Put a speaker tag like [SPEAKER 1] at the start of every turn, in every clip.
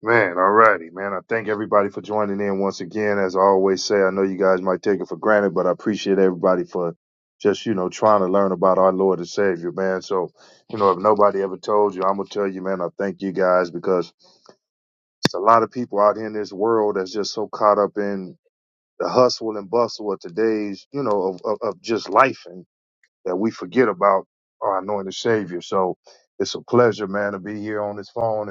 [SPEAKER 1] Man, alrighty, man. I thank everybody for joining in once again. As I always say, I know you guys might take it for granted, but I appreciate everybody for just, you know, trying to learn about our Lord and Savior, man. So, you know, if nobody ever told you, I'm gonna tell you, man, I thank you guys because it's a lot of people out here in this world that's just so caught up in the hustle and bustle of today's, you know, of, of, of just life and that we forget about our anointed Savior. So it's a pleasure, man, to be here on this phone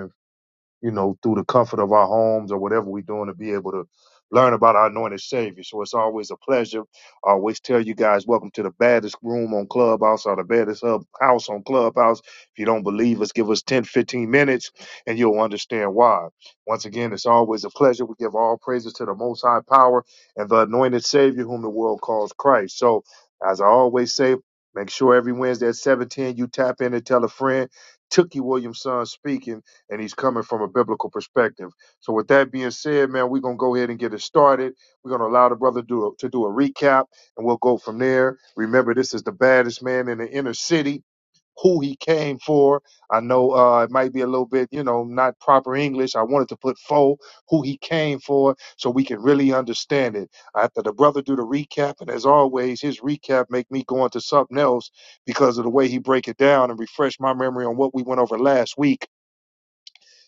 [SPEAKER 1] you know, through the comfort of our homes or whatever we're doing to be able to learn about our anointed Savior. So it's always a pleasure. I always tell you guys, welcome to the baddest room on Clubhouse or the baddest hub house on Clubhouse. If you don't believe us, give us 10, 15 minutes and you'll understand why. Once again, it's always a pleasure. We give all praises to the Most High Power and the anointed Savior whom the world calls Christ. So as I always say, make sure every Wednesday at 710 you tap in and tell a friend. Tookie Williamson speaking and he's coming from a biblical perspective. So, with that being said, man, we're gonna go ahead and get it started. We're gonna allow the brother do to do a recap, and we'll go from there. Remember, this is the baddest man in the inner city. Who he came for. I know uh, it might be a little bit, you know, not proper English. I wanted to put fo who he came for, so we can really understand it. After the brother do the recap, and as always, his recap make me go into something else because of the way he break it down and refresh my memory on what we went over last week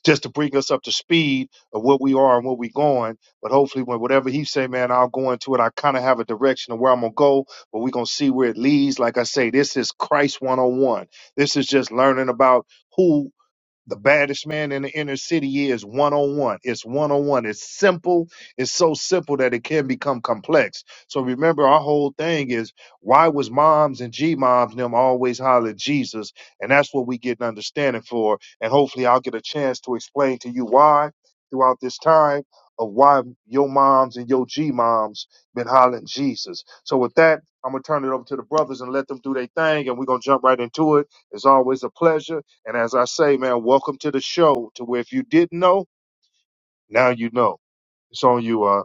[SPEAKER 1] just to bring us up to speed of what we are and where we're going. But hopefully, when whatever he say, man, I'll go into it. I kind of have a direction of where I'm gonna go, but we're gonna see where it leads. Like I say, this is Christ 101. This is just learning about who the baddest man in the inner city is one on one. It's one on one. It's simple. It's so simple that it can become complex. So remember, our whole thing is why was moms and G moms and them always hollering Jesus? And that's what we get an understanding for. And hopefully, I'll get a chance to explain to you why throughout this time of why your moms and your G moms been hollering Jesus. So with that, I'm gonna turn it over to the brothers and let them do their thing, and we're gonna jump right into it. It's always a pleasure. And as I say, man, welcome to the show. To where if you didn't know, now you know. It's on you. Uh,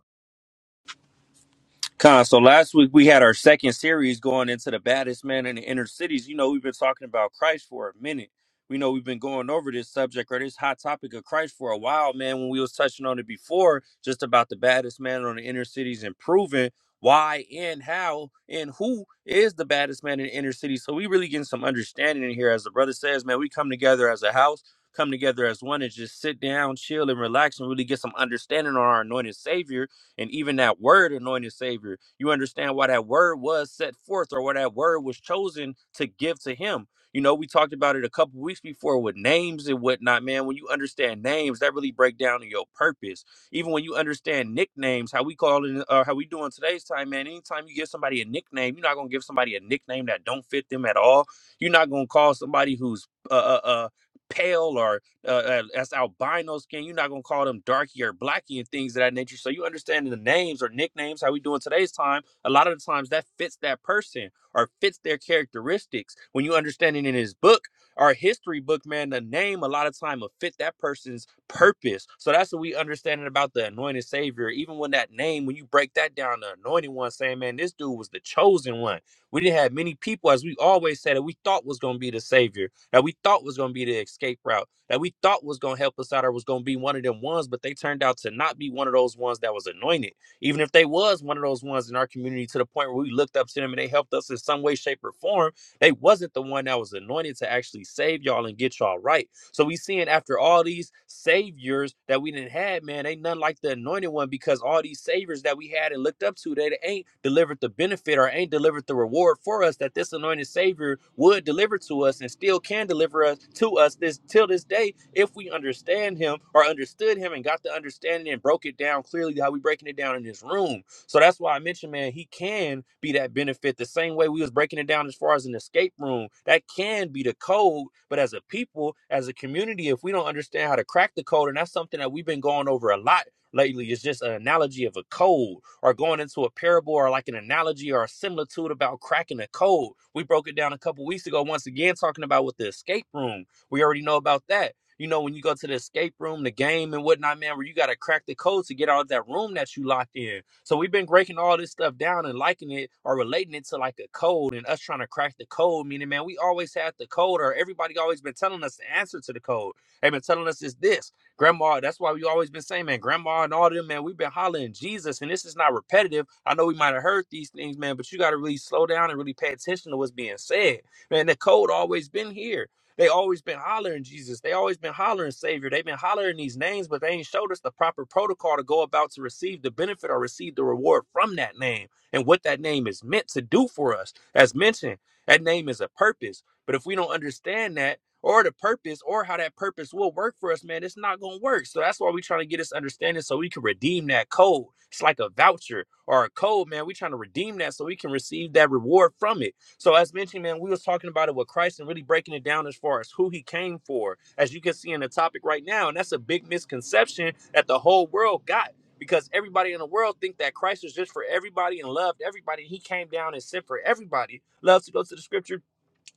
[SPEAKER 2] Con, so last week we had our second series going into the baddest man in the inner cities. You know, we've been talking about Christ for a minute. We know we've been going over this subject or this hot topic of Christ for a while, man. When we was touching on it before, just about the baddest man on the inner cities and proving why and how and who is the baddest man in the inner city. So we really getting some understanding in here. As the brother says, man, we come together as a house, come together as one and just sit down, chill, and relax and really get some understanding on our anointed savior and even that word, anointed Savior, you understand why that word was set forth or why that word was chosen to give to him. You know, we talked about it a couple weeks before with names and whatnot, man. When you understand names, that really break down to your purpose. Even when you understand nicknames, how we call it, uh, how we do in today's time, man. Anytime you give somebody a nickname, you're not gonna give somebody a nickname that don't fit them at all. You're not gonna call somebody who's uh, uh, uh pale or uh, uh, albino skin. You're not gonna call them darky or blacky and things of that nature. So you understand the names or nicknames how we do in today's time. A lot of the times that fits that person or fits their characteristics. When you understand it in his book or history book, man, the name a lot of time will fit that person's purpose. So that's what we understanding about the anointed savior. Even when that name, when you break that down, the anointed one saying, man, this dude was the chosen one. We didn't have many people, as we always said, that we thought was gonna be the savior that we thought was going to be the escape route, that we thought was going to help us out or was going to be one of them ones, but they turned out to not be one of those ones that was anointed. Even if they was one of those ones in our community to the point where we looked up to them and they helped us in some way, shape, or form, they wasn't the one that was anointed to actually save y'all and get y'all right. So we seeing after all these saviors that we didn't had, man, ain't nothing like the anointed one because all these saviors that we had and looked up to, they ain't delivered the benefit or ain't delivered the reward for us that this anointed savior would deliver to us and still can deliver us to us this till this day if we understand him or understood him and got the understanding and broke it down clearly how we breaking it down in this room so that's why I mentioned, man, he can be that benefit the same way we was breaking it down as far as an escape room. That can be the code, but as a people, as a community, if we don't understand how to crack the code, and that's something that we've been going over a lot lately, it's just an analogy of a code or going into a parable or like an analogy or a similitude about cracking a code. We broke it down a couple weeks ago, once again, talking about with the escape room. We already know about that. You know, when you go to the escape room, the game and whatnot, man, where you got to crack the code to get out of that room that you locked in so we've been breaking all this stuff down and liking it or relating it to like a code and us trying to crack the code. Meaning, man, we always had the code, or everybody always been telling us the answer to the code. They've been telling us it's this. Grandma, that's why we always been saying, man, grandma and all them, man, we've been hollering Jesus. And this is not repetitive. I know we might have heard these things, man, but you got to really slow down and really pay attention to what's being said. Man, the code always been here. They always been hollering Jesus. They always been hollering Savior. They've been hollering these names, but they ain't showed us the proper protocol to go about to receive the benefit or receive the reward from that name and what that name is meant to do for us. As mentioned, that name is a purpose. But if we don't understand that or the purpose or how that purpose will work for us, man, it's not gonna work. So that's why we're trying to get this understanding so we can redeem that code. It's like a voucher or a code, man. We're trying to redeem that so we can receive that reward from it. So as mentioned, man, we was talking about it with Christ and really breaking it down as far as who he came for, as you can see in the topic right now. And that's a big misconception that the whole world got because everybody in the world think that Christ was just for everybody and loved everybody. He came down and sent for everybody. Loves to go to the scripture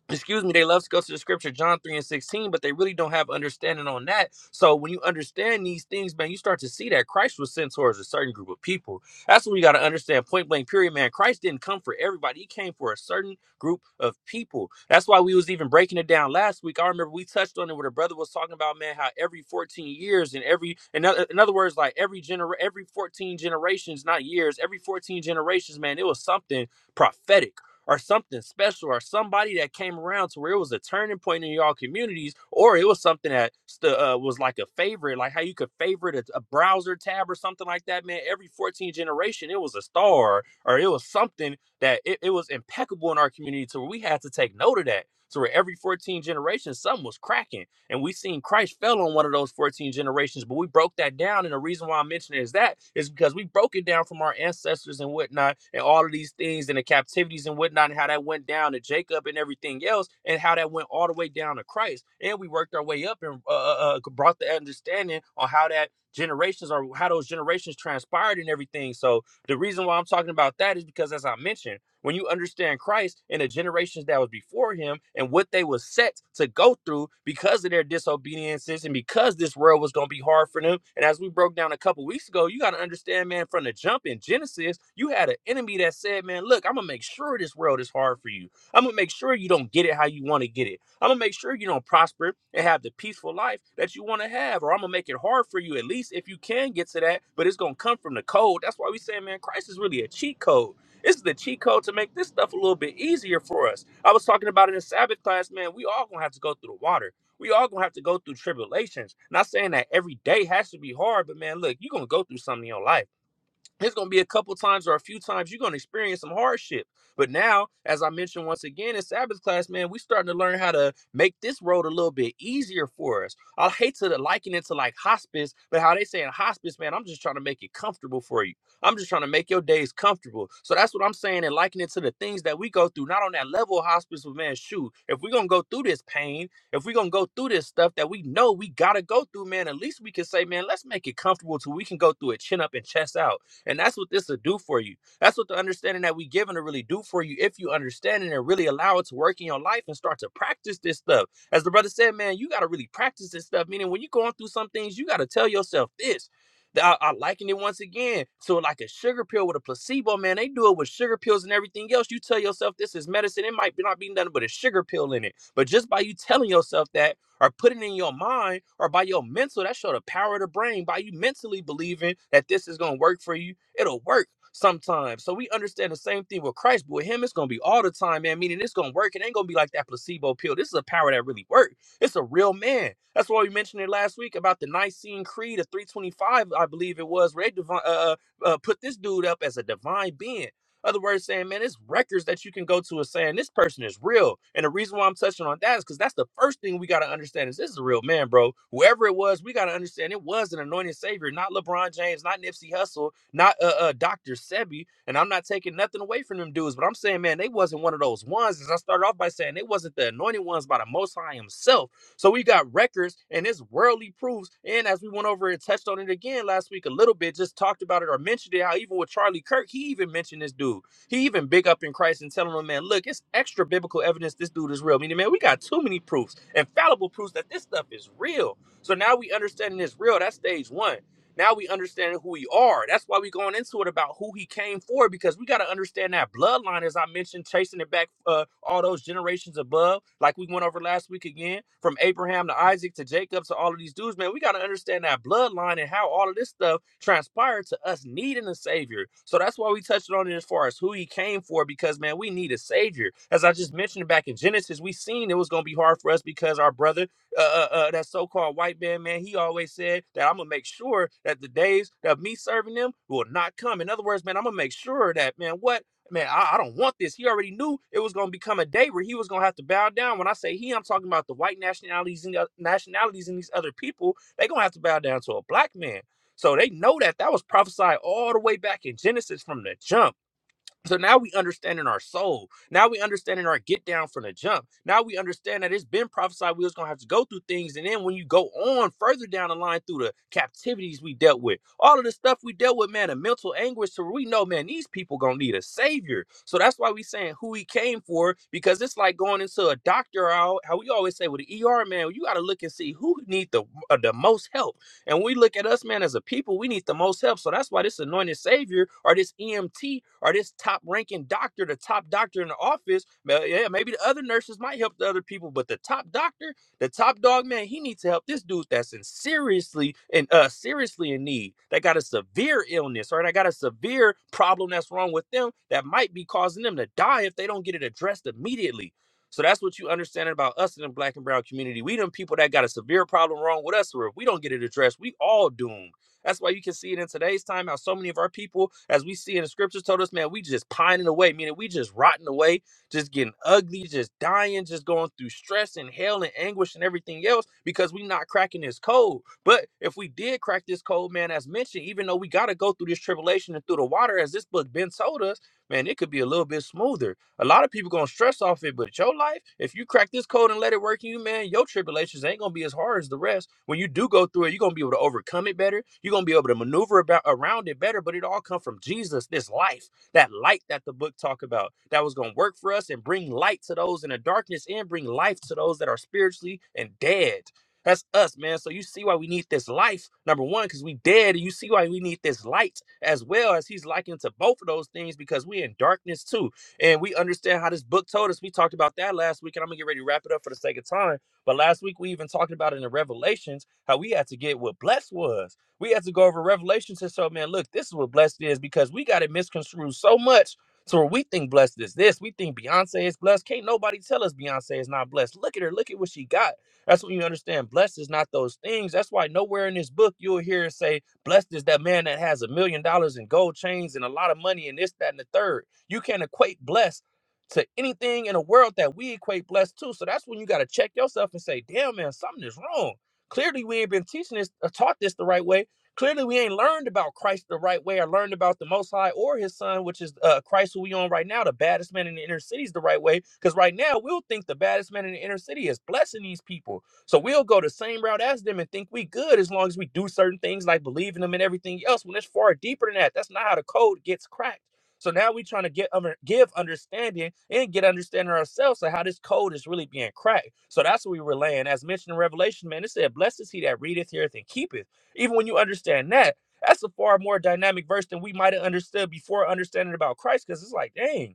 [SPEAKER 2] excuse me, they love to go to the scripture, John 3 and 16, but they really don't have understanding on that. So when you understand these things, man, you start to see that Christ was sent towards a certain group of people. That's what we got to understand. Point blank, period, man. Christ didn't come for everybody. He came for a certain group of people. That's why we was even breaking it down last week. I remember we touched on it where the brother was talking about, man, how every 14 years and every, in other, in other words, like every gener, every 14 generations, not years, every 14 generations, man, it was something prophetic or something special or somebody that came around to where it was a turning point in y'all communities or it was something that stu- uh, was like a favorite like how you could favorite a, a browser tab or something like that man every 14 generation it was a star or it was something that it, it was impeccable in our community to where we had to take note of that so where every 14 generation something was cracking and we seen Christ fell on one of those 14 generations, but we broke that down. And the reason why I'm mentioning is that is because we broke it down from our ancestors and whatnot, and all of these things and the captivities and whatnot, and how that went down to Jacob and everything else, and how that went all the way down to Christ. And we worked our way up and uh, uh, uh, brought the understanding on how that generations or how those generations transpired and everything. So the reason why I'm talking about that is because, as I mentioned, when you understand Christ and the generations that was before him and what they was set to go through because of their disobediences and because this world was going to be hard for them. And as we broke down a couple weeks ago, you got to understand, man, from the jump in Genesis, you had an enemy that said, man, look, I'm going to make sure this world is hard for you. I'm going to make sure you don't get it how you want to get it. I'm gonna make sure you don't prosper and have the peaceful life that you want to have, or I'm gonna make it hard for you at least if you can get to that. But it's gonna come from the code. That's why we say, man, Christ is really a cheat code this is the cheat code to make this stuff a little bit easier for us. I was talking about it in the Sabbath class, man. We all gonna have to go through the water. We all gonna have to go through tribulations. Not saying that every day has to be hard, but man, look, you're gonna go through something in your life there's going to be a couple times or a few times you're going to experience some hardship. But now, as I mentioned once again in Sabbath class, man, we starting to learn how to make this road a little bit easier for us. I hate to liken it to like hospice, but how they say in hospice, man, I'm just trying to make it comfortable for you. I'm just trying to make your days comfortable. So that's what I'm saying and likening it to the things that we go through, not on that level of hospice, but man, shoot, if we're going to go through this pain, if we're going to go through this stuff that we know we got to go through, man, at least we can say, man, let's make it comfortable so we can go through it chin up and chest out. And that's what this will do for you. That's what the understanding that we given to really do for you if you understand it and really allow it to work in your life and start to practice this stuff. As the brother said, man, you got to really practice this stuff. Meaning, when you're going through some things, you got to tell yourself this. Th- I, I liken it once again. So, like a sugar pill with a placebo, man, they do it with sugar pills and everything else. You tell yourself this is medicine. It might be- not be nothing but a sugar pill in it. But just by you telling yourself that, or putting in your mind or by your mental. That show the power of the brain by you mentally believing that this is gonna work for you. It'll work sometimes. So we understand the same thing with Christ, but with him, it's gonna be all the time, man. Meaning it's gonna work. It ain't gonna be like that placebo pill. This is a power that really works. It's a real man. That's why we mentioned it last week about the Nicene Creed of 325, I believe it was, where they divi- uh, uh, uh, put this dude up as a divine being. Other words saying, man, it's records that you can go to is saying this person is real. And the reason why I'm touching on that is because that's the first thing we got to understand is this is a real man, bro. Whoever it was, we got to understand it was an anointed savior, not LeBron James, not Nipsey Hussle, not uh, uh, Dr. Sebi. And I'm not taking nothing away from them dudes, but I'm saying, man, they wasn't one of those ones. As I started off by saying, they wasn't the anointed ones by the Most High himself so we've got records and it's worldly proofs. And as we went over and touched on it again last week a little bit, just talked about it or mentioned it, how even with Charlie Kirk, he even mentioned this dude. He even big up in Christ and telling him, man, look, it's extra biblical evidence this dude is real. Meaning, man, we got too many proofs, infallible proofs that this stuff is real. So now we understanding it's real. That's stage one. Now we understand who we are. That's why we going into it about who he came for because we got to understand that bloodline, as I mentioned, chasing it back uh, all those generations above, like we went over last week again, from Abraham to Isaac to Jacob to all of these dudes. Man, we got to understand that bloodline and how all of this stuff transpired to us needing a savior. So that's why we touched on it as far as who he came for, because man, we need a savior. As I just mentioned back in Genesis, we seen it was gonna be hard for us because our brother uh, uh, uh, that so-called white man, man, he always said that I'm gonna make sure that the days of me serving them will not come. In other words, man, I'm gonna make sure that, man, what, man, I, I don't want this. He already knew it was gonna become a day where he was gonna have to bow down. When I say he, I'm talking about the white nationalities and the nationalities and these other people. They gonna have to bow down to a black man. So they know that that was prophesied all the way back in Genesis from the jump so now we understand in our soul. Now we understand in our get down from the jump. Now we understand that it's been prophesied we was gonna have to go through things, and then when you go on further down the line through the captivities we dealt with, all of the stuff we dealt with, man, the mental anguish. So we know, man, these people gonna need a savior. So that's why we saying who he came for, because it's like going into a doctor. How how we always say with the ER, man, you gotta look and see who need the uh, the most help and when we look at us, man, as a people, we need the most help. So that's why this anointed savior or this EMT or this top ranking doctor, the top doctor in the office, Well, yeah, maybe the other nurses might help the other people, but the top doctor, the top dog, man, he needs to help this dude that's in seriously and uh seriously in need. That got a severe illness or that got a severe problem that's wrong with them that might be causing them to die if they don't get it addressed immediately. So that's what you understand about us in the black and brown community. We them people that got a severe problem wrong with us, or if we don't get it addressed, we all doomed. That's why you can see it in today's time how so many of our people, as we see in the scriptures, told us, man, we just pining away, meaning we just rotting away, just getting ugly, just dying, just going through stress and hell and anguish and everything else because we not cracking this code. But if we did crack this code, man, as mentioned, even though we got to go through this tribulation and through the water, as this book Ben told us, man, it could be a little bit smoother a lot of people gonna stress off it, but your life, if you crack this code and let it work in you, man, your tribulations ain't gonna be as hard as the rest. When you do go through it, you're gonna be able to overcome it better. You're gonna be able to maneuver about around it better. But it all come from Jesus, this life, that light that the book talk about, that was gonna work for us and bring light to those in the darkness and bring life to those that are spiritually and dead. That's us, man. So you see why we need this life, number one, because we dead, and you see why we need this light as well as he's likened to both of those things because we in darkness too. And we understand how this book told us. We talked about that last week, and I'm gonna get ready to wrap it up for the sake of time. But last week we even talked about in the Revelations how we had to get what blessed was. We had to go over Revelations and so, man, look, this is what blessed is because we got it misconstrued so much. So where we think blessed is this. We think Beyonce is blessed. Can't nobody tell us Beyonce is not blessed. Look at her. Look at what she got. That's when you understand blessed is not those things. That's why nowhere in this book you'll hear it say blessed is that man that has a million dollars in gold chains and a lot of money and this, that, and the third. You can't equate blessed to anything in the world that we equate blessed to. So that's when you got to check yourself and say, damn, man, something is wrong. Clearly, we ain't been teaching this, or taught this the right way. Clearly, we ain't learned about Christ the right way or learned about the Most High or His Son, which is uh, Christ who we on right now, the baddest man in the inner cities, the right way. Because right now, we'll think the baddest man in the inner city is blessing these people. So we'll go the same route as them and think we good as long as we do certain things like believe in them and everything else. When it's far deeper than that, that's not how the code gets cracked. So now we're trying to get under, give understanding and get understanding ourselves of how this code is really being cracked. So that's what we were laying. As mentioned in Revelation, man, it said, Blessed is he that readeth, heareth, and keepeth. Even when you understand that, that's a far more dynamic verse than we might have understood before understanding about Christ, because it's like, dang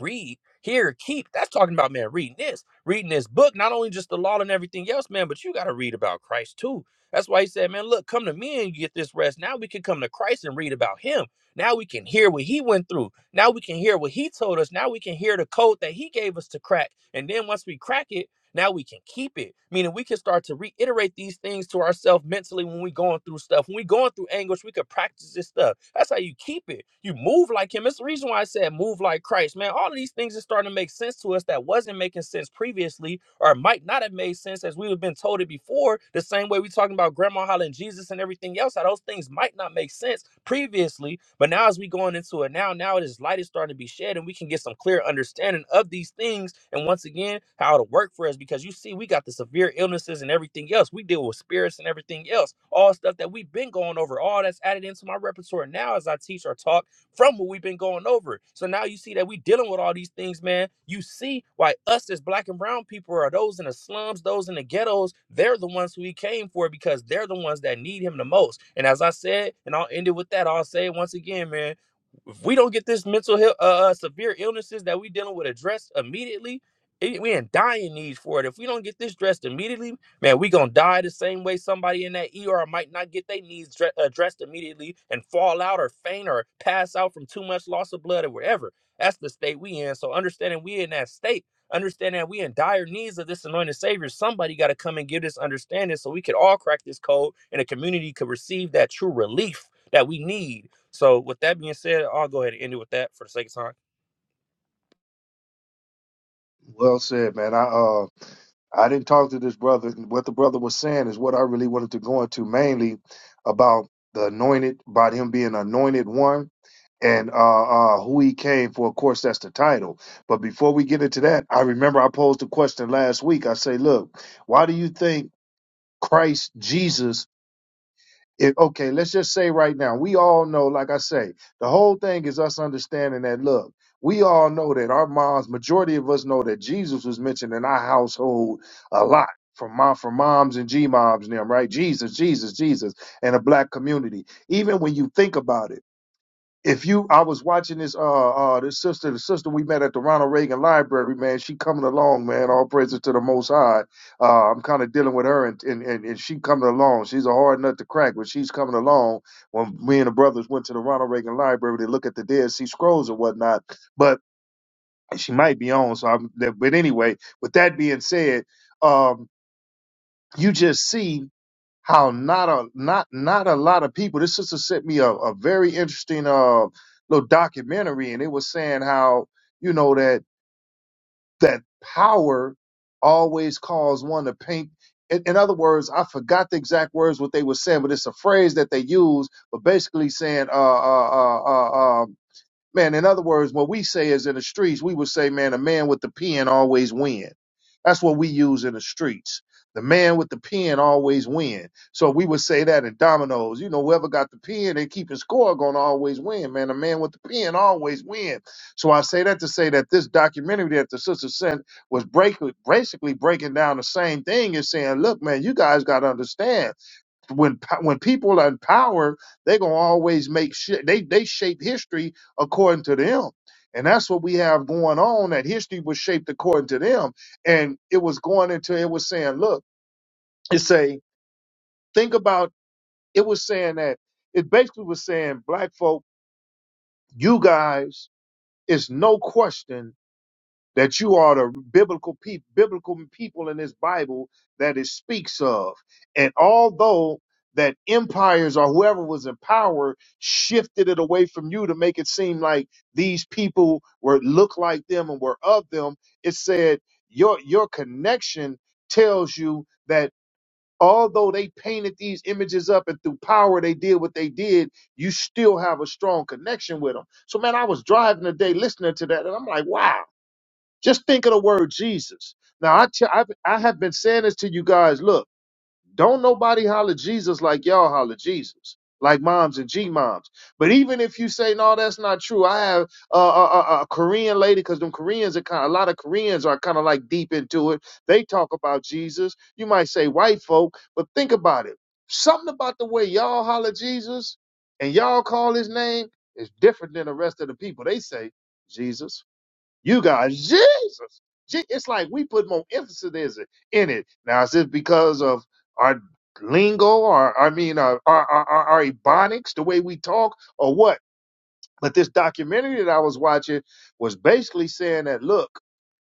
[SPEAKER 2] read, hear, keep. That's talking about, man, reading this, reading this book, not only just the law and everything else, man, but you got to read about Christ too. That's why he said, man, look, come to me and you get this rest. Now we can come to Christ and read about him. Now we can hear what he went through. Now we can hear what he told us. Now we can hear the code that he gave us to crack. And then once we crack it, now we can keep it, meaning we can start to reiterate these things to ourselves mentally when we are going through stuff. When we are going through anguish, we could practice this stuff. That's how you keep it. You move like Him. It's the reason why I said move like Christ, man. All of these things are starting to make sense to us that wasn't making sense previously, or might not have made sense as we have been told it before. The same way we are talking about Grandma hollering Jesus and everything else, how those things might not make sense previously, but now as we going into it now, now this light is starting to be shed, and we can get some clear understanding of these things, and once again, how it'll work for us. Because you see, we got the severe illnesses and everything else. We deal with spirits and everything else, all stuff that we've been going over, all that's added into my repertoire now as I teach or talk from what we've been going over. So now you see that we dealing with all these things, man. You see why us as black and brown people are those in the slums, those in the ghettos. They're the ones who he came for because they're the ones that need him the most. And as I said, and I'll end it with that, I'll say it once again, man if we don't get this mental health uh, uh, severe illnesses that we dealing with addressed immediately it, we in dying need for it if we don't get this dressed immediately man we gonna die the same way somebody in that er might not get their needs dre- addressed immediately and fall out or faint or pass out from too much loss of blood or whatever that's the state we in so understanding we in that state understanding that we in dire needs of this anointed savior somebody got to come and give this understanding so we could all crack this code and the community could receive that true relief that we need so with that being said, I'll go ahead and end it with that for the sake of time.
[SPEAKER 1] well said, man. I uh, I didn't talk to this brother. What the brother was saying is what I really wanted to go into mainly about the anointed, about him being anointed one and uh, uh, who he came for. Of course, that's the title. But before we get into that, I remember I posed a question last week. I say, look, why do you think Christ Jesus? if okay, let's just say right now, we all know, like I say, the whole thing is us understanding that look, we all know that our moms, majority of us know that Jesus was mentioned in our household a lot. From mom, from moms and G moms and them, right? Jesus, Jesus, Jesus, and a black community. Even when you think about it if you I was watching this uh uh this sister the sister we met at the Ronald Reagan Library man she coming along man all praises to the Most High uh I'm kind of dealing with her and, and and and she coming along she's a hard nut to crack but she's coming along when me and the brothers went to the Ronald Reagan Library to look at the Dead Sea Scrolls and whatnot but she might be on so I'm but anyway with that being said um you just see how not a not not a lot of people. This sister sent me a, a very interesting uh little documentary, and it was saying how you know that that power always calls one to paint. In, in other words, I forgot the exact words what they were saying, but it's a phrase that they use, but basically saying uh uh uh uh. uh Man, in other words, what we say is in the streets, we would say, man, a man with the pen always win. That's what we use in the streets. The man with the pen always win. So we would say that in dominoes. You know, whoever got the pen, they keeping score gonna always win, man. a man with the pen always win. So I say that to say that this documentary that the sister sent was break, basically breaking down the same thing and saying, look, man, you guys gotta understand when po- when people are in power, they're gonna always make shit. They they shape history according to them, and that's what we have going on. That history was shaped according to them, and it was going into it was saying, look, it say think about it was saying that it basically was saying black folk, you guys, it's no question that you are the biblical people, biblical people in this Bible that it speaks of. And although that empires or whoever was in power shifted it away from you to make it seem like these people were look like them and were of them, it said your your connection tells you that although they painted these images up and through power they did what they did, you still have a strong connection with them. So man, I was driving today listening to that and I'm like, wow just think of the word Jesus. Now, I t- I've, I have been saying this to you guys. Look, don't nobody holler Jesus like y'all holler Jesus, like moms and G moms. But even if you say no, that's not true. I have a, a, a, a Korean lady because them Koreans are kind. of, A lot of Koreans are kind of like deep into it. They talk about Jesus. You might say white folk, but think about it. Something about the way y'all holler Jesus and y'all call his name is different than the rest of the people. They say Jesus. You guys, Jesus. Je- It's like we put more emphasis is it- in it. Now, is it because of our lingo or, I mean, uh, our, our, our, our ebonics, the way we talk or what? But this documentary that I was watching was basically saying that, look,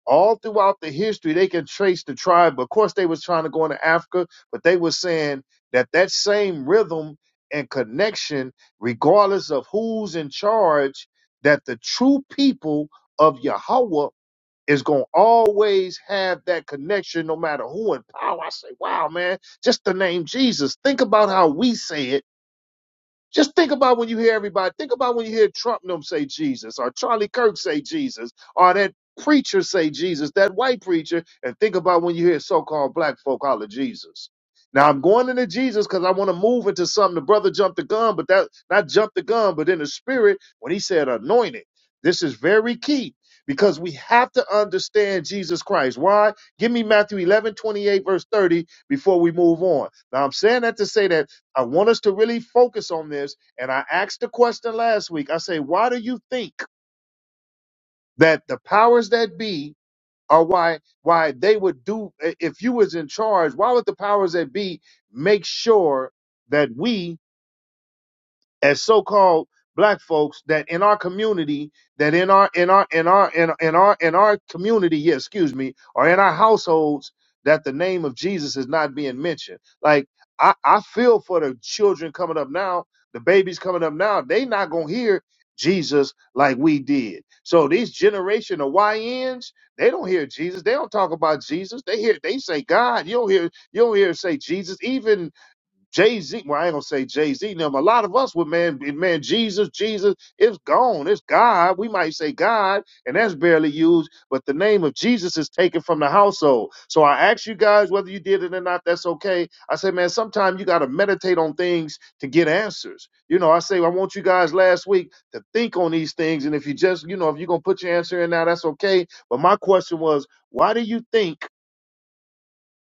[SPEAKER 1] all throughout the history, they can trace the tribe. Of course, they was trying to go into Africa, but they were saying that that same rhythm and connection, regardless of who's in charge, that the true people of Yahweh is going to always have that connection no matter who in power. I say, wow, man, just the name Jesus. Think about how we say it just think about when you hear everybody. Think about when you hear Trump and them say Jesus, or Charlie Kirk say Jesus, or that preacher say Jesus, that white preacher, and think about when you hear so-called black folk holler Jesus. Now I'm going into Jesus because I want to move into something. The brother jumped the gun, but that not jumped the gun, but in the spirit when he said anointed. This is very key because we have to understand Jesus Christ. Why? Give me Matthew 11 28 verse 30 before we move on. Now I'm saying that to say that I want us to really focus on this. And I asked the question last week. I say, why do you think that the powers that be are why why they would do if you was in charge, why would the powers that be make sure that we as so-called black folks that in our community that in our in our in our in, in our in our community yeah excuse me or in our households that the name of jesus is not being mentioned like i i feel for the children coming up now the babies coming up now they not gonna hear jesus like we did so these generation of yns they don't hear jesus they don't talk about jesus they hear they say god you don't hear you don't hear say jesus even Jay Z. Well, I ain't gonna say Jay Z. Now, but a lot of us would man, man, Jesus, Jesus. It's gone. It's God. We might say God, and that's barely used. But the name of Jesus is taken from the household. So I ask you guys whether you did it or not. That's okay. I say, man, sometimes you got to meditate on things to get answers. You know, I say I want you guys last week to think on these things, and if you just, you know, if you're gonna put your answer in now, that's okay. But my question was, why do you think?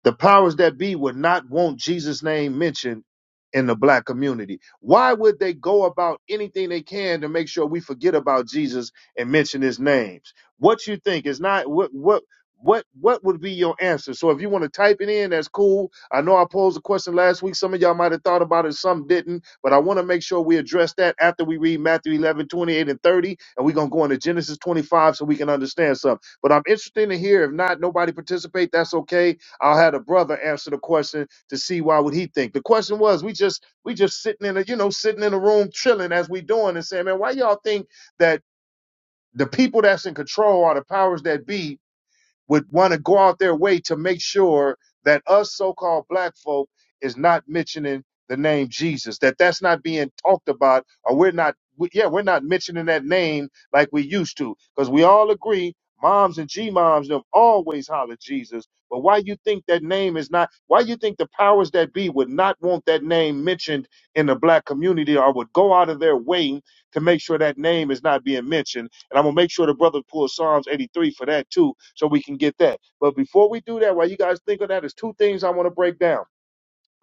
[SPEAKER 1] The powers that be would not want Jesus' name mentioned in the black community. Why would they go about anything they can to make sure we forget about Jesus and mention his names? What you think is not what what what what would be your answer? So if you want to type it in, that's cool. I know I posed a question last week. Some of y'all might have thought about it, some didn't, but I want to make sure we address that after we read Matthew 11 28 and 30, and we're gonna go into Genesis 25 so we can understand something. But I'm interested to hear. If not, nobody participate, that's okay I'll have the brother answer the question to see why would he think. The question was, we just we just sitting in a you know sitting in a room chilling as we doing and saying, man, why y'all think that the people that's in control are the powers that be would want to go out their way to make sure that us so-called black folk is not mentioning the name Jesus, that that's not being talked about, or we're not, we, yeah, we're not mentioning that name like we used to, because we all agree, moms and g-moms them always holler Jesus. But why you think that name is not? Why you think the powers that be would not want that name mentioned in the black community, or would go out of their way to make sure that name is not being mentioned? And I'm gonna make sure the brother pulls Psalms 83 for that too, so we can get that. But before we do that, while you guys think of that, there's two things I want to break down.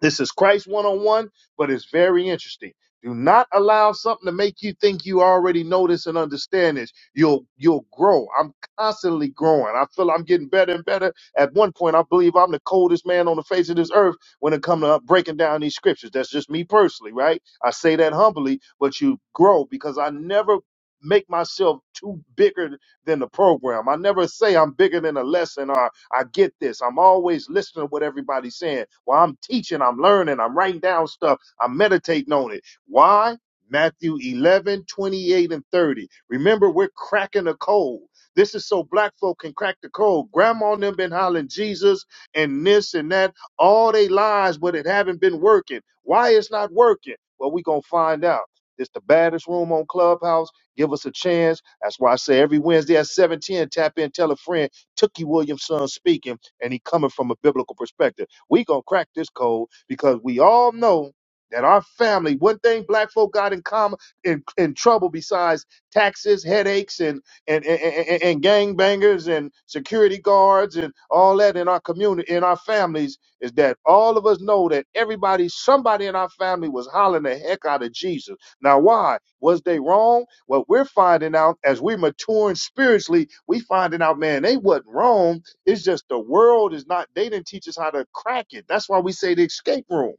[SPEAKER 1] This is Christ one on one, but it's very interesting. Do not allow something to make you think you already know this and understand this. You'll you'll grow. I'm constantly growing. I feel I'm getting better and better. At one point, I believe I'm the coldest man on the face of this earth when it comes to breaking down these scriptures. That's just me personally, right? I say that humbly, but you grow because I never make myself too bigger than the program. I never say I'm bigger than a lesson or. I get this. I'm always listening to what everybody's saying. While I'm teaching, I'm learning, I'm writing down stuff, I'm meditating on it. Why? Matthew 11 28 and 30. Remember, we're cracking a code. This is so black folk can crack the code. Grandma and them been hollering Jesus and this and that all they lives, but it haven't been working. Why it's not working? Well, we gonna find out. It's the baddest room on Clubhouse. Give us a chance. That's why I say every Wednesday at 710, tap in, tell a friend. Tookie Williamson speaking, and he coming from a biblical perspective. We gonna crack this code because we all know that our family, one thing black folk got in common in, in trouble besides taxes, headaches, and and, and and and gangbangers and security guards and all that in our community, in our families, is that all of us know that everybody, somebody in our family was hollering the heck out of Jesus now, why? Was they wrong? Well, we're finding out as we maturing spiritually, we finding out, man, they wasn't wrong. It's just the world is not, they didn't teach us how to crack it. That's why we say the escape room.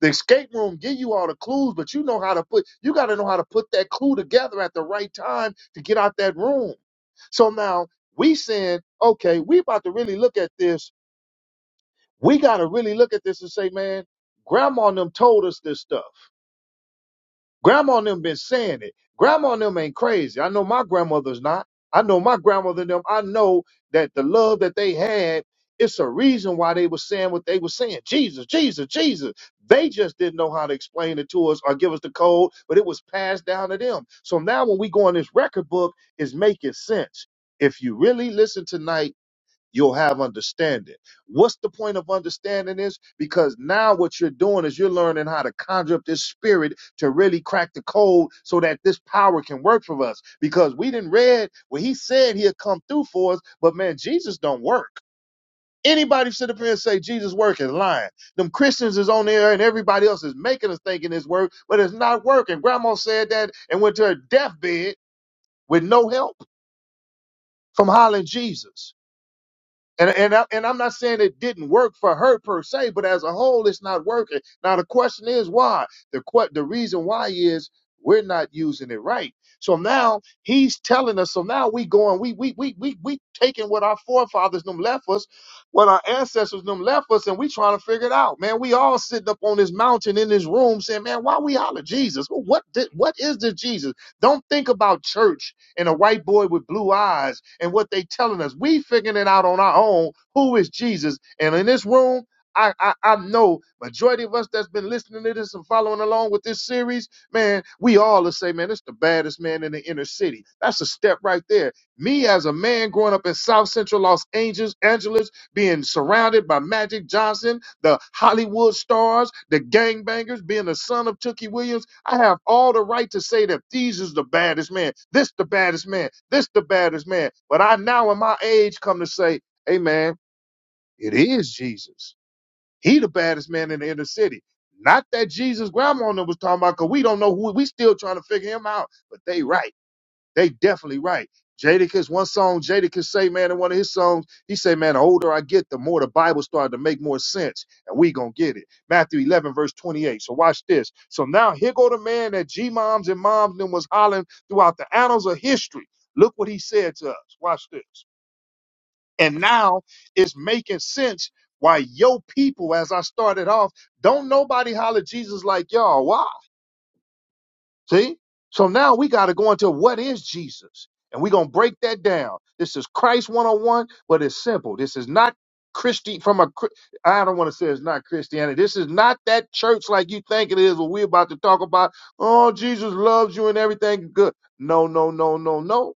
[SPEAKER 1] The escape room give you all the clues, but you know how to put, you got to know how to put that clue together at the right time to get out that room. So now we saying, okay, we about to really look at this. We got to really look at this and say, man, grandma and them told us this stuff. Grandma and them been saying it. Grandma and them ain't crazy. I know my grandmother's not. I know my grandmother and them. I know that the love that they had, it's a reason why they were saying what they were saying. Jesus, Jesus, Jesus. They just didn't know how to explain it to us or give us the code, but it was passed down to them. So now when we go in this record book, it's making sense. If you really listen tonight, you'll have understanding. What's the point of understanding this? Because now what you're doing is you're learning how to conjure up this spirit to really crack the code so that this power can work for us. Because we didn't read when he said he'll come through for us, but man, Jesus don't work. Anybody sit up here and say Jesus work is lying. Them Christians is on there and everybody else is making us thinking it's work, but it's not working. Grandma said that and went to her deathbed with no help from hollering Jesus. And and I, and I'm not saying it didn't work for her per se, but as a whole, it's not working. Now the question is why. The que- the reason why is we're not using it right. So now he's telling us. So now we going. We we we we we taking what our forefathers them left us, what our ancestors them left us, and we trying to figure it out. Man, we all sitting up on this mountain in this room saying, man, why we holler Jesus? What did, what is this Jesus? Don't think about church and a white boy with blue eyes and what they telling us. We figuring it out on our own. Who is Jesus? And in this room, I, I I know majority of us that's been listening to this and following along with this series, man, we all will say, man, it's the baddest man in the inner city. That's a step right there. Me as a man growing up in South Central Los Angeles, Angeles being surrounded by Magic Johnson, the Hollywood stars, the gangbangers, being the son of Tookie Williams, I have all the right to say that these is the baddest man, this the baddest man, this the baddest man. But I now in my age come to say, hey man, it is Jesus. He the baddest man in the inner city. Not that Jesus grandma was talking about, because we don't know who we still trying to figure him out, but they right. They definitely right. Jadakiss, one song Jadakiss say, man, in one of his songs, he say, man, the older I get, the more the Bible started to make more sense, and we gonna get it. Matthew 11, verse 28. So watch this. So now here go the man that G-moms and moms then was hollering throughout the annals of history. Look what he said to us. Watch this. And now it's making sense why yo people, as I started off, don't nobody holler Jesus like y'all. Why? See? So now we got to go into what is Jesus? And we're going to break that down. This is Christ 101, but it's simple. This is not Christi from a Chri- I don't want to say it's not Christianity. This is not that church like you think it is what we're about to talk about. Oh, Jesus loves you and everything good. No, no, no, no, no.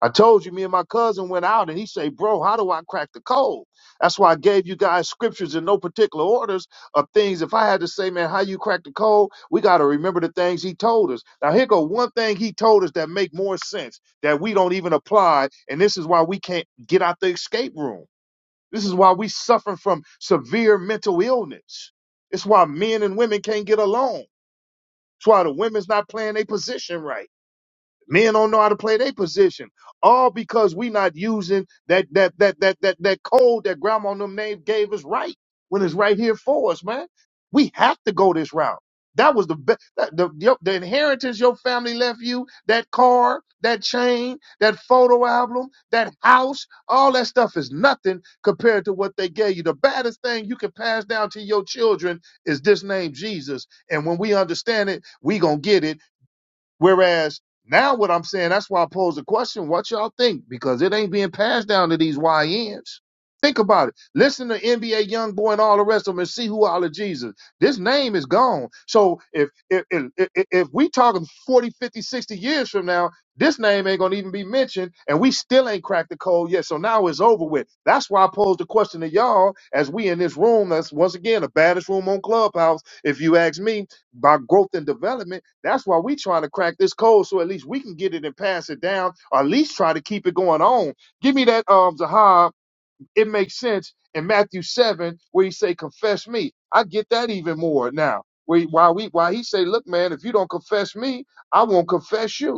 [SPEAKER 1] I told you, me and my cousin went out, and he say, "Bro, how do I crack the code?" That's why I gave you guys scriptures in no particular orders of things. If I had to say, man, how you crack the code, we got to remember the things he told us. Now here go one thing he told us that make more sense that we don't even apply, and this is why we can't get out the escape room. This is why we suffering from severe mental illness. It's why men and women can't get along. It's why the women's not playing their position right. Men don't know how to play their position. All because we not using that that that that that that code that grandma and them name gave us right when it's right here for us, man. We have to go this route. That was the be- that, the, your- the inheritance your family left you, that car, that chain, that photo album, that house, all that stuff is nothing compared to what they gave you. The baddest thing you can pass down to your children is this name Jesus. And when we understand it, we gonna get it Whereas now what I'm saying, that's why I pose the question, what y'all think? Because it ain't being passed down to these YNs. Think about it. Listen to NBA Young Boy and all the rest of them and see who all of Jesus. This name is gone. So if if if, if if we talking 40, 50, 60 years from now, this name ain't gonna even be mentioned, and we still ain't cracked the code yet. So now it's over with. That's why I posed the question to y'all as we in this room. That's once again the baddest room on Clubhouse, if you ask me by growth and development. That's why we trying to crack this code so at least we can get it and pass it down, or at least try to keep it going on. Give me that um Zahab, it makes sense in Matthew seven, where he say, Confess me. I get that even more now. Where why we why he say, Look, man, if you don't confess me, I won't confess you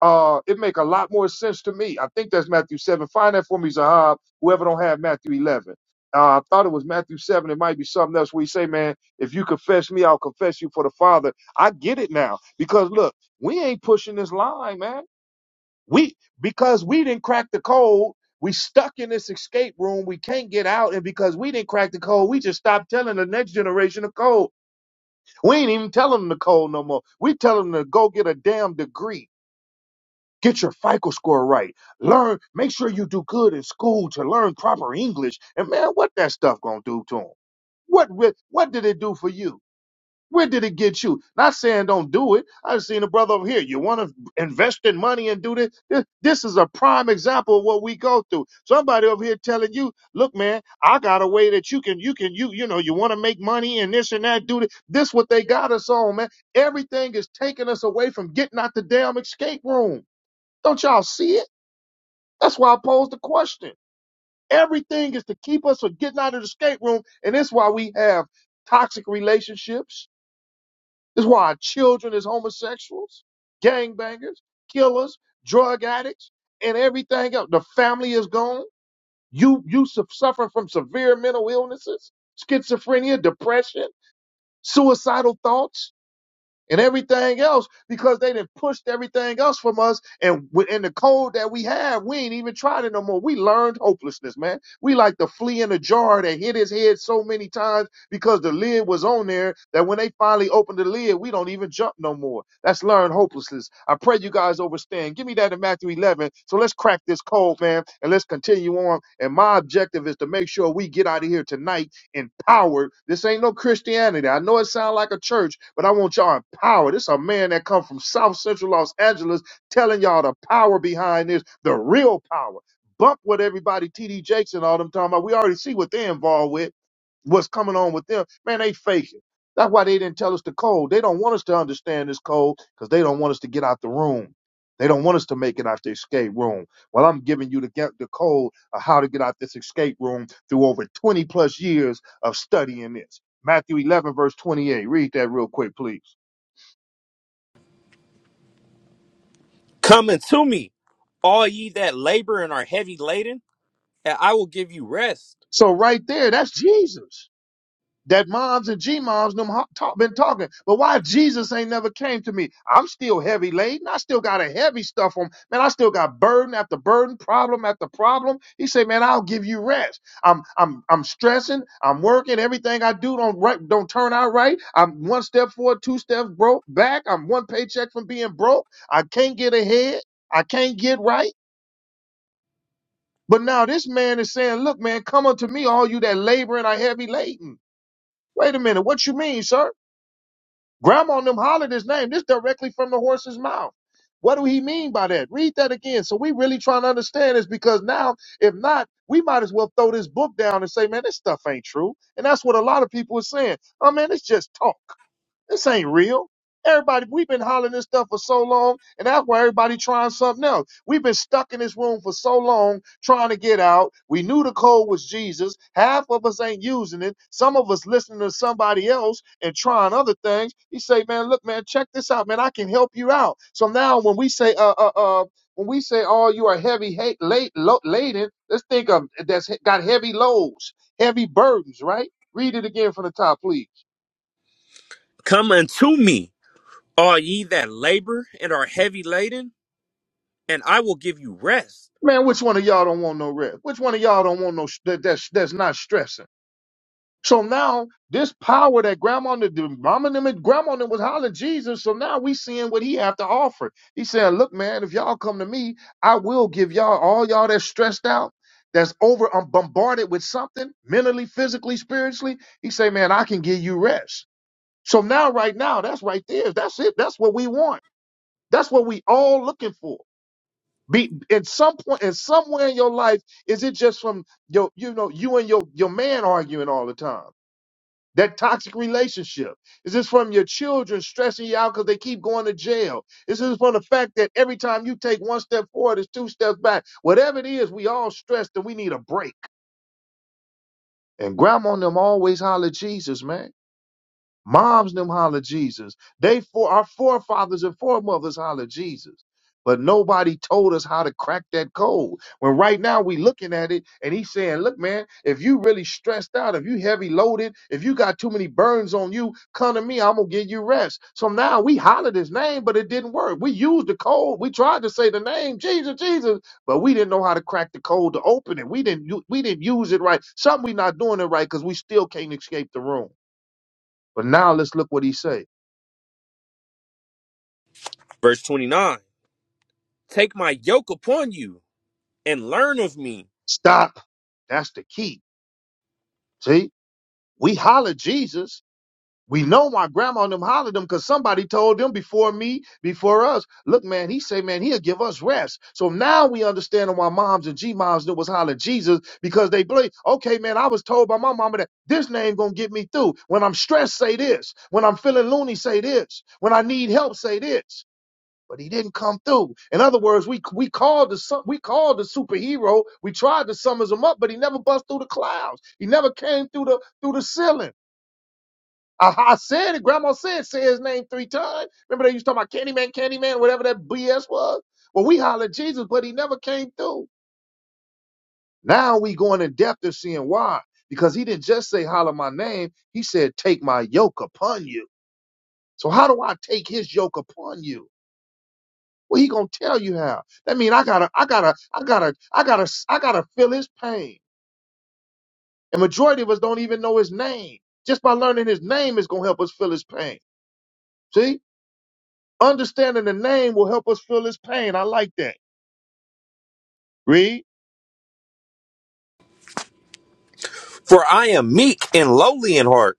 [SPEAKER 1] uh, it make a lot more sense to me. I think that's Matthew 7. Find that for me, Zahab, whoever don't have Matthew 11. Uh, I thought it was Matthew 7. It might be something else where he say, man, if you confess me, I'll confess you for the Father. I get it now. Because look, we ain't pushing this line, man. We, because we didn't crack the code, we stuck in this escape room. We can't get out. And because we didn't crack the code, we just stopped telling the next generation the code. We ain't even telling them the code no more. We telling them to go get a damn degree Get your FICO score right. Learn, make sure you do good in school to learn proper English. And man, what that stuff gonna do to them? What wi- what did it do for you? Where did it get you? Not saying don't do it. I've seen a brother over here. You want to invest in money and do this? this? This is a prime example of what we go through. Somebody over here telling you, look, man, I got a way that you can, you can, you, you know, you want to make money and this and that, do this. This what they got us on, man. Everything is taking us away from getting out the damn escape room. Don't y'all see it? That's why I posed the question. Everything is to keep us from getting out of the escape room, and that's why we have toxic relationships. That's why our children is homosexuals, gangbangers, killers, drug addicts, and everything else. The family is gone. You you su- suffer from severe mental illnesses, schizophrenia, depression, suicidal thoughts and everything else because they done pushed everything else from us. And within the code that we have, we ain't even tried it no more. We learned hopelessness, man. We like the flea in the jar that hit his head so many times because the lid was on there that when they finally opened the lid, we don't even jump no more. That's learned hopelessness. I pray you guys understand. Give me that in Matthew 11. So let's crack this code, man, and let's continue on. And my objective is to make sure we get out of here tonight empowered. This ain't no Christianity. I know it sounds like a church, but I want y'all empowered. This a man that come from South Central Los Angeles telling y'all the power behind this, the real power. Bump what everybody, TD Jakes and all them talking about. We already see what they're involved with, what's coming on with them. Man, they faking. That's why they didn't tell us the code. They don't want us to understand this code because they don't want us to get out the room. They don't want us to make it out the escape room. Well, I'm giving you the, get the code of how to get out this escape room through over 20 plus years of studying this. Matthew 11, verse 28. Read that real quick, please.
[SPEAKER 2] Come unto me, all ye that labor and are heavy laden, and I will give you rest.
[SPEAKER 1] So right there, that's Jesus. That moms and G-moms them ho- talk, been talking. But why Jesus ain't never came to me? I'm still heavy laden. I still got a heavy stuff on. Man, I still got burden after burden, problem after problem. He said, man, I'll give you rest. I'm I'm I'm stressing. I'm working. Everything I do don't right don't turn out right. I'm one step forward, two steps broke back. I'm one paycheck from being broke. I can't get ahead. I can't get right. But now this man is saying, look, man, come unto me, all you that labor and are heavy laden. Wait a minute, what you mean, sir? Grandma and them hollered his name. This directly from the horse's mouth. What do he mean by that? Read that again. So we really trying to understand this because now, if not, we might as well throw this book down and say, man, this stuff ain't true. And that's what a lot of people are saying. Oh man, it's just talk. This ain't real. Everybody, we've been hollering this stuff for so long, and that's why everybody trying something else. We've been stuck in this room for so long trying to get out. We knew the code was Jesus. Half of us ain't using it. Some of us listening to somebody else and trying other things. He say, man, look, man, check this out, man. I can help you out. So now when we say, uh, uh, uh, when we say, oh, you are heavy, hate, late, lo- laden, let's think of that's got heavy loads, heavy burdens, right? Read it again from the top, please.
[SPEAKER 2] Come unto me, all ye that labor and are heavy laden, and I will give you rest.
[SPEAKER 1] Man, which one of y'all don't want no rest? Which one of y'all don't want no sh- that, that's that's not stressing? So now this power that grandma and the mama and them and grandma and them was hollering Jesus. So now we seeing what he have to offer. He saying, look, man, if y'all come to me, I will give y'all all y'all that's stressed out, that's over, I'm bombarded with something mentally, physically, spiritually. He say, man, I can give you rest. So now, right now, that's right there. That's it. That's what we want. That's what we all looking for. Be at some point, and somewhere in your life, is it just from your, you know, you and your your man arguing all the time? That toxic relationship. Is this from your children stressing you out because they keep going to jail? Is this from the fact that every time you take one step forward, it's two steps back? Whatever it is, we all stressed and we need a break. And grandma and them always holler Jesus, man. Moms them holler Jesus. They for our forefathers and foremothers holler Jesus. But nobody told us how to crack that code. When right now we looking at it and he's saying, look, man, if you really stressed out, if you heavy loaded, if you got too many burns on you, come to me, I'm gonna give you rest. So now we hollered his name, but it didn't work. We used the code. We tried to say the name, Jesus, Jesus, but we didn't know how to crack the code to open it. We didn't u- we didn't use it right. Something we not doing it right because we still can't escape the room. But now let's look what he say.
[SPEAKER 2] Verse 29 Take my yoke upon you and learn of me,
[SPEAKER 1] Stop. That's the key. See, we hollered Jesus. We know my grandma and them hollered him because somebody told them before me, before us. Look, man, he say, man, he'll give us rest. So now we understand why moms and G moms knew was holler Jesus because they believe, okay, man, I was told by my mama that this name gonna get me through. When I'm stressed, say this. When I'm feeling loony, say this. When I need help, say this. but he didn't come through. In other words, we we called the su- we called the superhero. We tried to summons him up, but he never bust through the clouds. He never came through the through the ceiling. I, I said it. Grandma said say his name three times. Remember they used to talk about Candyman, Candyman, whatever that BS was. Well, we hollered Jesus, but he never came through. Now we going in depth and seeing why. Because he didn't just say holler my name. He said, take my yoke upon you. So how do I take his yoke upon you? Well, he gonna tell you how. That mean I gotta, I gotta, I gotta, I gotta, I gotta feel his pain. And majority of us don't even know his name. Just by learning his name is gonna help us feel his pain. See, understanding the name will help us feel his pain. I like that. Read,
[SPEAKER 2] for I am meek and lowly in heart,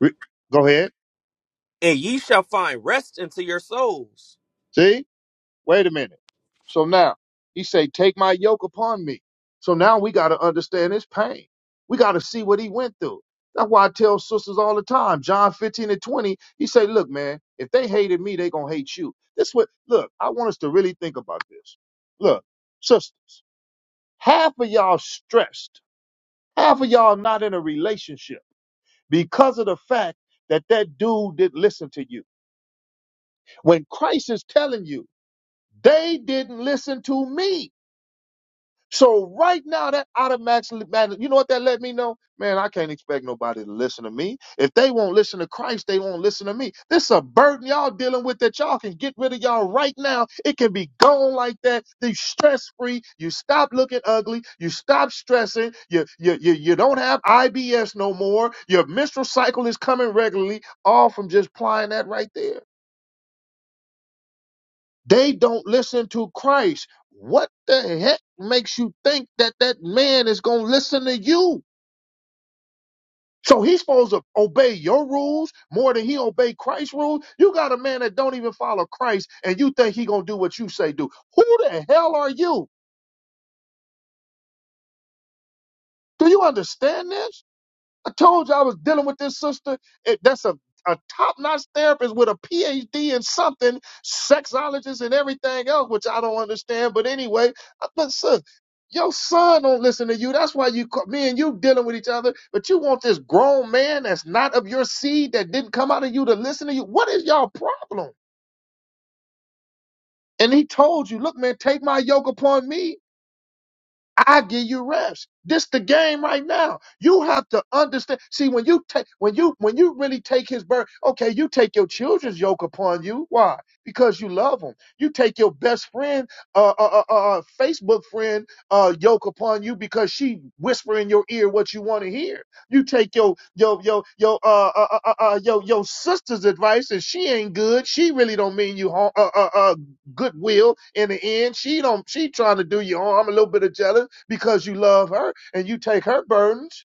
[SPEAKER 1] Re- go ahead.
[SPEAKER 2] and ye shall find rest unto your souls.
[SPEAKER 1] See. Wait a minute. So now he say, take my yoke upon me. So now we got to understand his pain. We got to see what he went through. That's why I tell sisters all the time, John 15 and 20, he say, look, man, if they hated me, they going to hate you. This what, look, I want us to really think about this. Look, sisters, half of y'all stressed, half of y'all not in a relationship because of the fact that that dude didn't listen to you. When Christ is telling you, they didn't listen to me. So right now, that automatically, man, you know what that let me know? Man, I can't expect nobody to listen to me. If they won't listen to Christ, they won't listen to me. This is a burden y'all dealing with that y'all can get rid of y'all right now. It can be gone like that. You stress free. You stop looking ugly. You stop stressing. You, you, you, you don't have IBS no more. Your menstrual cycle is coming regularly, all from just applying that right there. They don't listen to Christ. What the heck makes you think that that man is going to listen to you? So he's supposed to obey your rules more than he obey Christ's rules. You got a man that don't even follow Christ, and you think he gonna do what you say do. Who the hell are you? Do you understand this? I told you I was dealing with this sister. It, that's a, a top notch therapist with a PhD in something, sexologist and everything else, which I don't understand. But anyway, uh, but sis, your son don't listen to you. That's why you, ca- me and you dealing with each other. But you want this grown man that's not of your seed that didn't come out of you to listen to you. What is y'all problem? And he told you, look, man, take my yoke upon me I give you reps. This the game right now. You have to understand. See, when you take when you when you really take his burden, okay, you take your children's yoke upon you. Why? Because you love them. You take your best friend, uh, uh, uh, uh uh, Facebook friend, uh, yoke upon you because she whisper in your ear what you want to hear. You take your your your your uh, uh, uh, uh uh, your your sister's advice and she ain't good. She really don't mean you harm. Uh, uh, uh, goodwill in the end. She don't she trying to do you harm, a little bit of jealous because you love her and you take her burdens.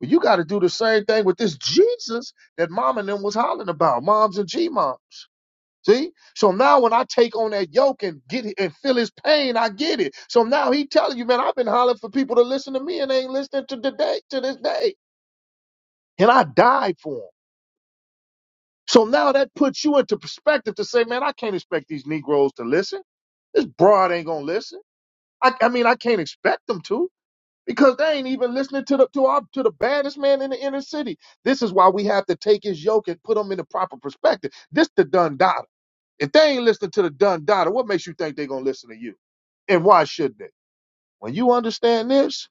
[SPEAKER 1] But you got to do the same thing with this Jesus that mom and them was hollering about, moms and G moms. See? So now when I take on that yoke and get it and feel his pain, I get it. So now he telling you, man, I've been hollering for people to listen to me and they ain't listening to today to this day. And I died for him. So now that puts you into perspective to say, man, I can't expect these Negroes to listen. This broad ain't gonna listen. I, I mean, I can't expect them to because they ain't even listening to the to our to the baddest man in the inner city. This is why we have to take his yoke and put him in the proper perspective. This the Dun Dada. If they ain't listening to the Dun Dada, what makes you think they gonna listen to you? And why should they? When you understand this,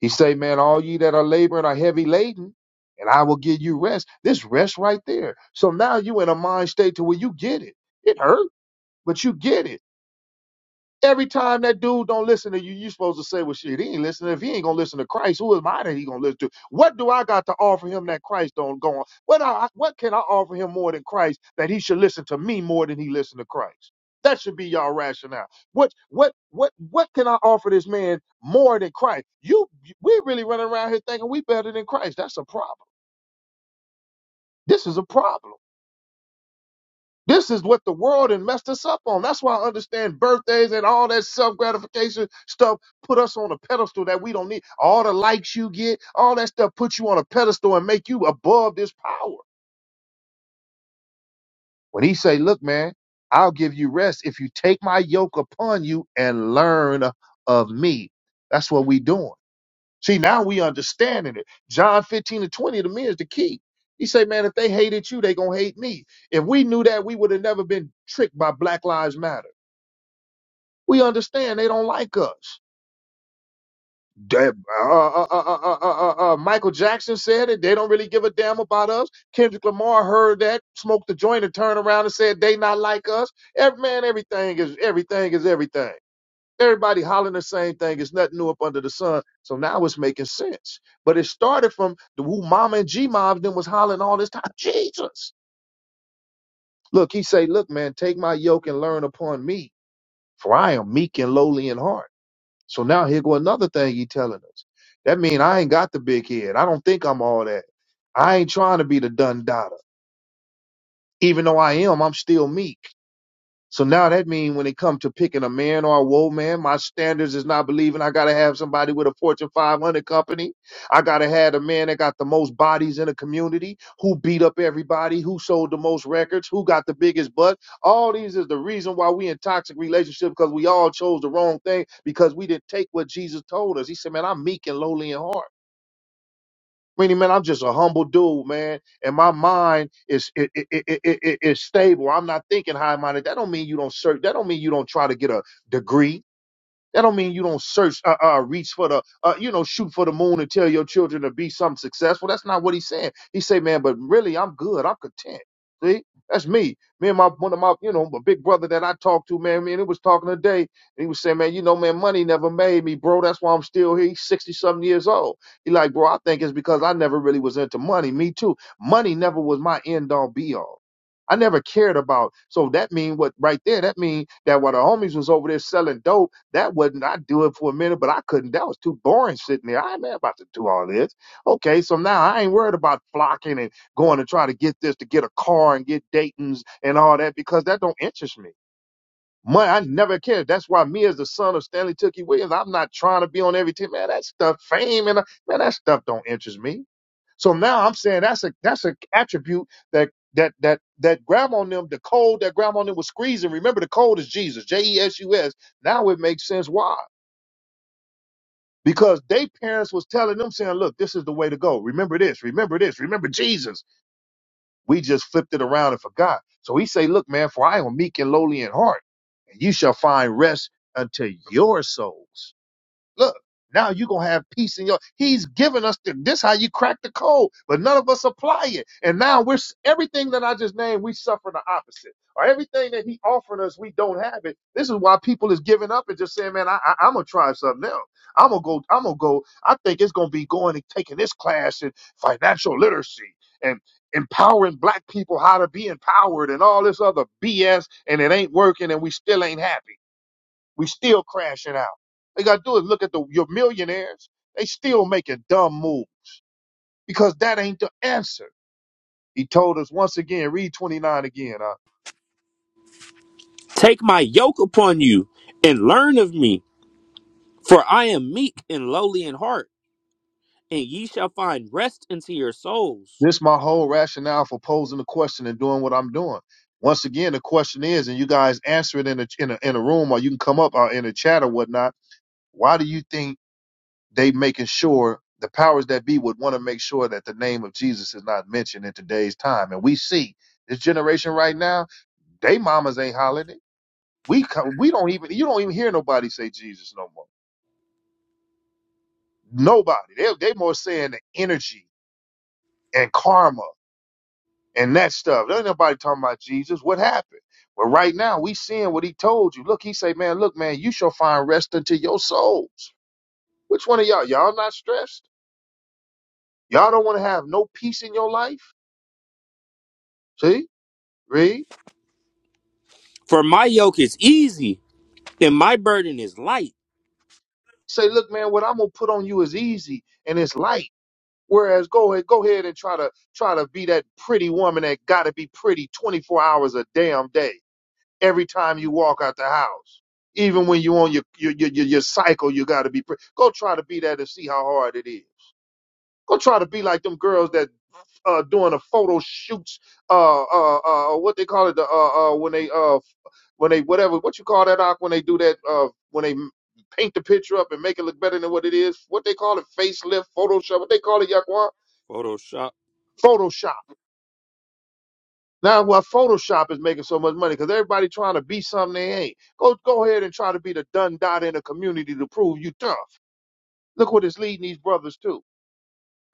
[SPEAKER 1] he say, man, all ye that are laboring are heavy laden. And I will give you rest. This rest right there. So now you in a mind state to where you get it. It hurt, but you get it. Every time that dude don't listen to you, you supposed to say, "Well, shit, he ain't listening. If he ain't gonna listen to Christ, who am I that he gonna listen to? What do I got to offer him that Christ don't go on? What I, what can I offer him more than Christ that he should listen to me more than he listen to Christ? That should be y'all rationale. What what what what can I offer this man more than Christ? You we really running around here thinking we better than Christ. That's a problem. This is a problem. This is what the world and messed us up on. That's why I understand birthdays and all that self gratification stuff put us on a pedestal that we don't need. All the likes you get, all that stuff put you on a pedestal and make you above this power. When he say, "Look, man, I'll give you rest if you take my yoke upon you and learn of me." That's what we doing. See, now we understanding it. John 15 and 20 to me is the key. He say, man, if they hated you, they gonna hate me. If we knew that, we would have never been tricked by Black Lives Matter. We understand they don't like us. That- uh, uh, uh, uh, uh, uh, uh, uh, uh, Michael Jackson said it. They don't really give a damn about us. Kendrick Lamar heard that, smoked the joint, and turned around and said they not like us. Every man, everything is everything is everything. Everybody hollering the same thing. It's nothing new up under the sun. So now it's making sense. But it started from the who Mama and G Mob then was hollering all this time. Jesus. Look, he say, look, man, take my yoke and learn upon me, for I am meek and lowly in heart So now here go another thing he telling us. That mean I ain't got the big head. I don't think I'm all that. I ain't trying to be the done dotter. Even though I am, I'm still meek. So now that means when it comes to picking a man or a woman, my standards is not believing I gotta have somebody with a Fortune 500 company. I gotta have a man that got the most bodies in the community, who beat up everybody, who sold the most records, who got the biggest butt. All these is the reason why we in toxic relationships because we all chose the wrong thing because we didn't take what Jesus told us. He said, "Man, I'm meek and lowly in heart." Meaning, man, I'm just a humble dude, man, and my mind is it, it, it, it, it- it's stable. I'm not thinking high minded. That don't mean you don't search. That don't mean you don't try to get a degree. That don't mean you don't search, uh, uh, reach for the, uh, you know, shoot for the moon and tell your children to be something successful. That's not what he's saying. He say, man, but really, I'm good. I'm content. See, that's me. Me and my one of my, you know, my big brother that I talked to, man. Man, he was talking today, and he was saying, man, you know, man, money never made me, bro. That's why I'm still here. He's sixty something years old. He like, bro, I think it's because I never really was into money. Me too. Money never was my end all be all. I never cared about. So that mean what right there? That mean that while the homies was over there selling dope. That wasn't, I do it for a minute, but I couldn't. That was too boring sitting there. I ain't about to do all this. Okay, so now I ain't worried about flocking and going to try to get this to get a car and get Dayton's and all that because that don't interest me. Money, I never cared. That's why me as the son of Stanley Tookie Williams, I'm not trying to be on every team. Man, that stuff, fame and man, that stuff don't interest me. So now I'm saying that's a that's an attribute that that that that grandma on them, the cold that grandma on them was squeezing. Remember the cold is Jesus, J E S U S. Now it makes sense why because they parents was telling them saying look this is the way to go remember this remember this remember jesus we just flipped it around and forgot so he say look man for i am meek and lowly in heart and you shall find rest unto your souls Look, now you're gonna have peace in your he's given us the, this how you crack the code, but none of us apply it. And now we're s- everything that I just named, we suffer the opposite. Or everything that he offering us, we don't have it. This is why people is giving up and just saying, Man, I, I I'm gonna try something else. I'm gonna go, I'm gonna go, I think it's gonna be going and taking this class in financial literacy and empowering black people how to be empowered and all this other BS and it ain't working and we still ain't happy. We still crashing out. They gotta do is look at the your millionaires. They still make a dumb move because that ain't the answer. He told us once again, read 29 again. Uh,
[SPEAKER 2] Take my yoke upon you and learn of me, for I am meek and lowly in heart and ye shall find rest unto your souls.
[SPEAKER 1] this my whole rationale for posing the question and doing what I'm doing. Once again, the question is, and you guys answer it in a in a, in a room or you can come up uh, in a chat or whatnot. Why do you think they making sure the powers that be would want to make sure that the name of Jesus is not mentioned in today's time? And we see this generation right now, they mamas ain't hollering it We come, we don't even you don't even hear nobody say Jesus no more. Nobody. They they more saying the energy and karma and that stuff. There ain't nobody talking about Jesus. What happened? But right now we seeing what he told you. Look, he say, man, look, man, you shall find rest unto your souls. Which one of y'all? Y'all not stressed? Y'all don't want to have no peace in your life? See? Read.
[SPEAKER 2] For my yoke is easy and my burden is light.
[SPEAKER 1] Say, look, man, what I'm gonna put on you is easy and it's light. Whereas go ahead, go ahead and try to try to be that pretty woman that gotta be pretty 24 hours a damn day. Every time you walk out the house, even when you on your your your, your, your cycle, you gotta be pretty. Go try to be that and see how hard it is. Go try to be like them girls that uh doing the photo shoots, uh uh uh what they call it, the uh uh when they uh when they whatever what you call that Ak, when they do that uh when they paint the picture up and make it look better than what it is. What they call it, facelift, Photoshop. What they call it, Yaquan?
[SPEAKER 2] Photoshop.
[SPEAKER 1] Photoshop. Now, why Photoshop is making so much money because everybody trying to be something they ain't. Go go ahead and try to be the done dot in the community to prove you tough. Look what it's leading these brothers to.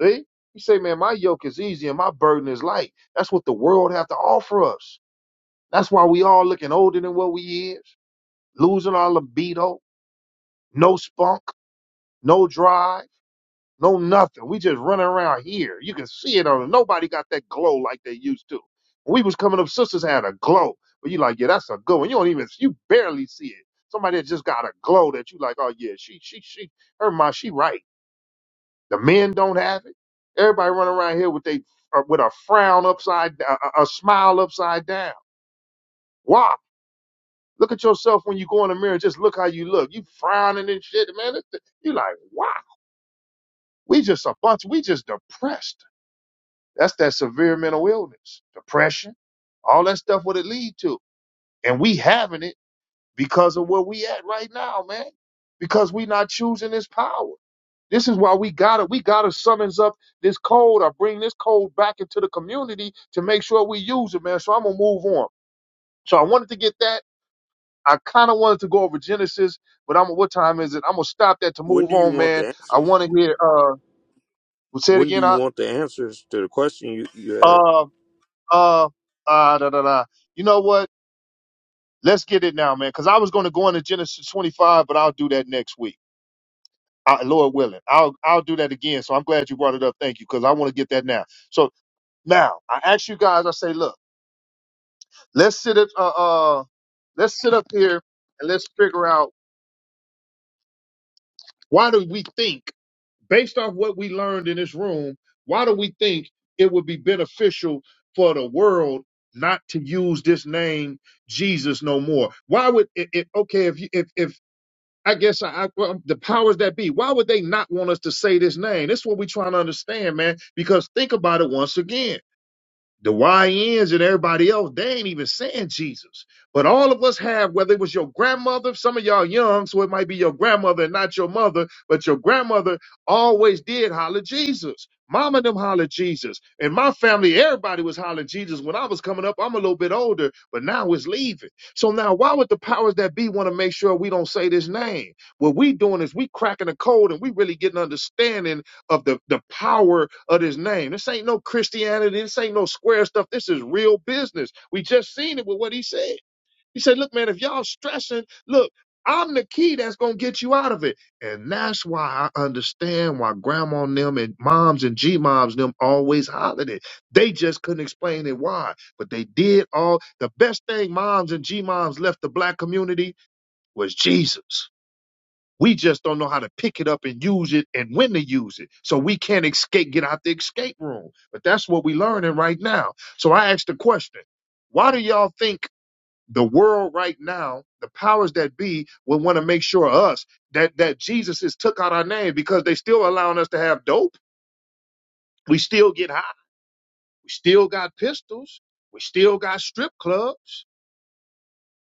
[SPEAKER 1] See? You say, man, my yoke is easy and my burden is light. That's what the world have to offer us. That's why we all looking older than what we is, losing our libido, no spunk, no drive. No nothing. We just running around here. You can see it on them. Nobody got that glow like they used to. When we was coming up, sisters had a glow. But you like, yeah, that's a good one. You don't even you barely see it. Somebody that just got a glow that you like, oh yeah, she she she her mind, she right. The men don't have it. Everybody running around here with they uh, with a frown upside down, a, a smile upside down. Why? Look at yourself when you go in the mirror. Just look how you look. You frowning and shit, man. It's- You like, wow. We just a bunch. We just depressed. That's that severe mental illness, depression, all that stuff what it lead to. And we having it because of where we at right now, man. Because we not choosing this power. This is why we gotta we gotta summons up this code or bring this code back into the community to make sure we use it, man. So I'm gonna move on. So I wanted to get that. I kind of wanted to go over Genesis, but I'm what time is it? I'm gonna stop that to
[SPEAKER 2] When
[SPEAKER 1] move
[SPEAKER 2] do you
[SPEAKER 1] on,
[SPEAKER 2] want
[SPEAKER 1] man.
[SPEAKER 2] the
[SPEAKER 1] I
[SPEAKER 2] answers?
[SPEAKER 1] want to hear. Uh, say it
[SPEAKER 2] When do
[SPEAKER 1] again.
[SPEAKER 2] you
[SPEAKER 1] I,
[SPEAKER 2] want the answers to the question you, you had?
[SPEAKER 1] uh, uh, uh, da da da. You know what? Let's get it now, man. Because I was going to go into Genesis 25, but I'll do that next week, I, Lord willing. I'll I'll do that again. So I'm glad you brought it up. Thank you, because I want to get that now. So now I ask you guys. I say, look, let's sit up. Uh, uh, let's sit up here and let's figure out why do we think based off what we learned in this room, why do we think it would be beneficial for the world not to use this name Jesus no more? Why would it, it okay if you if if I guess I, I well, the powers that be. Why would they not want us to say this name? This is what we're trying to understand, man. Because think about it once again the YNs and everybody else, they ain't even saying Jesus. But all of us have, whether it was your grandmother, some of y'all young, so it might be your grandmother and not your mother, but your grandmother always did holler Jesus. Mama and them holler Jesus. And my family, everybody was hollering Jesus. When I was coming up, I'm a little bit older, but now it's leaving. So now why would the powers that be want to make sure we don't say this name? What we doing is we cracking the code and we really getting understanding of the, the power of his name. This ain't no Christianity. This ain't no square stuff. This is real business. We just seen it with what he said. He said, look, man, if y'all stressing, look, I'm the key that's going to get you out of it. And that's why I understand why grandma and them and moms and G-moms and them always hollered it. They just couldn't explain it why. But they did all the best thing moms and G-moms left the black community was Jesus. We just don't know how to pick it up and use it and when to use it. So we can't escape, get out the escape room. But that's what we're learning right now. So I asked the question why do y'all think the world right now, the powers that be, would want to make sure us that that Jesus is took out our name because they still allowing us to have dope. We still get high. We still got pistols. We still got strip clubs.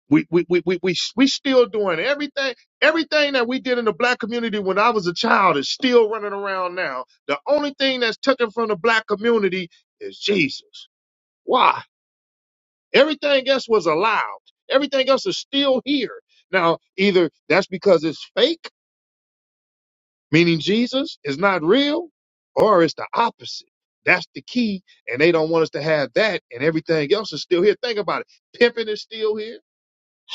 [SPEAKER 1] We we we we we we still doing everything everything that we did in the black community when I was a child is still running around now. The only thing that's taken from the black community is Jesus. Why? Everything else was allowed. Everything else is still here. Now, either that's because it's fake, meaning Jesus is not real, or it's the opposite. That's the key, and they don't want us to have that, and everything else is still here. Think about it. Pimping is still here.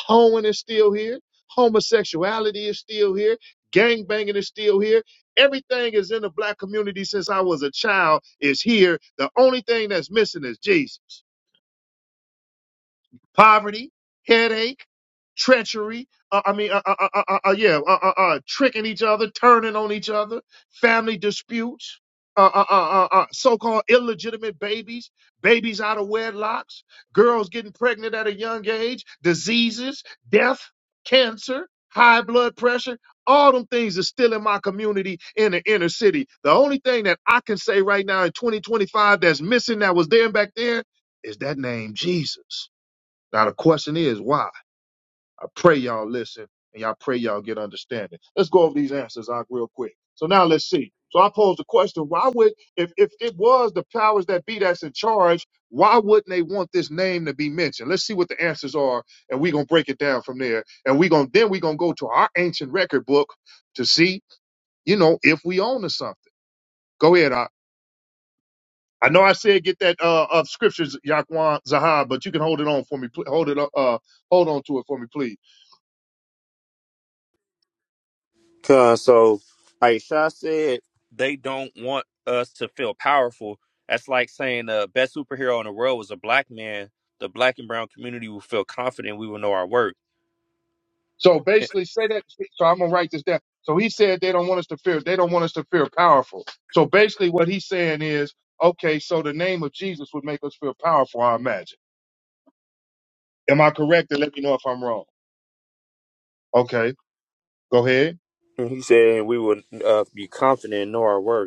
[SPEAKER 1] Hoeing is still here. Homosexuality is still here. Gangbanging is still here. Everything is in the black community since I was a child is here. The only thing that's missing is Jesus poverty, headache, treachery. Uh, I mean, uh, uh, uh, uh, uh, yeah, uh, uh, uh, tricking each other, turning on each other, family disputes, uh, uh, uh, uh, uh, so-called illegitimate babies, babies out of wedlocks, girls getting pregnant at a young age, diseases, death, cancer. High blood pressure, all them things are still in my community in the inner city. The only thing that I can say right now in 2025 that's missing that was there back then is that name Jesus. Now the question is why? I pray y'all listen and y'all pray y'all get understanding. Let's go over these answers, Ak, real quick. So now let's see. So I posed the question, why would if if it was the powers that be that's in charge, why wouldn't they want this name to be mentioned? Let's see what the answers are, and we're gonna break it down from there. And we gonna then we're gonna go to our ancient record book to see, you know, if we own to something. Go ahead, I I know I said get that uh of scriptures, Yaquan Zahab, but you can hold it on for me. pl- Hold it up, uh hold on to it for me, please.
[SPEAKER 2] Cause so Aisha said they don't want us to feel powerful. That's like saying the uh, best superhero in the world was a black man. The black and brown community will feel confident. We will know our worth.
[SPEAKER 1] So basically, say that. So I'm gonna write this down. So he said they don't want us to fear. They don't want us to fear powerful. So basically, what he's saying is, okay, so the name of Jesus would make us feel powerful. I imagine. Am I correct? And let me know if I'm wrong. Okay, go ahead.
[SPEAKER 2] And he said we will uh, be confident and know our worth.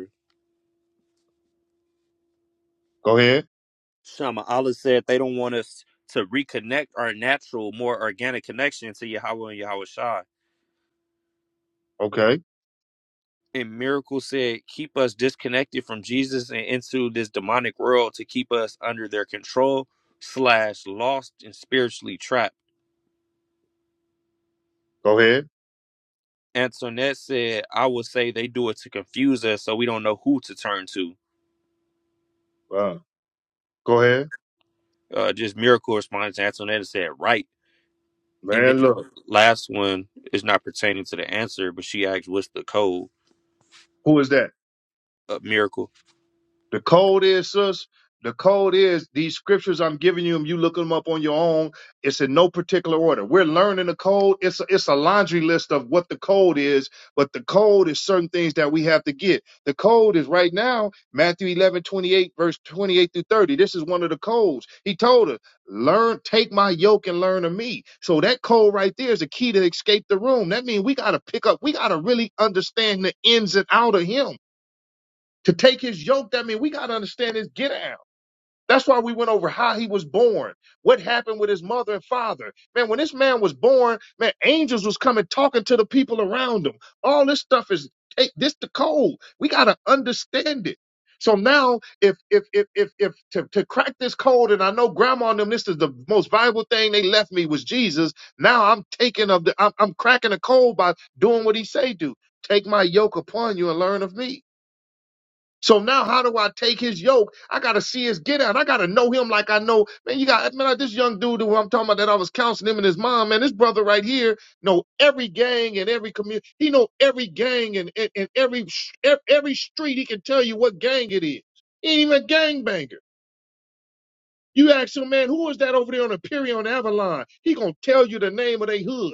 [SPEAKER 1] Go ahead.
[SPEAKER 2] Shama Allah said they don't want us to reconnect our natural, more organic connection to Yahweh and Yahweh Shai.
[SPEAKER 1] Okay,
[SPEAKER 2] And Miracle said, keep us disconnected from Jesus and into this demonic world to keep us under their control, slash, lost and spiritually trapped.
[SPEAKER 1] go ahead.
[SPEAKER 2] Antoinette said, I would say they do it to confuse us so we don't know who to turn to.
[SPEAKER 1] Uh, go ahead.
[SPEAKER 2] Uh, just Miracle responded to Antoinette and said, right. And then
[SPEAKER 1] Man, look,
[SPEAKER 2] the last one is not pertaining to the answer, but she asked, what's the code?
[SPEAKER 1] who is that?
[SPEAKER 2] Uh, miracle.
[SPEAKER 1] The code is, sis, the code is these scriptures I'm giving you, and you look them up on your own. It's in no particular order. We're learning the code. It's a, it's a laundry list of what the code is, but the code is certain things that we have to get. The code is right now Matthew 11:28 verse 28 through 30. This is one of the codes. He told us, learn, take my yoke and learn of me. So that code right there is the key to escape the room. That means we got to pick up, we got to really understand the ins and out of him to take his yoke that mean we got to understand his get out that's why we went over how he was born what happened with his mother and father man when this man was born man angels was coming talking to the people around him all this stuff is hey, this the code we got to understand it so now if if if if, if to, to crack this code and i know grandma and them this is the most valuable thing they left me was jesus now i'm taking of the i'm, I'm cracking the code by doing what he say do take my yoke upon you and learn of me so now, how do I take his yoke? I gotta see his get out. I gotta know him like I know. Man, you got man, like this young dude who I'm talking about that I was counseling him and his mom. Man, this brother right here know every gang and every community. He know every gang and, and, and every sh- ev- every street. He can tell you what gang it is. He ain't even a gang You ask him, man, who is that over there on Imperial and Avalon? He gonna tell you the name of their hood.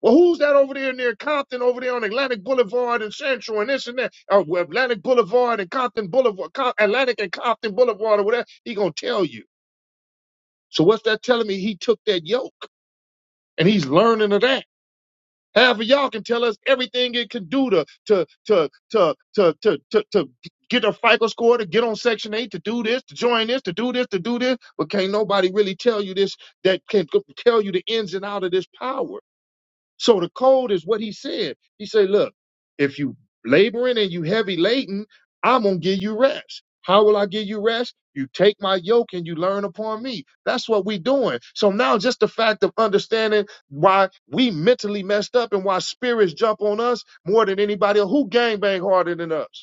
[SPEAKER 1] Well, who's that over there near Compton, over there on Atlantic Boulevard and Central and this and that? Uh, well, Atlantic Boulevard and Compton Boulevard, Com- Atlantic and Compton Boulevard or whatever. He gonna tell you. So what's that telling me? He took that yoke and he's learning of that. Half of y'all can tell us everything it can do to to to to to to to, to get a FICO score, to get on Section Eight, to do this, to join this, to do this, to do this. But can't nobody really tell you this that can tell you the ins and out of this power. So the code is what he said. He said, look, if you laboring and you heavy laden, I'm gonna give you rest. How will I give you rest? You take my yoke and you learn upon me. That's what we doing. So now just the fact of understanding why we mentally messed up and why spirits jump on us more than anybody else. Who gangbang harder than us?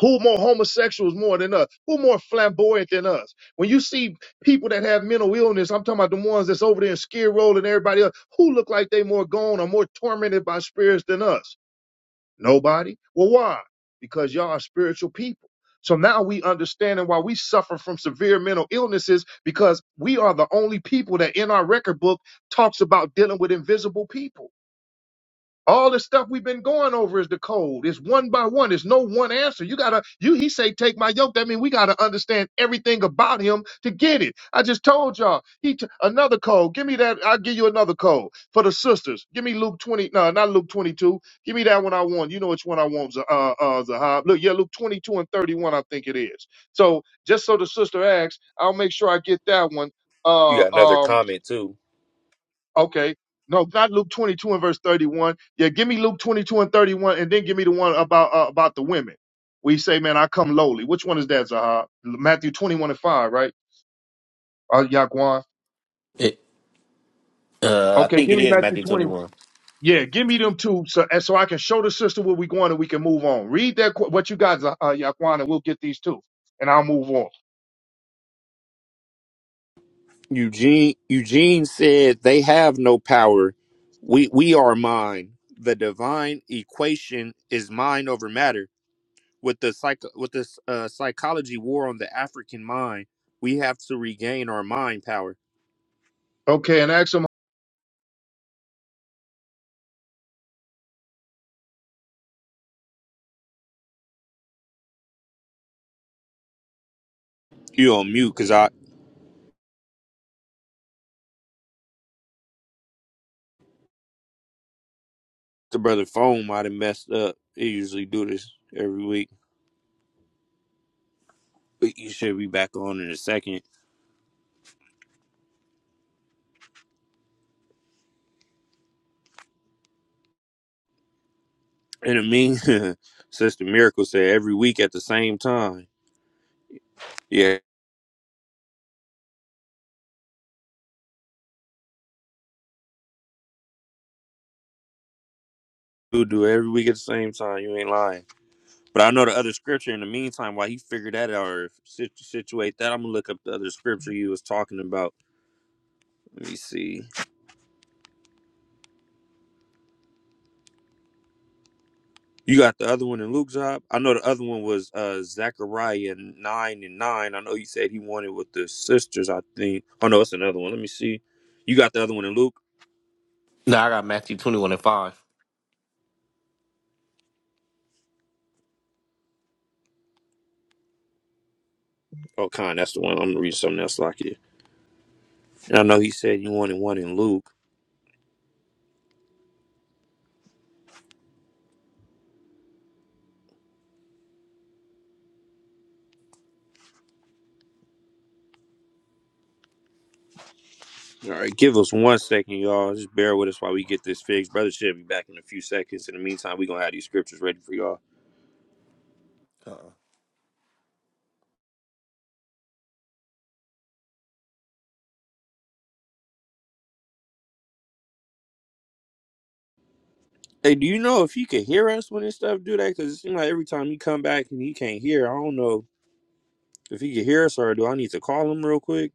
[SPEAKER 1] Who more homosexuals more than us? Who more flamboyant than us? When you see people that have mental illness, I'm talking about the ones that's over there in Skid Row and everybody else, who look like they more gone or more tormented by spirits than us? Nobody. Well, why? Because y'all are spiritual people. So now we understanding why we suffer from severe mental illnesses because we are the only people that in our record book talks about dealing with invisible people. All the stuff we've been going over is the code. It's one by one. It's no one answer. You gotta, you he say, take my yoke. That means we gotta understand everything about him to get it. I just told y'all. He t- another code. Give me that. I'll give you another code for the sisters. Give me Luke twenty. No, not Luke twenty two. Give me that one I want. You know which one I want. Z- Uh, uh, Zahab. Look, yeah, Luke twenty two and thirty one. I think it is. So just so the sister asks, I'll make sure I get that one.
[SPEAKER 2] You
[SPEAKER 1] Uh,
[SPEAKER 2] got another
[SPEAKER 1] um.
[SPEAKER 2] comment too.
[SPEAKER 1] Okay. No, not Luke 22 and verse 31. Yeah, give me Luke 22 and 31, and then give me the one about uh, about the women. We say, man, I come lowly. Which one is that, Zahar? Matthew 21 and 5, right? Uh, Yaquan.
[SPEAKER 3] It, uh, I
[SPEAKER 1] Okay,
[SPEAKER 3] think
[SPEAKER 1] give
[SPEAKER 3] it
[SPEAKER 1] me
[SPEAKER 3] is
[SPEAKER 1] Matthew
[SPEAKER 3] Matthew
[SPEAKER 1] 20.
[SPEAKER 3] 21.
[SPEAKER 1] Yeah, give me them two so, and so I can show the sister where we going and we can move on. Read that, qu- what you got, Zah- uh, Yaquan, and we'll get these two, and I'll move on.
[SPEAKER 2] Eugene Eugene said they have no power. We we are mind. The divine equation is mind over matter. With the psych with this uh, psychology war on the African mind, we have to regain our mind power.
[SPEAKER 1] Okay, and ask them,
[SPEAKER 2] You on mute because I the brother phone might have messed up. They usually do this every week, but you should be back on in a second. And I mean, Sister Miracle said every week at the same time. Yeah, do do it every week at the same time. You ain't lying. But I know the other scripture in the meantime. While he figured that out or sit- situate that, I'm gonna look up the other scripture you was talking about. Let me see. You got the other one in Luke's up. I know the other one was uh Zechariah nine and nine. I know you said he wanted with the sisters. I think. Oh no, it's another one. Let me see. You got the other one in Luke.
[SPEAKER 3] No, I got Matthew 21 and 5.
[SPEAKER 2] Oh, con. That's the one. I'm gonna read something else like it. And I know he said he wanted one in Luke. All right, give us one second, y'all. Just bear with us while we get this fixed. Brother should be back in a few seconds. In the meantime, we gonna have these scriptures ready for y'all.
[SPEAKER 3] uh
[SPEAKER 2] Hey, do you know if he can hear us when this stuff do that? Because it seems like every time he come back and he can't hear. I don't know if he can hear us or do I need to call him real quick?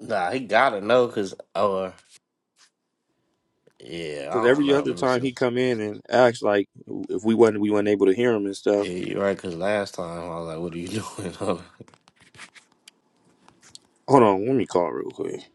[SPEAKER 3] Nah, he gotta know because, or, yeah,
[SPEAKER 2] Because
[SPEAKER 3] I don't
[SPEAKER 2] every
[SPEAKER 3] know.
[SPEAKER 2] other
[SPEAKER 3] Let me
[SPEAKER 2] time
[SPEAKER 3] see.
[SPEAKER 2] he come in and acts like if we wasn't we wasn't able to hear him and stuff.
[SPEAKER 3] Yeah, you're right, because last time I was like, what are you doing? Hold on.
[SPEAKER 2] Hold on, let me call real quick.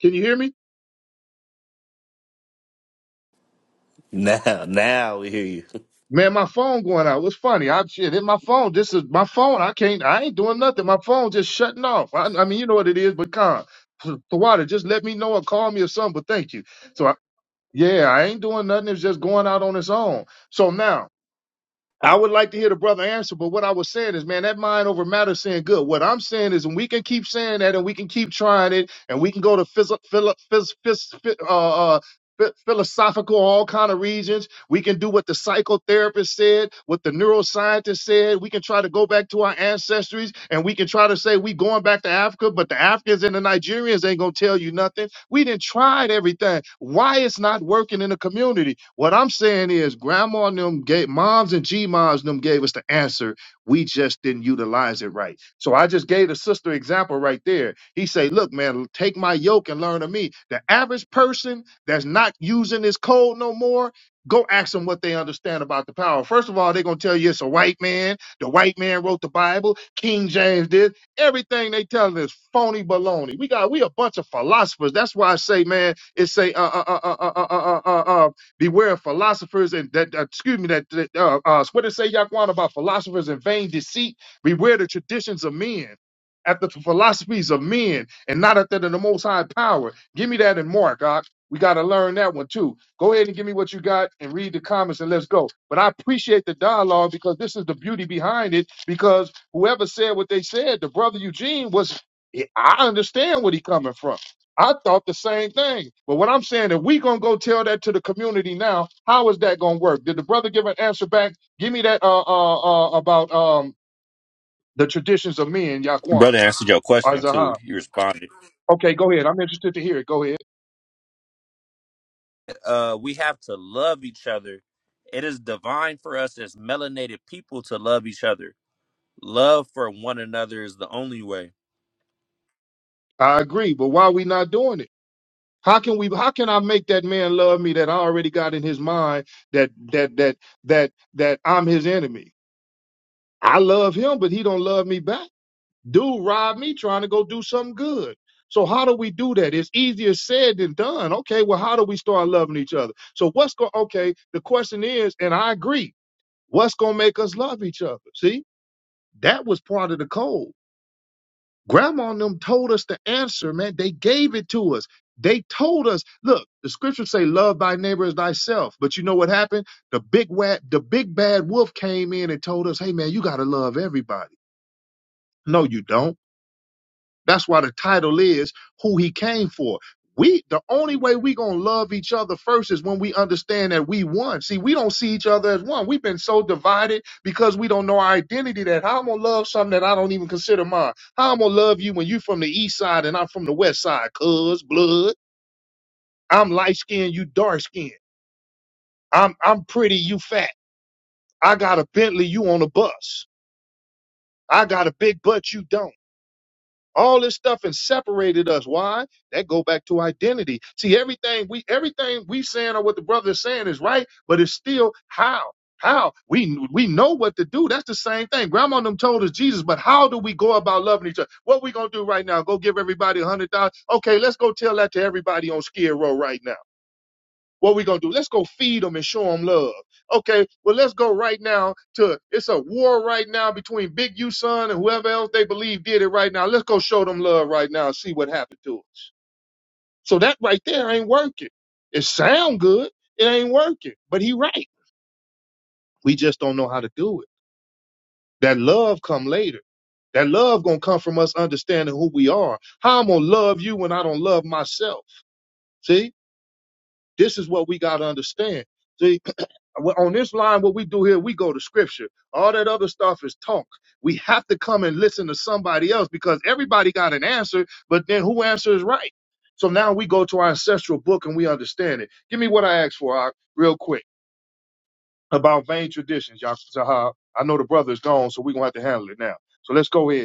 [SPEAKER 1] can you hear me?
[SPEAKER 3] now, now we hear you.
[SPEAKER 1] Man, my phone going out. What's funny? I shit. It's my phone. This is my phone. I can't. I ain't doing nothing. My phone just shutting off. I, I mean, you know what it is. But con, water. Just let me know or call me or something. But thank you. So I, yeah, I ain't doing nothing. It's just going out on its own. So now I would like to hear the brother answer. But what I was saying is, man, that mind over matter saying good. What I'm saying is, and we can keep saying that, and we can keep trying it, and we can go to phys- philo- phys- phys- phy- uh, uh, phi- philosophical all kind of regions we can do what the psychotherapist said, what the neuroscientist said. We can try to go back to our ancestries and we can try to say we going back to Africa, but the Africans and the Nigerians ain't gonna tell you nothing. We didn't tried everything. Why it's not working in the community? What I'm saying is grandma and them gave moms and G moms and them gave us the answer. We just didn't utilize it right. So I just gave the sister example right there. He say, look, man, take my yoke and learn of me. The average person that's not using this code no more go ask them what they understand about the power. First of all, they're going to tell you it's a white man. The white man wrote the Bible. King James did. Everything they telling is phony baloney. We got we a bunch of philosophers. That's why I say, man, it say uh uh uh uh uh uh uh, uh uh, beware of philosophers and that uh, excuse me that that, uh, uh what did it say Yaquan about philosophers and vain deceit. Beware the traditions of men. After the philosophies of men and not after the most high power. Give me that in Mark. Uh, we got to learn that one too. Go ahead and give me what you got and read the comments and let's go. But I appreciate the dialogue because this is the beauty behind it. Because whoever said what they said, the brother Eugene was, I understand where he coming from. I thought the same thing. But what I'm saying, if we gonna go tell that to the community now, how is that gonna work? Did the brother give an answer back? Give me that uh uh, uh about um the traditions of men, Yaquan
[SPEAKER 2] Brother answered your
[SPEAKER 1] or
[SPEAKER 2] question too.
[SPEAKER 1] Zaha.
[SPEAKER 2] You responded.
[SPEAKER 1] Okay, go ahead. I'm interested to hear it. Go ahead.
[SPEAKER 2] Uh, we have to love each other. It is divine for us as melanated people to love each other. Love for one another is the only way.
[SPEAKER 1] I agree, but why are we not doing it? How can we how can I make that man love me that I already got in his mind that that that that that I'm his enemy? I love him, but he don't love me back. Dude robbed me trying to go do something good. So how do we do that? It's easier said than done. Okay, well, how do we start loving each other? So what's going okay, the question is, and I agree, what's gonna make us love each other? See, that was part of the code. Grandma and them told us the answer, man. They gave it to us. They told us, look, the scriptures say, love thy neighbor as thyself. But you know what happened? The big wa- the big bad wolf came in and told us, hey man, you gotta love everybody. No, you don't. That's why the title is who he came for. We the only way we gonna love each other first is when we understand that we one. See, we don't see each other as one. We've been so divided because we don't know our identity that how I'm gonna love something that I don't even consider mine. How I'm gonna love you when you from the east side and I'm from the west side, cuz blood. I'm light skinned, you dark skinned. I'm I'm pretty, you fat. I got a Bentley, you on a bus. I got a big butt, you don't. All this stuff has separated us. Why? That go back to identity. See, everything we everything we saying or what the brother is saying is right, but it's still how. How we we know what to do. That's the same thing. Grandma and them told us Jesus, but how do we go about loving each other? What we gonna do right now? Go give everybody a hundred thousand? Okay, let's go tell that to everybody on Skid Row right now. What we gonna do? Let's go feed them and show them love. Okay, well let's go right now to it's a war right now between Big U son and whoever else they believe did it right now. Let's go show them love right now and see what happened to us. So that right there ain't working. It sound good, it ain't working. But he right. We just don't know how to do it. That love come later. That love gonna come from us understanding who we are. How I'm gonna love you when I don't love myself. See? This is what we got to understand. See, on this line, what we do here, we go to scripture. All that other stuff is talk. We have to come and listen to somebody else because everybody got an answer, but then who answers right? So now we go to our ancestral book and we understand it. Give me what I asked for, Ak, real quick, about vain traditions, y'all. I know the brother is gone, so we're going to have to handle it now. So let's go ahead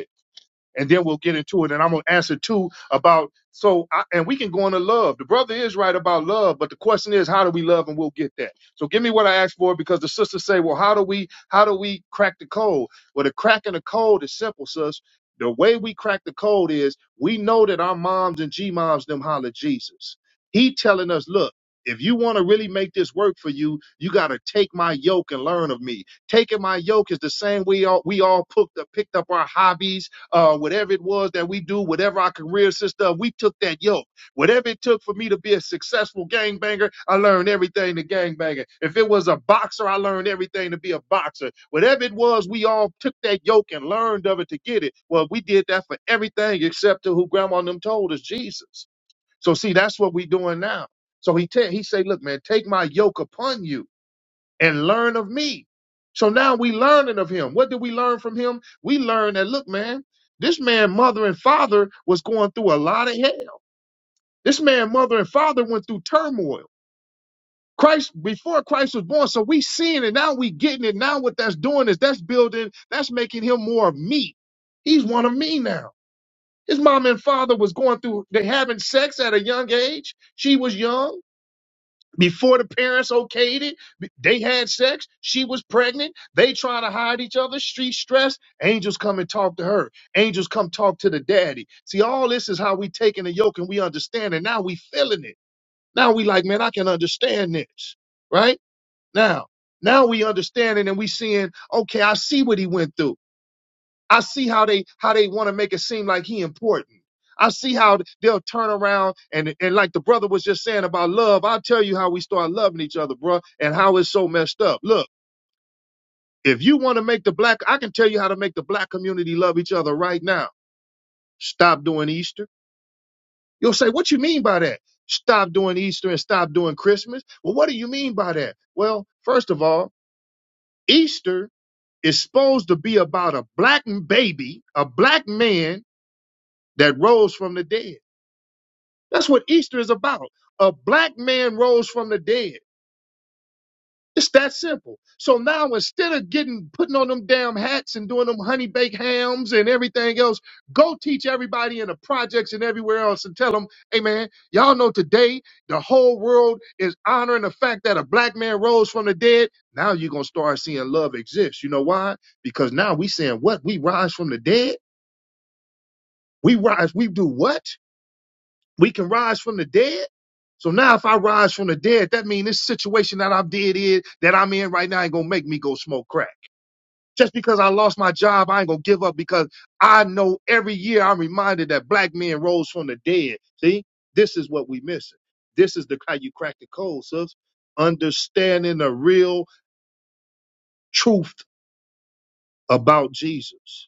[SPEAKER 1] and then we'll get into it. And I'm gonna answer two about so, I, and we can go into love. The brother is right about love, but the question is, how do we love? And we'll get that. So give me what I asked for because the sisters say, well, how do we, how do we crack the code? Well, the crack in the code is simple, sis. The way we crack the code is we know that our moms and G moms them holler Jesus. He telling us, look. If you want to really make this work for you, you got to take my yoke and learn of me. Taking my yoke is the same way all, we all picked up, picked up our hobbies uh, whatever it was that we do, whatever our careers and stuff, we took that yoke. Whatever it took for me to be a successful gangbanger, I learned everything to gangbanger. If it was a boxer, I learned everything to be a boxer. Whatever it was, we all took that yoke and learned of it to get it. Well, we did that for everything except to who grandma and them told us, Jesus. So see, that's what we doing now. So he te- he say, look, man, take my yoke upon you and learn of me. So now we learning of him. What did we learn from him? We learned that look, man, this man, mother and father was going through a lot of hell. This man, mother and father went through turmoil. Christ before Christ was born, so we seeing it now. We getting it now. What that's doing is that's building, that's making him more of me. He's one of me now. His mom and father was going through. They having sex at a young age. She was young before the parents okayed it b- they had sex she was pregnant they trying to hide each other street stress angels come and talk to her angels come talk to the daddy see all this is how we taking the yoke and we understand it now we feeling it now we like man i can understand this right now now we understand it and we seeing okay i see what he went through I see how they how they want to make it seem like he important. I see how they'll turn around and and like the brother was just saying about love. I'll tell you how we start loving each other, bro, and how it's so messed up. Look, if you want to make the black, I can tell you how to make the black community love each other right now. Stop doing Easter. You'll say, what you mean by that? Stop doing Easter and stop doing Christmas. Well, what do you mean by that? Well, first of all, Easter is supposed to be about a black baby, a black man that rose from the dead. That's what Easter is about. A black man rose from the dead. It's that simple. So now instead of getting putting on them damn hats and doing them honey baked hams and everything else, go teach everybody in the projects and everywhere else and tell them, hey man, y'all know today the whole world is honoring the fact that a black man rose from the dead. Now you're gonna start seeing love exist. You know why? Because now we saying what? We rise from the dead? We rise, we do what? We can rise from the dead. So now if I rise from the dead, that means this situation that I'm dead in, that I'm in right now ain't gonna make me go smoke crack. Just because I lost my job, I ain't gonna give up because I know every year I'm reminded that black men rose from the dead. See, this is what we missing. This is the how you crack the code, sis. Understanding the real truth about Jesus.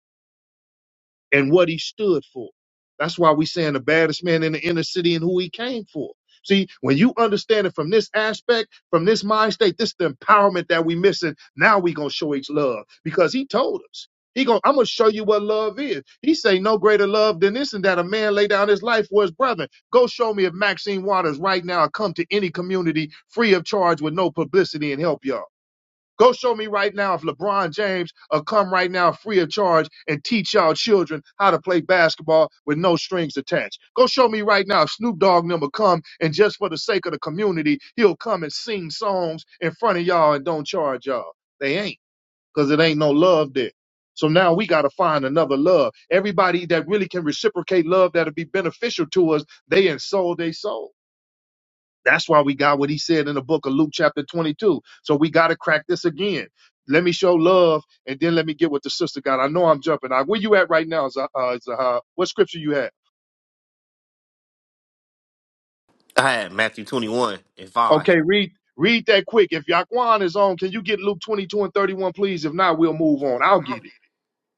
[SPEAKER 1] and what he stood for. That's why we saying the baddest man in the inner city and who he came for. See, when you understand it from this aspect, from this mind state, this is the empowerment that we missing. Now we gonna show each love because he told us. He going to I'm gonna show you what love is. He say no greater love than this and that a man lay down his life for his brethren. Go show me if Maxine Waters right now come to any community free of charge with no publicity and help y'all. Go show me right now if LeBron James will come right now free of charge and teach y'all children how to play basketball with no strings attached. Go show me right now if Snoop Dogg and them will come and just for the sake of the community, he'll come and sing songs in front of y'all and don't charge y'all. They ain't because it ain't no love there. So now we got to find another love. Everybody that really can reciprocate love that'll be beneficial to us, they ensoul they soul. That's why we got what he said in the book of Luke chapter 22. So we got to crack this again. Let me show love and then let me get what the sister got. I know I'm jumping. Uh, Where you at right now, Zah- uh, Zahar? What scripture you have?
[SPEAKER 3] I had Matthew 21 and 5.
[SPEAKER 1] Okay, read read that quick. If Yaquan is on, can you get Luke 22 and 31, please? If not, we'll move on. I'll get it.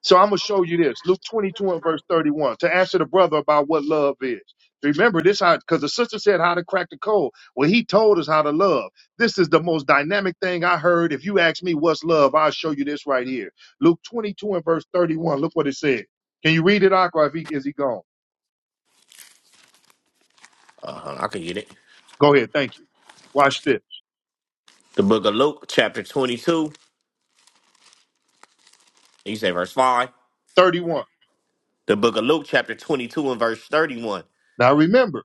[SPEAKER 1] So I'm going to show you this. Luke 22 and verse 31 to answer the brother about what love is. Remember this how because the sister said how to crack the code. Well, he told us how to love. This is the most dynamic thing I heard. If you ask me what's love, I'll show you this right here. Luke 22 and verse 31. Look what it said. Can you read it, Aqua? If he, is he gone?
[SPEAKER 3] Uh, hold on, I can get it.
[SPEAKER 1] Go ahead. Thank you. Watch this.
[SPEAKER 3] The book of Luke, chapter 22. You say verse 5.
[SPEAKER 1] 31.
[SPEAKER 3] The book of Luke, chapter 22 and verse 31.
[SPEAKER 1] Now remember,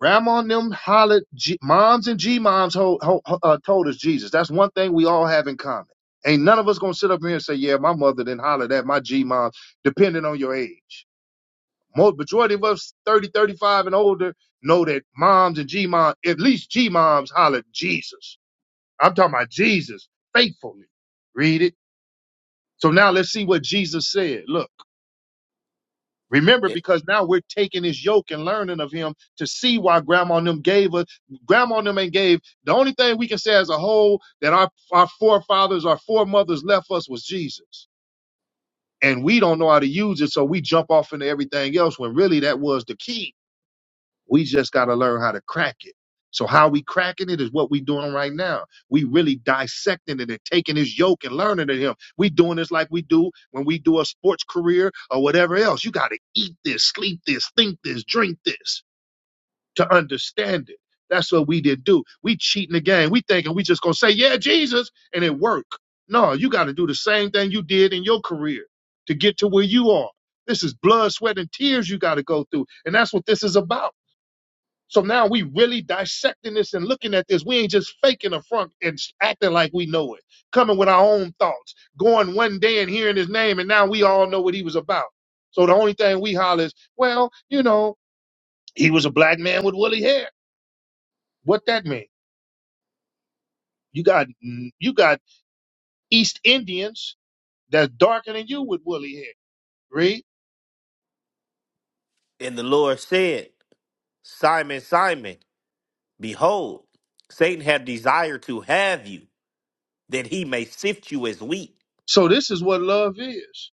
[SPEAKER 1] grandma and them hollered, G- moms and G moms ho- ho- ho- uh, told us Jesus. That's one thing we all have in common. Ain't none of us gonna sit up here and say, yeah, my mother didn't holler that, my G mom, depending on your age. Most majority of us 30, 35 and older know that moms and G moms, at least G moms hollered Jesus. I'm talking about Jesus faithfully. Read it. So now let's see what Jesus said. Look. Remember,
[SPEAKER 3] It,
[SPEAKER 1] because now we're taking his yoke and learning of him to see why grandma and them gave us. Grandma and them ain't gave. The only thing we can say as a whole that our, our forefathers, our foremothers left us was Jesus. And we don't know how to use it, so we jump off into everything else when really that was the key we just got to learn how to crack it. So how we cracking it is what we doing right now. We really dissecting it and taking his yoke and learning of him. We doing this like we do when we do a sports career or whatever else. You got to eat this, sleep this, think this, drink this to understand it. That's what we did do. We cheating the game. We thinking we just gonna say yeah Jesus and it work. No, you got to do the same thing you did in your career to get to where you are. This is blood, sweat, and tears you got to go through, and that's what this is about. So now we really dissecting this and looking at this. We ain't just faking a front and s- acting like we know it, coming with our own thoughts, going one day and hearing his name, and now we all know what he was about. So the only thing we holler is, well, you know, he was a black man with woolly hair. What that mean? You got mm, you got East Indians that's darker than you with woolly hair. Read.
[SPEAKER 3] and the Lord said, Simon, Simon. Behold, Satan had desired to have you, that he may sift you as wheat.
[SPEAKER 1] So this is what love is.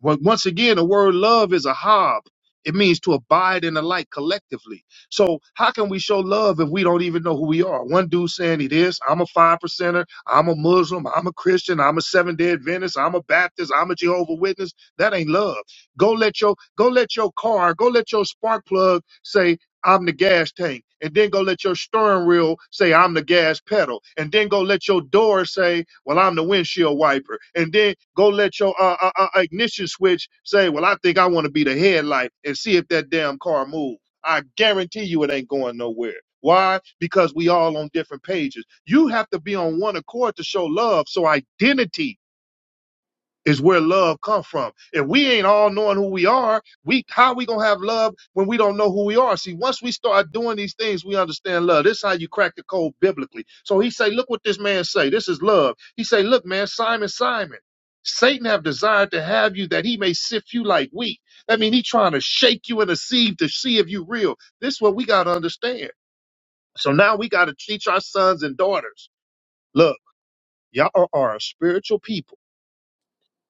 [SPEAKER 1] Well, once again, the word love is a hob. It means to abide in the light collectively. So how can we show love if we don't even know who we are? One dude saying he this, I'm a five percenter, I'm a Muslim, I'm a Christian, I'm a Seventh day Adventist, I'm a Baptist, I'm a Jehovah Witness. That ain't love. Go let your go let your car, go let your spark plug say I'm the gas tank. And then go let your steering wheel say, I'm the gas pedal. And then go let your door say, well, I'm the windshield wiper. And then go let your uh, uh, uh, ignition switch say, well, I think I want to be the headlight and see if that damn car moves. I guarantee you it ain't going nowhere. Why? Because we all on different pages. You have to be on one accord to show love. So identity is where love come from. If we ain't all knowing who we are, we how we gonna have love when we don't know who we are? See, once we start doing these things, we understand love. This is how you crack the code biblically. So he say, look what this man say. This is love. He say, look, man, Simon, Simon, Satan have desired to have you that he may sift you like wheat. That mean, he trying to shake you in a sieve to see if you real. This is what we gotta understand. So now we gotta teach our sons and daughters. Look, y'all are a spiritual people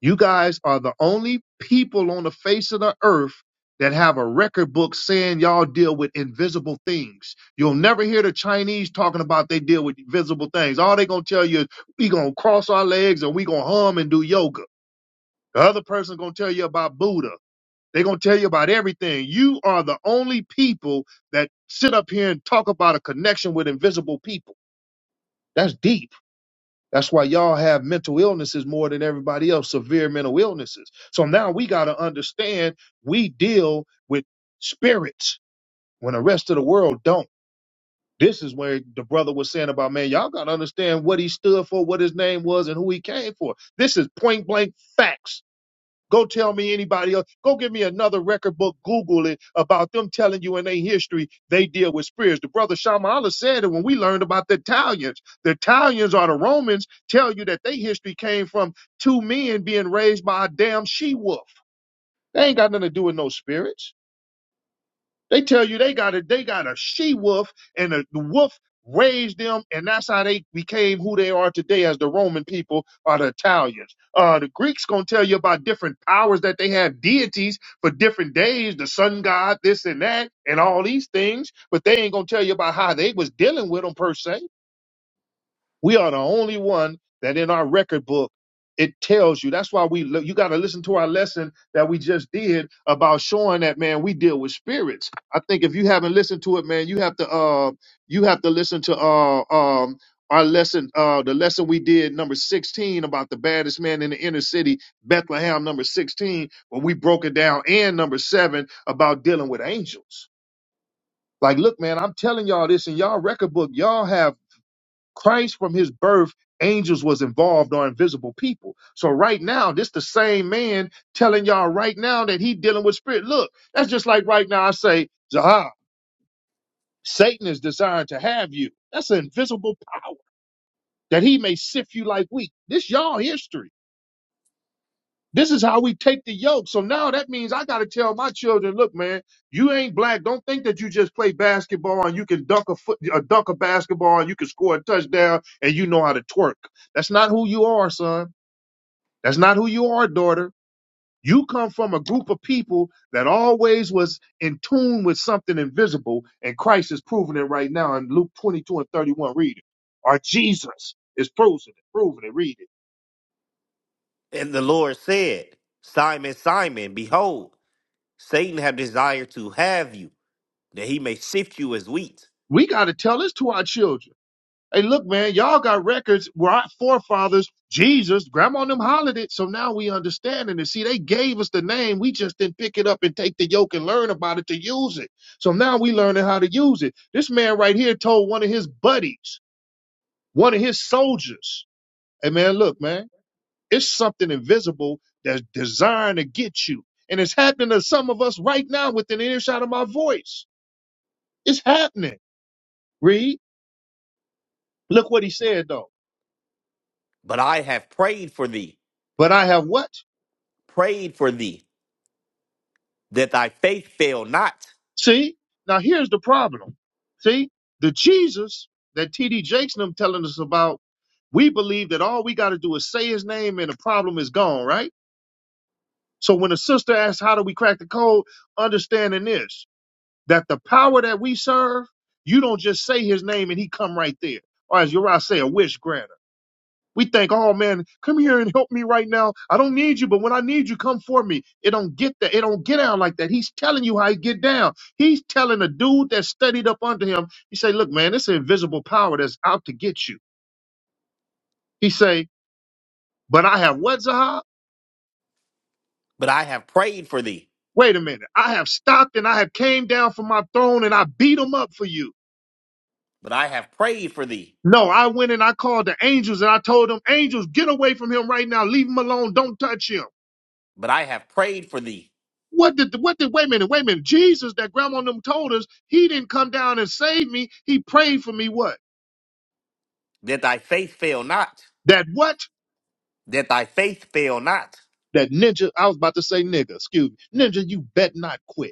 [SPEAKER 1] you guys are the only people on the face of the earth that have a record book saying y'all deal with invisible things. You'll never hear the Chinese talking about they deal with visible things. All they gonna tell you is we gonna cross our legs and we gonna hum and do yoga. The other person gonna tell you about Buddha. They gonna tell you about everything. You are the only people that sit up here and talk about a connection with invisible people. That's deep. That's why y'all have mental illnesses more than everybody else, severe mental illnesses. So now we got to understand we deal with spirits when the rest of the world don't. This is where the brother was saying about, man, y'all got to understand what he stood for, what his name was, and who he came for. This is point blank facts Go tell me anybody else. Go give me another record book. Google it about them telling you in their history they deal with spirits. The brother Shamala said it when we learned about the Italians. The Italians or the Romans tell you that their history came from two men being raised by a damn she wolf. They ain't got nothing to do with no spirits. They tell you they got a they got a she wolf and a, the wolf raised them, and that's how they became who they are today as the Roman people or the Italians. Uh, the Greeks gonna tell you about different powers that they have deities for different days, the sun god, this and that, and all these things, but they ain't gonna tell you about how they was dealing with them per se. We are the only one that in our record book it tells you. That's why we look, you got to listen to our lesson that we just did about showing that man we deal with spirits. I think if you haven't listened to it, man, you have to uh you have to listen to uh um our lesson uh the lesson we did number 16 about the baddest man in the inner city bethlehem number 16 when we broke it down and number 7 about dealing with angels like look man i'm telling y'all this in y'all record book y'all have Christ from his birth, angels was involved or invisible people. So right now, this the same man telling y'all right now that he dealing with spirit. Look, that's just like right now I say, Zaha, Satan is desiring to have you. That's an invisible power that he may sift you like wheat. This y'all history. This is how we take the yoke. So now that means I got to tell my children, look, man, you ain't black. Don't think that you just play basketball and you can dunk a foot, uh, dunk a basketball and you can score a touchdown and you know how to twerk. That's not who you are, son. That's not who you are, daughter. You come from a group of people that always was in tune with something invisible, and Christ is proving it right now in Luke 22 and 31. Read it. Or Jesus is proving it, proving it, read it.
[SPEAKER 3] And the Lord said, Simon, Simon, behold, Satan have desired to have you, that he may sift you as wheat.
[SPEAKER 1] We got to tell this to our children. Hey, look, man, y'all got records where our forefathers, Jesus, grandma and them hollered it. So now we understanding it. see, they gave us the name. We just didn't pick it up and take the yoke and learn about it to use it. So now we learning how to use it. This man right here told one of his buddies, one of his soldiers, hey, man, look, man, it's something invisible that's designed to get you. And it's happening to some of us right now within earshot of my voice. It's happening. Read. Look what he said, though.
[SPEAKER 3] But I have prayed for thee,
[SPEAKER 1] But I have what?
[SPEAKER 3] prayed for thee, that thy faith fail not.
[SPEAKER 1] See, now here's the problem. See, the Jesus that TD Jakes and them telling us about, we believe that all we got to do is say his name and the problem is gone, right? So when a sister asks, how do we crack the code? Understanding this, that the power that we serve, you don't just say his name and he come right there. Or as Uriah say, a wish granted. We think, oh man, come here and help me right now. I don't need you, but when I need you, come for me. It don't get that. It don't get down like that. He's telling you how he get down. He's telling a dude that studied up under him. He say, look, man, this invisible power that's out to get you. He say, but I have what, Zahab?
[SPEAKER 3] But I have prayed for thee,
[SPEAKER 1] Wait a minute. I have stopped and I have came down from my throne and I beat him up for you.
[SPEAKER 3] but I have prayed for thee,
[SPEAKER 1] No, I went and I called the angels and I told them, angels, get away from him right now. Leave him alone. Don't touch him.
[SPEAKER 3] but I have prayed for thee,
[SPEAKER 1] What did the what did wait a minute, wait a minute. Jesus that grandma and them told us, he didn't come down and save me. He prayed for me what?
[SPEAKER 3] that thy faith fail not,
[SPEAKER 1] That what?
[SPEAKER 3] that thy faith fail not.
[SPEAKER 1] That ninja, I was about to say nigga, excuse me. Ninja, you bet not quit.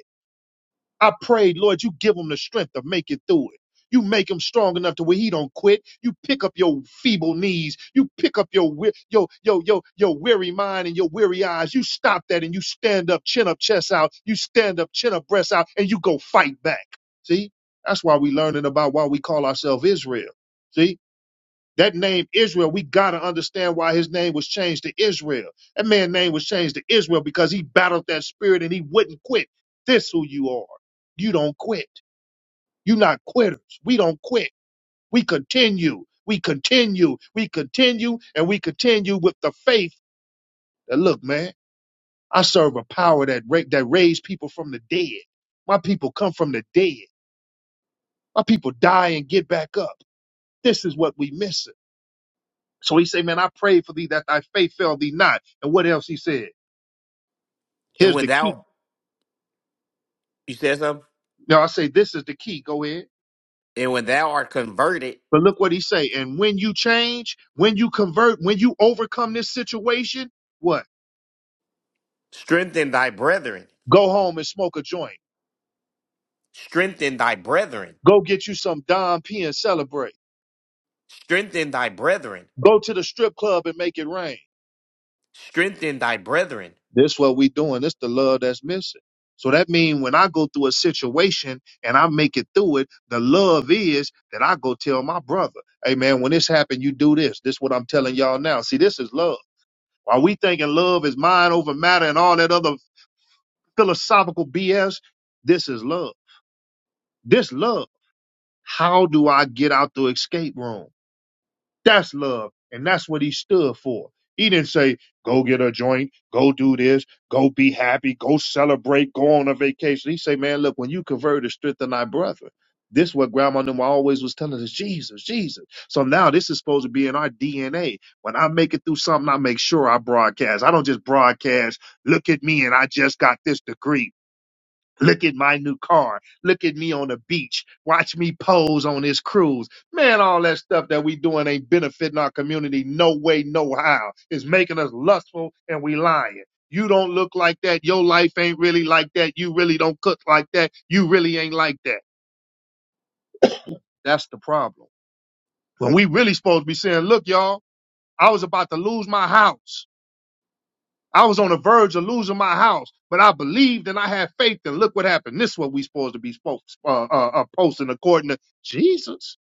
[SPEAKER 1] I prayed, Lord, you give him the strength to make it through it. You make him strong enough to where he don't quit. You pick up your feeble knees. You pick up your wea- your your your your weary mind and your weary eyes. You stop that and you stand up, chin up, chest out. You stand up, chin up, breast out, and you go fight back. See, that's why we learning about why we call ourselves Israel. See, that name Israel, we gotta understand why his name was changed to Israel. That man's name was changed to Israel because he battled that spirit and he wouldn't quit. This who you are. You don't quit. you are not quitters. We don't quit. We continue. We continue. We continue and we continue with the faith that look, man, I serve a power that ra- that raised people from the dead. My people come from the dead. My people die and get back up. This is what we missing. So he said, Man, I pray for thee that thy faith fail thee not. And what else he said?
[SPEAKER 3] And
[SPEAKER 1] Here's
[SPEAKER 3] when
[SPEAKER 1] the key.
[SPEAKER 3] thou, you said something?
[SPEAKER 1] Now I say this is the key. Go ahead.
[SPEAKER 3] And when thou art converted,
[SPEAKER 1] But look what he say. And when you change, when you convert, when you overcome this situation, what?
[SPEAKER 3] Strengthen thy brethren.
[SPEAKER 1] Go home and smoke a joint.
[SPEAKER 3] Strengthen thy brethren.
[SPEAKER 1] Go get you some Dom P and celebrate.
[SPEAKER 3] Strengthen thy brethren.
[SPEAKER 1] Go to the strip club and make it rain.
[SPEAKER 3] Strengthen thy brethren.
[SPEAKER 1] This what we doing. This the love that's missing. So that means when I go through a situation and I make it through it, the love is that I go tell my brother, hey man, when this happened, you do this. This what I'm telling y'all now. See, this is love. While we thinking love is mind over matter and all that other philosophical BS, this is love. This love. How do I get out the escape room? That's love. And that's what he stood for. He didn't say, go get a joint, go do this, go be happy, go celebrate, go on a vacation. He say, man, look, when you convert, it's strengthen thy brother. This what grandma Numa always was telling us, Jesus, Jesus. So now this is supposed to be in our DNA. When I make it through something, I make sure I broadcast. I don't just broadcast, look at me and I just got this degree. Look at my new car. Look at me on the beach. Watch me pose on this cruise. Man, all that stuff that we doing ain't benefiting our community no way, no how. It's making us lustful and we lying. You don't look like that. Your life ain't really like that. You really don't cook like that. You really ain't like that. That's the problem. When we really supposed to be saying, look, y'all, I was about to lose my house. I was on the verge of losing my house, but I believed and I had faith. And look what happened. This is what we supposed to be folks, uh, uh, uh, posting according to Jesus.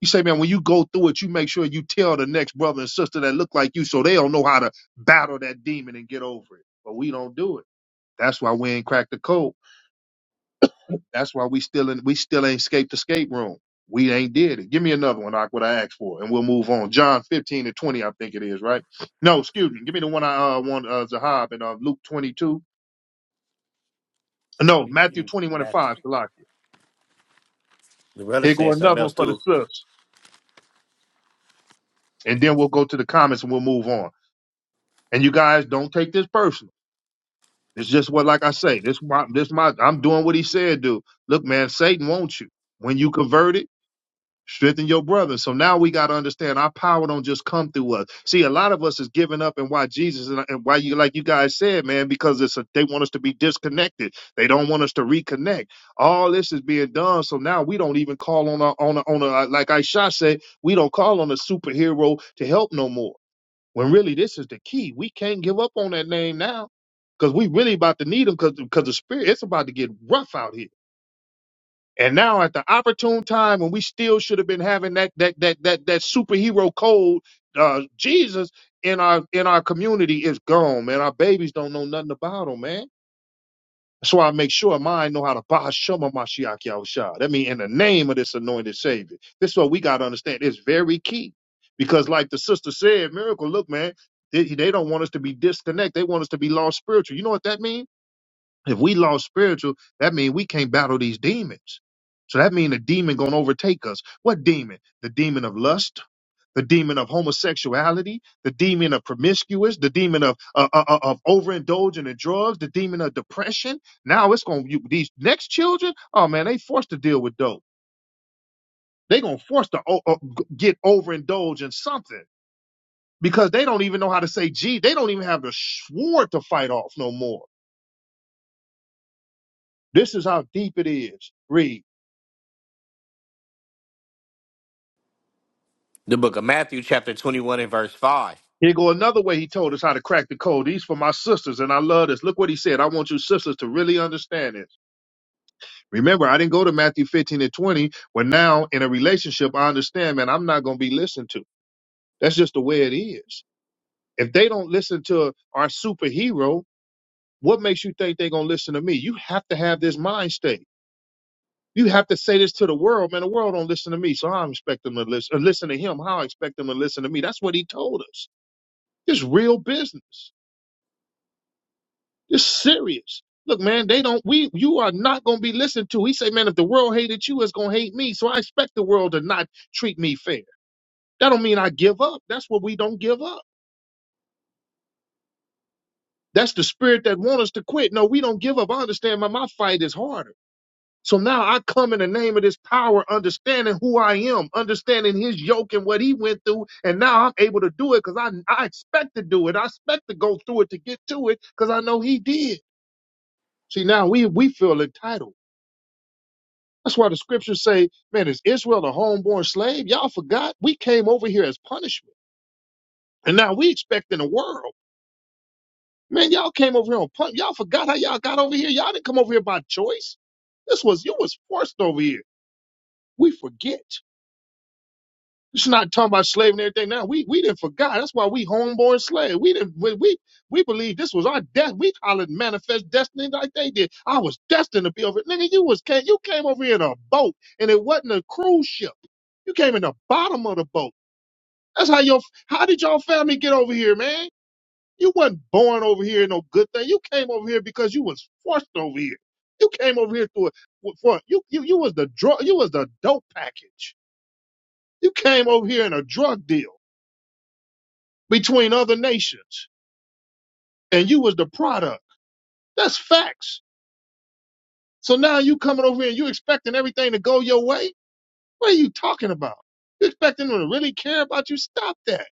[SPEAKER 1] You say, man, when you go through it, you make sure you tell the next brother and sister that look like you so they don't know how to battle that demon and get over it. But we don't do it. That's why we ain't cracked the code. That's why we still in, we still ain't escaped the escape room. We ain't did it. Give me another one, like what I asked for, and we'll move on. John 15 to 20, I think it is, right? No, excuse me. Give me the one I uh, want, uh, Zahab in uh, Luke 22. No,
[SPEAKER 3] You-
[SPEAKER 1] Matthew
[SPEAKER 3] you-
[SPEAKER 1] 21 and 5,
[SPEAKER 3] Matthew.
[SPEAKER 1] Salakia.
[SPEAKER 3] The brother
[SPEAKER 1] Here go
[SPEAKER 3] said something
[SPEAKER 1] another one
[SPEAKER 3] else
[SPEAKER 1] for the
[SPEAKER 3] too.
[SPEAKER 1] sis. And then we'll go to the comments and we'll move on. And you guys don't take this personal. It's just what, like I say, this my, this my, I'm doing what he said, dude. Look, man, Satan wants you. When you converted. strengthen your brother. So now we got to understand our power don't just come through us. See, a lot of us is giving up and why Jesus and, and why you like you guys said, man, because it's a, they want us to be disconnected. They don't want us to reconnect. All this is being done, so now we don't even call on our on a, on a uh, like Aisha said, we don't call on a superhero to help no more. When really this is the key. We can't give up on that name now. Cause we really about to need them, cause 'cause the spirit it's about to get rough out here. And now at the opportune time when we still should have been having that that that that that superhero code, uh, Jesus in our in our community is gone, man. Our babies don't know nothing about him, man. That's why I make sure mine know how to Bahashoma Mashiach Yahusha. That mean in the name of this anointed savior. This is what we gotta understand. It's very key. Because like the sister said, miracle, look, man, they, they don't want us to be disconnected. They want us to be lost spiritual. You know what that means? If we lost spiritual, that means we can't battle these demons. So that means a demon gonna overtake us. What demon? The demon of lust, the demon of homosexuality, the demon of promiscuous, the demon of uh, uh, uh, of overindulging in drugs, the demon of depression. Now it's gonna you, these next children. Oh man, they forced to deal with dope. They gonna force to o- o- g- get overindulged in something because they don't even know how to say G. They don't even have the sword to fight off no more. This is how deep it is. Read.
[SPEAKER 3] The book of Matthew, chapter 21, and verse 5.
[SPEAKER 1] Here go another way he told us how to crack the code. These for my sisters, and I love this. Look what he said. I want you sisters to really understand this. Remember, I didn't go to Matthew 15 and 20, but now in a relationship, I understand, man, I'm not going to be listened to. That's just the way it is. If they don't listen to our superhero, what makes you think they're going to listen to me? You have to have this mind state. You have to say this to the world, man. The world don't listen to me, so I expect them to listen. Or listen to him. How I expect them to listen to me. That's what he told us. It's real business. It's serious. Look, man, they don't. We you are not going to be listened to. He said, man, if the world hated you, it's going to hate me. So I expect the world to not treat me fair. That don't mean I give up. That's what we don't give up. That's the spirit that wants us to quit. No, we don't give up. I understand, my my fight is harder. So now I come in the name of this power, understanding who I am, understanding his yoke and what he went through. And now I'm able to do it because I, I expect to do it. I expect to go through it to get to it because I know he did. See, now we, we feel entitled. That's why the scriptures say, man, is Israel a homeborn slave? Y'all forgot we came over here as punishment. And now we expect in the world. Man, y'all came over here on punishment. Y'all forgot how y'all got over here. Y'all didn't come over here by choice. This was, you was forced over here. We forget. It's not talking about slave and everything now. We we didn't forgot. That's why we homeborn slave. We didn't we we, we believe this was our death. We call it manifest destiny like they did. I was destined to be over. Nigga, you was came you came over here in a boat and it wasn't a cruise ship. You came in the bottom of the boat. That's how your how did your family get over here, man? You wasn't born over here in no good thing. You came over here because you was forced over here. You came over here to a, for you you you was the drug you was the dope package. You came over here in a drug deal. between other nations, and you was the product. That's facts. So now you coming over here and you expecting everything to go your way? What are you talking about? You expecting them to really care about you? Stop that.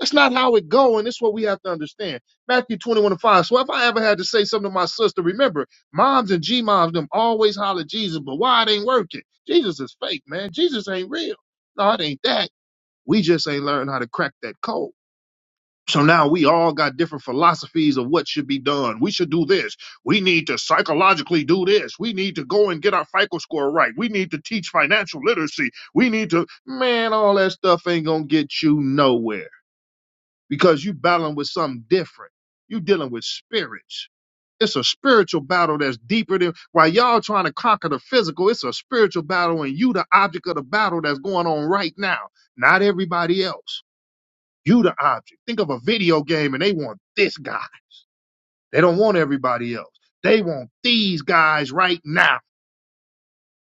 [SPEAKER 1] That's not how it go, and it's what we have to understand. Matthew 21 and 5. So if I ever had to say something to my sister, remember, moms and G-moms, them always holler Jesus, but why it ain't working? Jesus is fake, man. Jesus ain't real. No, it ain't that. We just ain't learned how to crack that code. So now we all got different philosophies of what should be done. We should do this. We need to psychologically do this. We need to go and get our FICO score right. We need to teach financial literacy. We need to, man, all that stuff ain't going to get you nowhere because you battling with something different. You dealing with spirits. It's a spiritual battle that's deeper than while y'all trying to conquer the physical. It's a spiritual battle and you the object of the battle that's going on right now, not everybody else. You the object. Think of a video game and they want this guy. They don't want everybody else. They want these guys right now.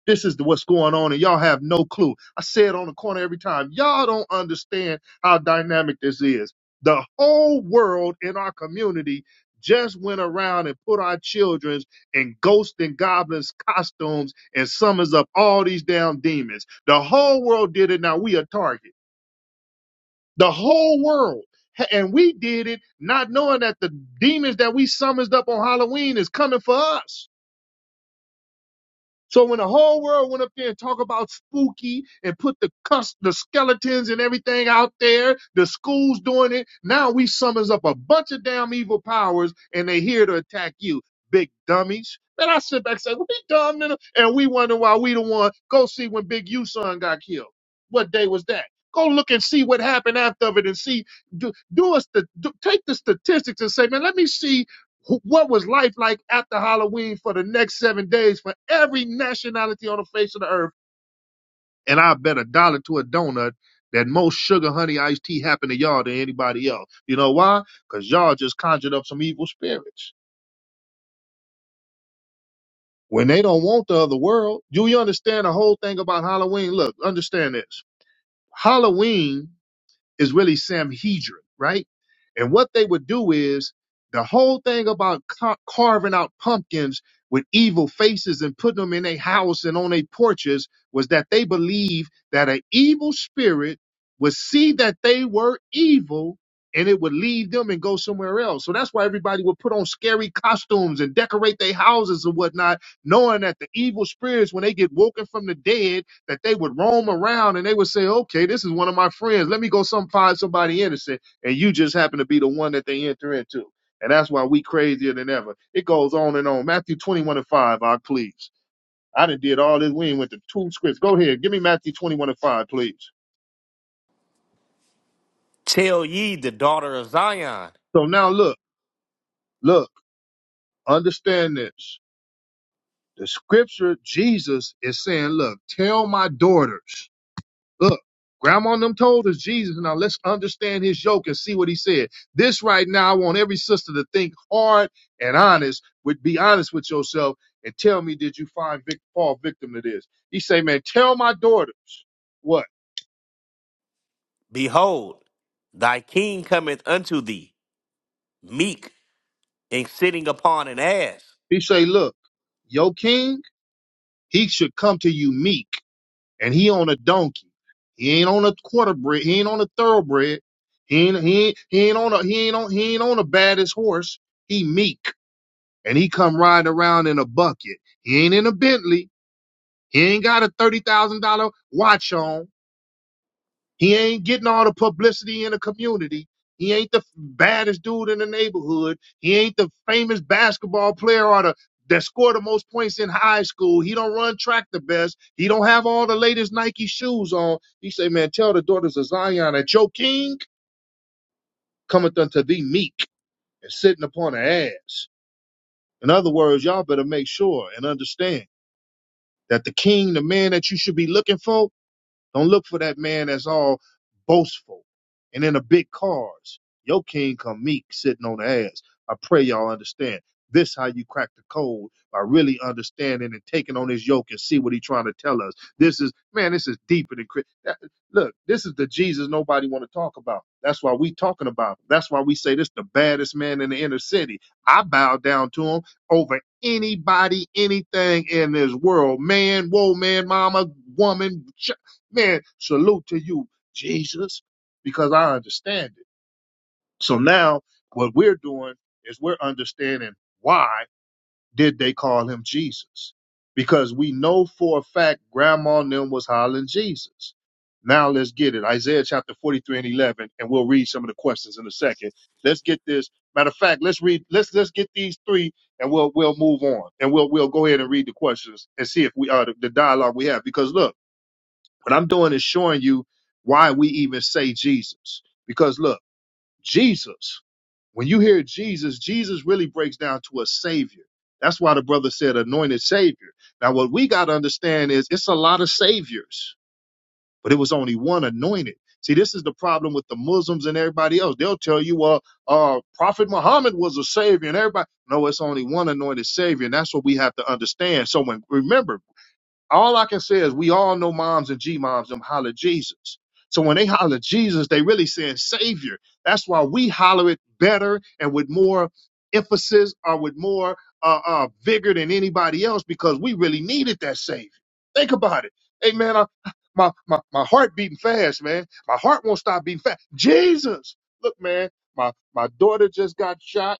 [SPEAKER 1] This is the, what's going on and y'all have no clue. I say it on the corner every time. Y'all don't understand how dynamic this is. The whole world in our community just went around and put our children's in ghosts and goblins costumes and summons up all these damn demons. The whole world did it. Now we a target. the whole world. And we did it not knowing that the demons that we summoned up on Halloween is coming for us. So when the whole world went up there and talk about spooky and put the cuss, the skeletons and everything out there, the schools doing it, now we summons up a bunch of damn evil powers and they here to attack you, big dummies. Then I sit back and say, well, be dumb, nigga. and we wonder why we the one. Go see when Big U son got killed. What day was that? Go look and see what happened after of it and see, do, do us the, do, take the statistics and say, man, let me see Wh- What was life like after Halloween for the next seven days for every nationality on the face of the earth? And I bet a dollar to a donut that most sugar honey iced tea happened to y'all than anybody else. You know why? Because y'all just conjured up some evil spirits. When they don't want the other world, do you understand the whole thing about Halloween? Look, understand this. Halloween is really Samhedrin, right? And what they would do is the whole thing about ca- carving out pumpkins with evil faces and putting them in their house and on their porches was that they believed that an evil spirit would see that they were evil and it would leave them and go somewhere else. So that's why everybody would put on scary costumes and decorate their houses and whatnot, knowing that the evil spirits, when they get woken from the dead, that they would roam around and they would say, okay, this is one of my friends. Let me go some find somebody innocent. And you just happen to be the one that they enter into. And that's why we crazier than ever. It goes on and on. Matthew 21 and 5, I please. I done did all this. We ain't went to two scripts. Go ahead. Give me Matthew 21 and 5, please.
[SPEAKER 3] Tell ye the daughter of Zion,
[SPEAKER 1] So now look, look, understand this. The scripture, Jesus is saying, look, tell my daughters. Look, grandma and them told us Jesus. Now let's understand his yoke and see what he said. This right now, I want every sister to think hard and honest, would be honest with yourself and tell me, did you find Vic, Paul victim to this? He say, man, tell my daughters what?
[SPEAKER 3] Behold, thy king cometh unto thee, meek and sitting upon an ass.
[SPEAKER 1] He say, look, your king, he should come to you meek and he on a donkey. He ain't on a quarterbred. He ain't on a thoroughbred. He ain't, he ain't, he ain't on a, he ain't on, he ain't on a baddest horse. He meek. and he come riding around in a bucket. He ain't in a Bentley. He ain't got a thirty thousand dollar watch on. He ain't getting all the publicity in the community. He ain't the baddest dude in the neighborhood. He ain't the famous basketball player or the that scored the most points in high school. He don't run track the best. He don't have all the latest Nike shoes on. He say, man, tell the daughters of Zion that your king cometh unto thee meek and sitting upon the ass. In other words, y'all better make sure and understand. that the king, the man that you should be looking for, don't look for that man that's all boastful and in a big cars. Your king come meek sitting on the ass. I pray y'all understand. This how you crack the code by really understanding and taking on his yoke and see what he trying to tell us. This is man, this is deeper than Chris. that- Look, this is the Jesus nobody want to talk about. That's why we talking about. Him. That's why we say this the baddest man in the inner city. I bow down to him over anybody, anything in this world. Man, whoa, man, mama, woman, ch- Man, salute to you, Jesus, because I understand it. So now what we're doing is we're understanding why did they call him Jesus? Because we know for a fact grandma and them was hollering Jesus. Now let's get it. Isaiah chapter 43 and 11, and we'll read some of the questions in a second. Let's get this. Matter of fact, let's read, let's, let's get these three and we'll, we'll move on and we'll, we'll go ahead and read the questions and see if we, uh, the, the dialogue we have. Because look, what I'm doing is showing you why we even say Jesus. Because look, Jesus, when you hear Jesus, Jesus really breaks down to a savior. That's why the brother said anointed savior. Now, what we got to understand is it's a lot of saviors, but it was only one anointed. See, this is the problem with the Muslims and everybody else. They'll tell you, well, uh, Prophet Muhammad was a savior, and everybody. No, it's only one anointed savior, and that's what we have to understand. So, when remember, all I can say is we all know moms and G moms them holler Jesus. So when they holler Jesus, they really saying Savior. That's why we holler it better and with more emphasis or with more uh, uh, vigor than anybody else because we really needed that Savior. Think about it. Hey man, I, my, my my heart beating fast, man. My heart won't stop beating fast. Jesus, look, man, my my daughter just got shot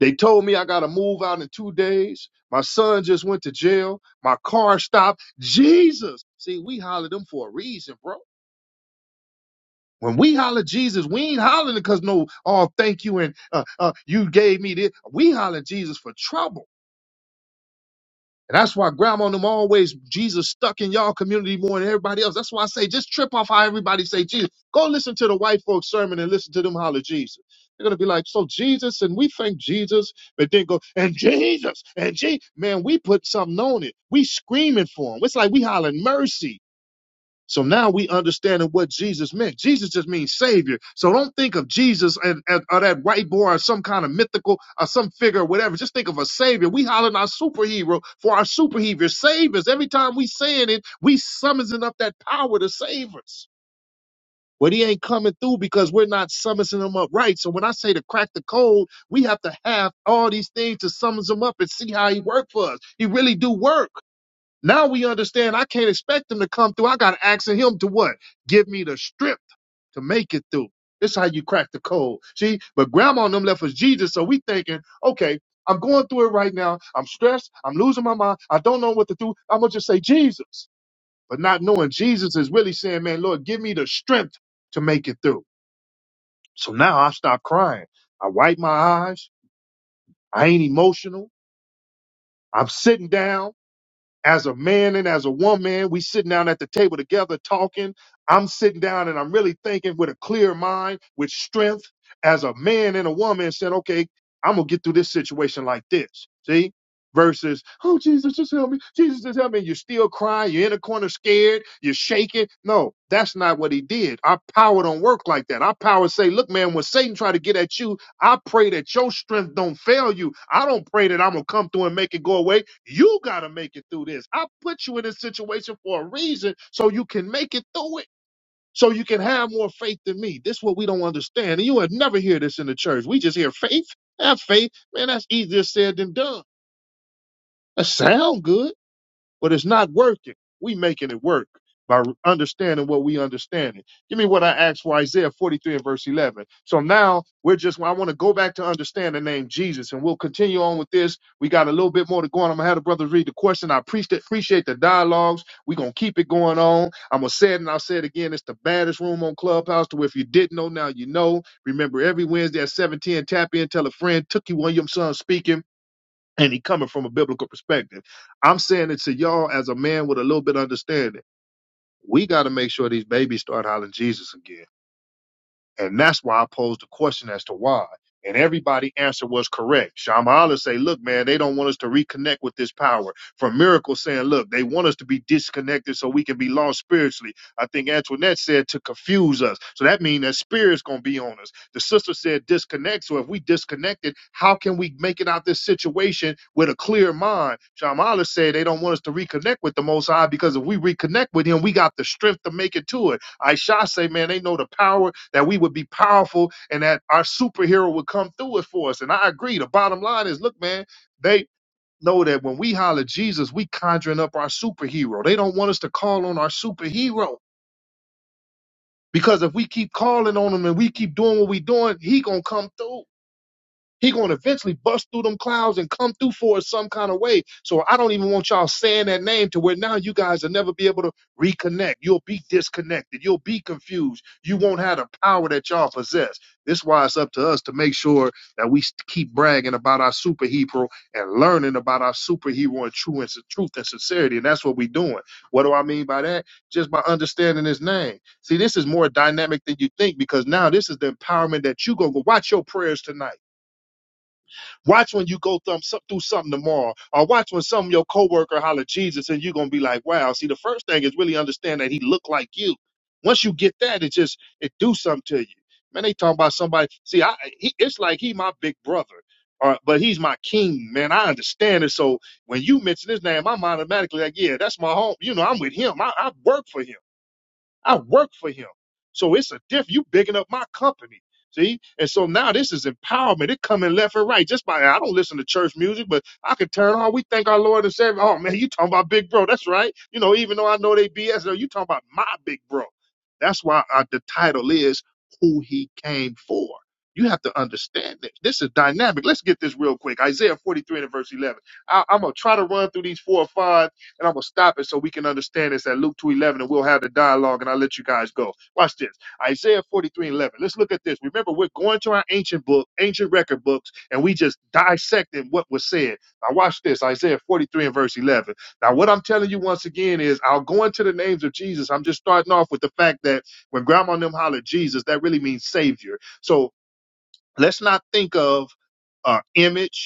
[SPEAKER 1] they told me I got to move out in two days. My son just went to jail. My car stopped. Jesus. See, we hollered them for a reason, bro. When we holler Jesus, we ain't hollering because no, oh, thank you and uh, uh, you gave me this. We holler Jesus for trouble. And that's why grandma and them always Jesus stuck in y'all community more than everybody else. That's why I say just trip off how everybody say Jesus. Go listen to the white folks sermon and listen to them holler Jesus. They're gonna be like, so Jesus, and we thank Jesus, but then go and Jesus and Jesus. Man, we put something on it. We screaming for him. It's like we hollering mercy. So now we understanding what Jesus meant. Jesus just means savior. So don't think of Jesus and, and- or that white boy or some kind of mythical or some figure or whatever. Just think of a savior. We hollering our superhero for our superhero savers. Every time we saying it, we summoning up that power to save us. But he ain't coming through because we're not summoning him up right. So when I say to crack the code, we have to have all these things to summons him up and see how he work for us. He really do work. Now we understand I can't expect him to come through. I got to ask him to what? Give me the strip to make it through. This is how you crack the code. See, but grandma and them left us Jesus. So we thinking, okay, I'm going through it right now. I'm stressed. I'm losing my mind. I don't know what to do. I'm going to just say Jesus. But not knowing Jesus is really saying, man, Lord, give me the strength to make it through. So now I stop crying. I wipe my eyes. I ain't emotional. I'm sitting down. as a man and as a woman, we sitting down at the table together talking. I'm sitting down and I'm really thinking with a clear mind, with strength, as a man and a woman, and said, okay, I'm gonna get through this situation like this. See? Versus, oh Jesus, just help me. Jesus, just help me. You're still crying. You're in a corner, scared. You're shaking. No, that's not what he did. Our power don't work like that. Our power say, look, man, when Satan try to get at you, I pray that your strength don't fail you. I don't pray that I'm gonna come through and make it go away. You gotta make it through this. I put you in this situation for a reason so you can make it through it. So you can have more faith than me. This is what we don't understand. And you would never hear this in the church. We just hear faith. Have faith. Man, that's easier said than done. That sound good but it's not working. We making it work by understanding what we understand. It. Give me what I asked for Isaiah 43 and verse 11. So now we're just, I want to go back to understand the name Jesus and we'll continue on with this. We got a little bit more to go on. I'm going to have the brothers read the question. I appreciate, appreciate the dialogues. We're going to keep it going on. I'm going to say it and I'll say it again. It's the baddest room on Clubhouse to where if you didn't know, now you know. Remember every Wednesday at 710, tap in, tell a friend, Tookie Williamson speaking and he coming from a biblical perspective. I'm saying it to y'all as a man with a little bit of understanding. We got to make sure these babies start hollering Jesus again. And that's why I posed the question as to why. And everybody answer was correct. Shamala say, look, man, they don't want us to reconnect with this power. From Miracle saying, look, they want us to be disconnected so we can be lost spiritually. I think Antoinette said to confuse us. So that means that spirit's gonna be on us. The sister said disconnect. So if we disconnected, how can we make it out this situation with a clear mind? Shamala said they don't want us to reconnect with the most high because if we reconnect with him, we got the strength to make it to it. I say, man, they know the power that we would be powerful and that our superhero would come through it for us. And I agree. The bottom line is, look, man, they know that when we holler Jesus, we conjuring up our superhero. They don't want us to call on our superhero because if we keep calling on him and we keep doing what we doing, he gonna come through. He gonna eventually bust through them clouds and come through for us some kind of way. So I don't even want y'all saying that name to where now you guys will never be able to reconnect. You'll be disconnected. You'll be confused. You won't have the power that y'all possess. This is why it's up to us to make sure that we st- keep bragging about our superhero and learning about our superhero and true and s- truth and sincerity. And that's what we're doing. What do I mean by that? Just by understanding his name. See, this is more dynamic than you think because now this is the empowerment that you go go watch your prayers tonight Watch when you go thumb, so, through something tomorrow, or watch when some of your coworker holler Jesus, and you're gonna be like, "Wow!" See, the first thing is really understand that He looked like you. Once you get that, it just it do something to you. Man, they talking about somebody. See, I he, it's like he my big brother, or but he's my king, man. I understand it. So when you mention his name, I'm automatically like, yeah, that's my home. You know, I'm with him. I, I work for him. I work for him. So it's a diff. You bigging up my company. See? And so now this is empowerment. It coming left and right. Just by I don't listen to church music, but I can turn on. We thank our Lord and Savior. Oh man, you talking about big bro. That's right. You know, even though I know they BS, no, you talking about my big bro. That's why uh, the title is Who He Came For. You have to understand this. This is dynamic. Let's get this real quick. Isaiah 43 and verse 11. I, I'm going to try to run through these four or five and I'm going to stop it so we can understand this at Luke 2.11 and we'll have the dialogue and I'll let you guys go. Watch this. Isaiah 43.11. Let's look at this. Remember, we're going to our ancient book, ancient record books, and we just dissecting what was said. Now watch this. Isaiah 43 and verse 11. Now what I'm telling you once again is I'll go into the names of Jesus. I'm just starting off with the fact that when grandma and them hollered Jesus, that really means savior. So let's not think of uh, image.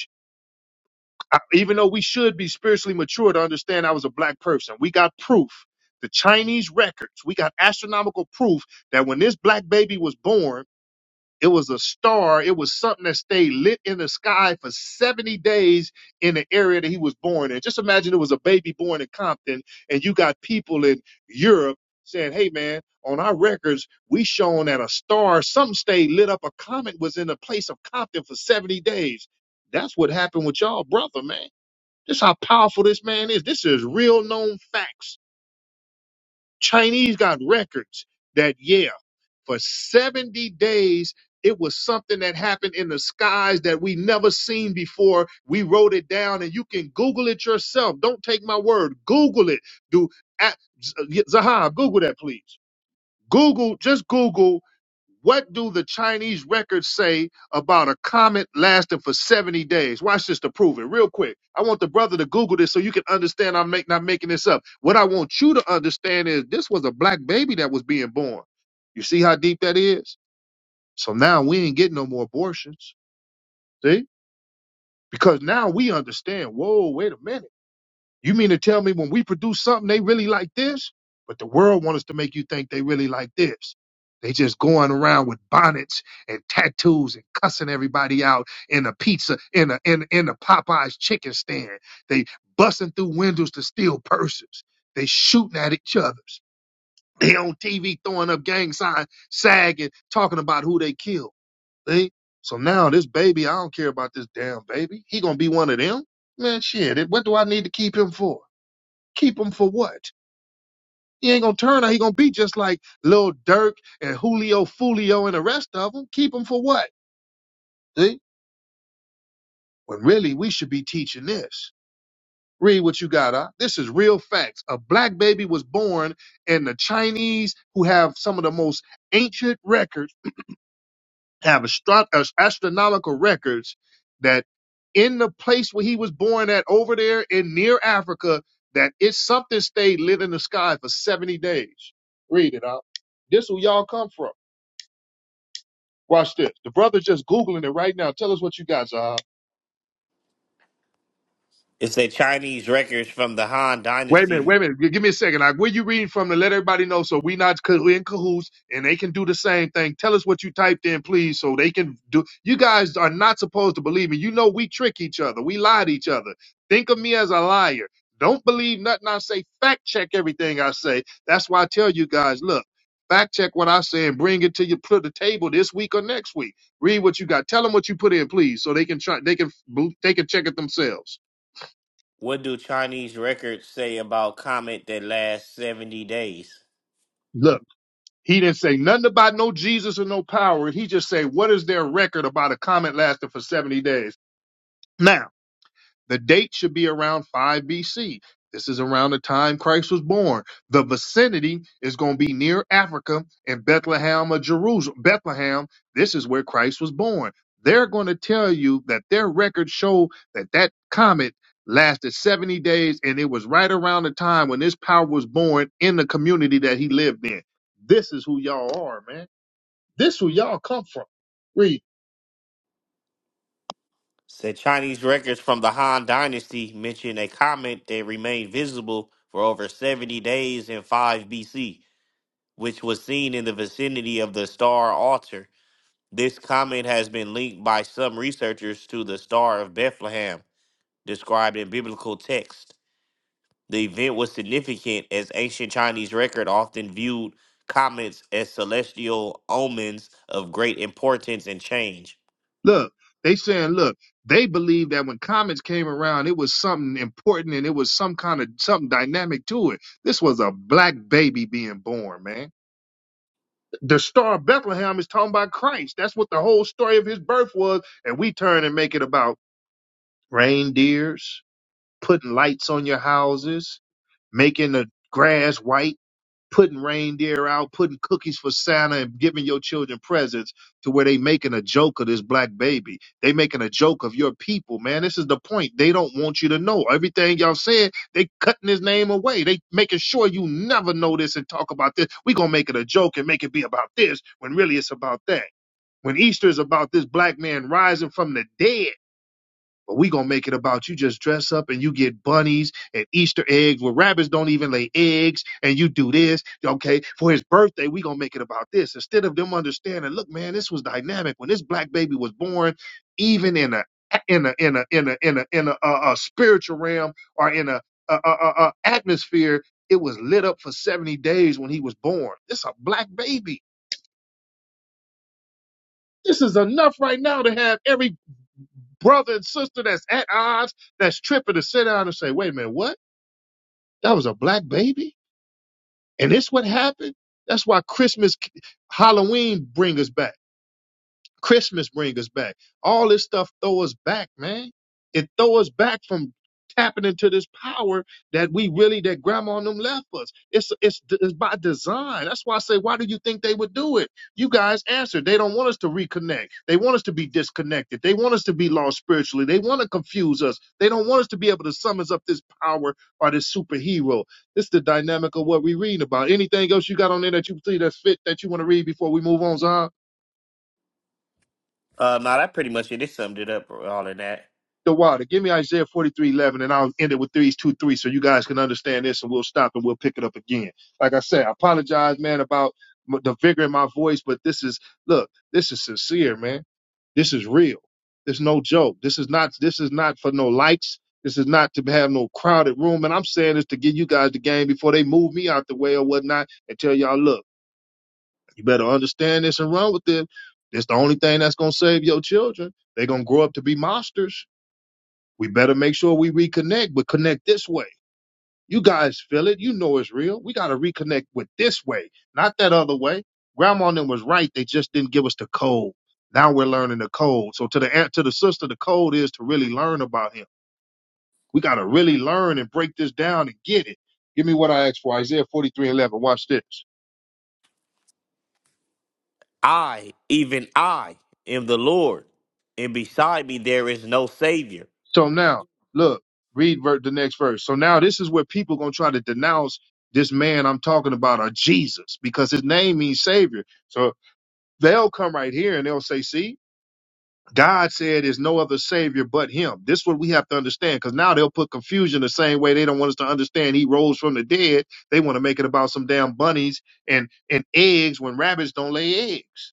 [SPEAKER 1] I, even though we should be spiritually mature to understand I was a black person, we got proof. The Chinese records, we got astronomical proof that when this black baby was born, it was a star. It was something that stayed lit in the sky for 70 days in the area that he was born in. Just imagine it was a baby born in Compton, and you got people in Europe saying, hey, man, on our records, we shown that a star, something stayed lit up. A comet was in the place of Compton for 70 days. That's what happened with y'all, brother, man. This how powerful this man is. This is real known facts. Chinese got records that yeah, for 70 days it was something that happened in the skies that we never seen before. We wrote it down and you can Google it yourself. Don't take my word. Google it. Do at Zahab, Google that please. Google, just Google, what do the Chinese records say about a comet lasting for 70 days? Watch this to prove it real quick. I want the brother to Google this so you can understand I'm make, not making this up. What I want you to understand is this was a black baby that was being born. You see how deep that is? So now we ain't getting no more abortions. See? Because now we understand, whoa, wait a minute. You mean to tell me when we produce something they really like this, but the world wants us to make you think they really like this? They just going around with bonnets and tattoos and cussing everybody out in a pizza in a in in a Popeyes chicken stand. They busting through windows to steal purses. They shooting at each other. They on TV throwing up gang signs, sagging, talking about who they killed. See? So now this baby, I don't care about this damn baby. He gonna be one of them. Man, shit. What do I need to keep him for? Keep him for what? He ain't gonna turn out. He gonna be just like Lil Durk and Julio Fulio and the rest of them. Keep him for what? See? When really we should be teaching this. Read what you got. Huh? This is real facts. A black baby was born, and the Chinese, who have some of the most ancient records have astro- as- astronomical records that in the place where he was born at over there in near Africa, that it's something stayed lit in the sky for 70 days. Read it out. This will y'all come from. Watch this. The brother's just Googling it right now. Tell us what you got, Zaha.
[SPEAKER 3] It's a Chinese records from the Han
[SPEAKER 1] Wait a minute, wait
[SPEAKER 3] Dynasty.
[SPEAKER 1] a minute. Gi- Give me a second. Like, where you reading from to let everybody know so we not co- we in cahoots and they can do the same thing. Tell us what you typed in, please, so they can do. You guys are not supposed to believe me. You know we trick each other. We lie to each other. Think of me as a liar. Don't believe nothing I say. Fact check everything I say. That's why I tell you guys, look, fact check what I say and bring it to you to the table this week or next week. Read what you got. Tell them what you put in, please, so they can try. They can they can check it themselves.
[SPEAKER 3] What do Chinese records say about comet that lasts 70 days?
[SPEAKER 1] Look. He didn't say nothing about no Jesus or no power. He just said, what is their record about a comet lasting for 70 days? Now, the date should be around 5 BC. This is around the time Christ was born. The vicinity is going to be near Africa in Bethlehem or Jerusalem. Bethlehem, this is where Christ was born. They're going to tell you that their records show that that comet lasted 70 days and it was right around the time when this power was born in the community that he lived in. This is who y'all are, man. This where y'all come from. Read.
[SPEAKER 3] Said Chinese records from the Han Dynasty mention a comet that remained visible for over 70 days in 5 BC, which was seen in the vicinity of the star Altar. This comet has been linked by some researchers to the Star of Bethlehem, described in biblical text. The event was significant as ancient Chinese record often viewed comets as celestial omens of great importance and change.
[SPEAKER 1] Look, they saying, look, they believe that when comets came around, it was something important and it was some kind of something dynamic to it. This was a black baby being born, man. The star of Bethlehem is talking about Christ. That's what the whole story of his birth was. And we turn and make it about reindeers, putting lights on your houses, making the grass white putting reindeer out, putting cookies for Santa, and giving your children presents to where they making a joke of this black baby. They making a joke of your people, man. This is the point. They don't want you to know everything y'all said. They cutting his name away. They making sure you never know this and talk about this. We gonna make it a joke and make it be about this when really it's about that. When Easter is about this black man rising from the dead but we gonna make it about you just dress up and you get bunnies and Easter eggs where rabbits don't even lay eggs and you do this. Okay, for his birthday, we gonna make it about this. Instead of them understanding, look, man, this was dynamic. When this black baby was born, even in a in a in a in a in a in a, a, a spiritual realm or in a, a, a, a a atmosphere, it was lit up for 70 days when he was born. This a black baby. This is enough right now to have every brother and sister that's at odds, that's tripping to sit down and say, wait a minute, what? That was a black baby? And this what happened? That's why Christmas, Halloween bring us back. Christmas bring us back. All this stuff throw us back, man. It throw us back from tapping into this power that we really that grandma and them left us. It's it's it's by design. That's why I say, why do you think they would do it? You guys answered. They don't want us to reconnect. They want us to be disconnected. They want us to be lost spiritually. They want to confuse us. They don't want us to be able to summon up this power or this superhero. This is the dynamic of what we reading about. Anything else you got on there that you see that's fit that you want to read before we move on, Zahn?
[SPEAKER 3] Uh, now that pretty much it. It summed it up all in that.
[SPEAKER 1] the water. Give me Isaiah 43:11, and I'll end it with threes, two, three, so you guys can understand this and we'll stop and we'll pick it up again. Like I said, I apologize, man, about m- the vigor in my voice, but this is, look, this is sincere, man. This is real. There's no joke. This is not, this is not for no likes. This is not to have no crowded room. And I'm saying this to give you guys the game before they move me out the way or whatnot and tell y'all, look, you better understand this and run with it. It's the only thing that's going to save your children. They're going to grow up to be monsters we better make sure we reconnect, but connect this way. You guys feel it. You know it's real. We got to reconnect with this way, not that other way. Grandma and them was right. They just didn't give us the code. Now we're learning the code. So to the aunt, to the sister, the code is to really learn about him. We got to really learn and break this down and get it. Give me what I asked for. Isaiah 43 and 11. Watch this.
[SPEAKER 3] I, even I, am the Lord, and beside me there is no Savior.
[SPEAKER 1] So now, look, read ver- the next verse. So now this is where people going to try to denounce this man I'm talking about or Jesus because his name means savior. So They'll come right here and they'll say, see, God said there's no other savior but him. This is what we have to understand because now they'll put confusion the same way they don't want us to understand he rose from the dead. They want to make it about some damn bunnies and, and eggs when rabbits don't lay eggs.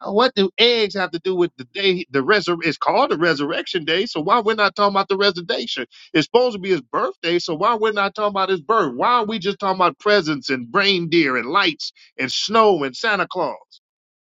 [SPEAKER 1] Uh, What do eggs have to do with the day, the resurrection? It's called the resurrection day. So why we're not talking about the resurrection? It's supposed to be his birthday. So why we're not talking about his birth? Why are we just talking about presents and reindeer and lights and snow and Santa Claus?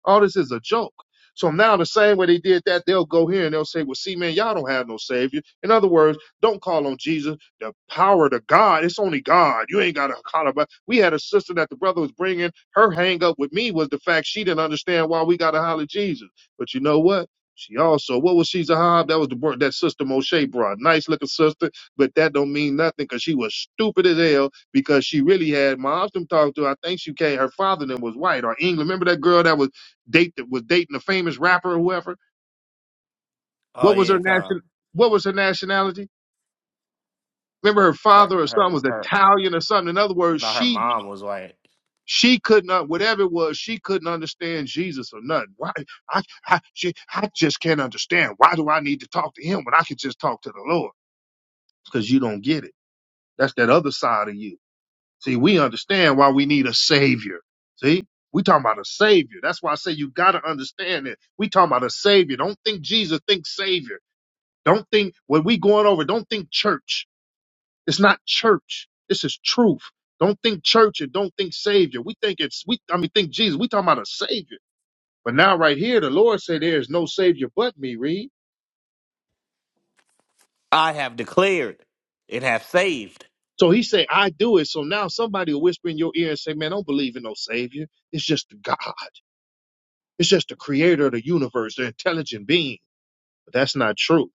[SPEAKER 1] All this is a joke. So now the same way they did that, they'll go here and they'll say, Well, see, man, y'all don't have no savior. In other words, don't call on Jesus. The power to God, it's only God. You ain't got to call about. We had a sister that the brother was bringing. Her hang up with me was the fact she didn't understand why we got to holler Jesus. But you know what? She also, what was she, Zahab? That was the bro- that sister Moshe brought. Nice looking sister, but that don't mean nothing because she was stupid as hell because she really had my them talked to. I think she came, her father then was white or England. Remember that girl that was date that was dating a famous rapper or whoever.
[SPEAKER 3] Oh
[SPEAKER 1] What was her
[SPEAKER 3] yeah, come.
[SPEAKER 1] nation? What was her nationality? Remember, her
[SPEAKER 3] Her,
[SPEAKER 1] father or son
[SPEAKER 3] her,
[SPEAKER 1] was
[SPEAKER 3] her.
[SPEAKER 1] Italian or something. In other words,
[SPEAKER 3] Not her
[SPEAKER 1] she
[SPEAKER 3] mom was like,
[SPEAKER 1] she couldn't un- whatever it was she couldn't understand Jesus or nothing. Why I I, she, I just can't understand. Why do I need to talk to him when I could just talk to the Lord? Because you don't get it. That's that other side of you. See, we understand why we need a savior. See, we talking about a savior. That's why I say you got to understand it. We talking about a savior. Don't think Jesus, think savior. Don't think what we going over, don't think church. It's not church. This is truth. Don't think church and don't think savior. We think it's we I mean think Jesus. We talking about a savior. But now right here, the Lord said, there is no savior but me, read.
[SPEAKER 3] "I have declared and have saved."
[SPEAKER 1] So he said, I do it. So now somebody will whisper in your ear and say, Man, don't believe in no savior. It's just God. It's just the creator of the universe, the intelligent being. But that's not true.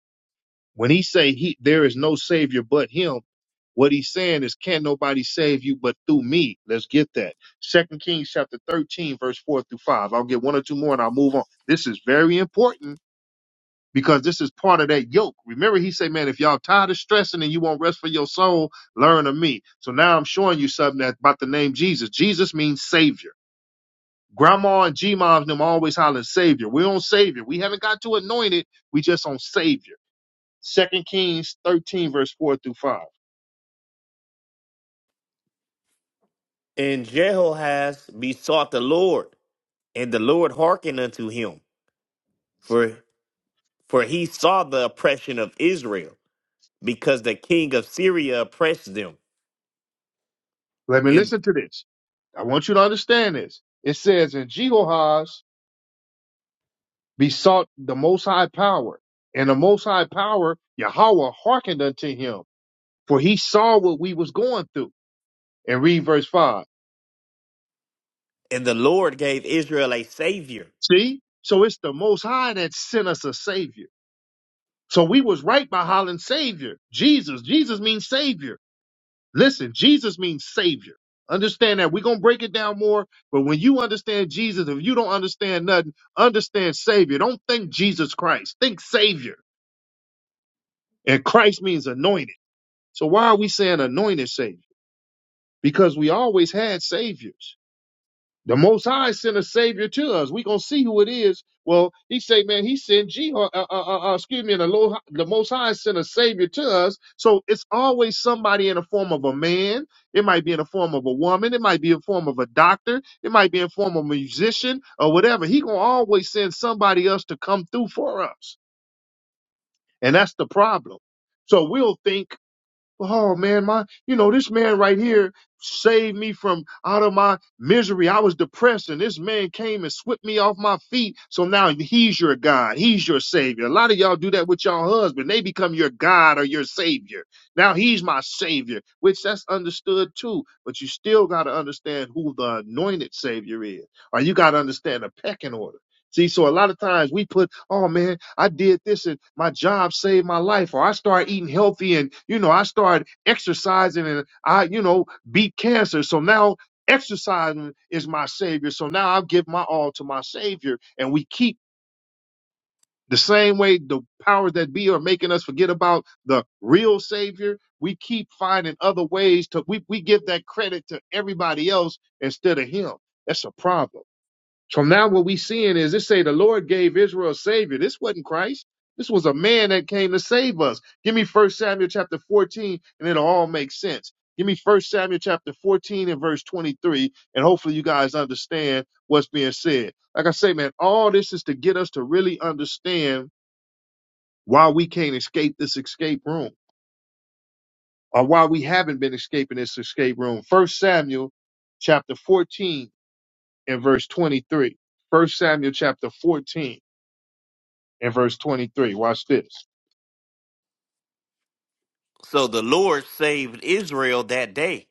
[SPEAKER 1] When he say he there is no savior but him, what he's saying is can't nobody save you but through me. Let's get that. Second Kings chapter 13, verse 4 through 5. I'll get one or two more and I'll move on. This is very important because this is part of that yoke. Remember, he said, Man, if y'all tired of stressing and you want rest for your soul, learn of me. So now I'm showing you something that about the name Jesus. Jesus means savior. Grandma and G moms them always hollering savior. We're on savior. We haven't got to anointed. We just on savior. Second Kings 13, verse 4 through 5.
[SPEAKER 3] And Jehoahaz besought the Lord, and the Lord hearkened unto him, for for he saw the oppression of Israel, because the king of Syria oppressed them,
[SPEAKER 1] Let me
[SPEAKER 3] and
[SPEAKER 1] listen to this. I want you to understand this. It says, And Jehoahaz besought the Most High Power, and the Most High Power, Yahweh, hearkened unto him, for he saw what we was going through. And read verse 5.
[SPEAKER 3] and the Lord gave Israel a savior.
[SPEAKER 1] See? So it's the Most High that sent us a Savior. So we was right by hollering Savior. Jesus. Jesus means Savior. Listen, Jesus means savior. Understand that. We're going to break it down more, but when you understand Jesus, if you don't understand nothing, understand savior. Don't think Jesus Christ, think savior. And Christ means anointed. So why are we saying anointed savior? Because we always had saviors. The Most High sent a Savior to us. We gonna see who it is. Well, He say, man, He sent Jeho- uh, uh, uh, uh, uh, excuse me, the, Lo- the Most High sent a Savior to us. So it's always somebody in the form of a man. It might be in the form of a woman. It might be in the form of a doctor. It might be in the form of a musician or whatever. He gonna always send somebody else to come through for us, and that's the problem. So we'll think oh man, my, you know, this man right here saved me from out of my misery. I was depressed and this man came and swept me off my feet. So now he's your God. He's your savior. A lot of y'all do that with y'all husband. They become your God or your savior. Now he's my savior, which that's understood too. But you still got to understand who the anointed savior is, or you got to understand the pecking order. See, so a lot of times we put, oh man, I did this and my job saved my life, or I started eating healthy and, you know, I started exercising and I, you know, beat cancer. So now exercising is my savior. So now I'll give my all to my savior. And we keep the same way the powers that be are making us forget about the real savior. We keep finding other ways to, we, we give that credit to everybody else instead of him. That's a problem. So now what we seeing is it say the Lord gave Israel a savior. This wasn't Christ. This was a man that came to save us. Give me First Samuel chapter 14 and it'll all make sense. Give me First Samuel chapter 14 and verse 23 and hopefully you guys understand what's being said. Like I say, man, all this is to get us to really understand why we can't escape this escape room or why we haven't been escaping this escape room. First Samuel chapter 14 and verse 23. First Samuel chapter 14 in verse 23. Watch this.
[SPEAKER 3] So the Lord saved Israel that day.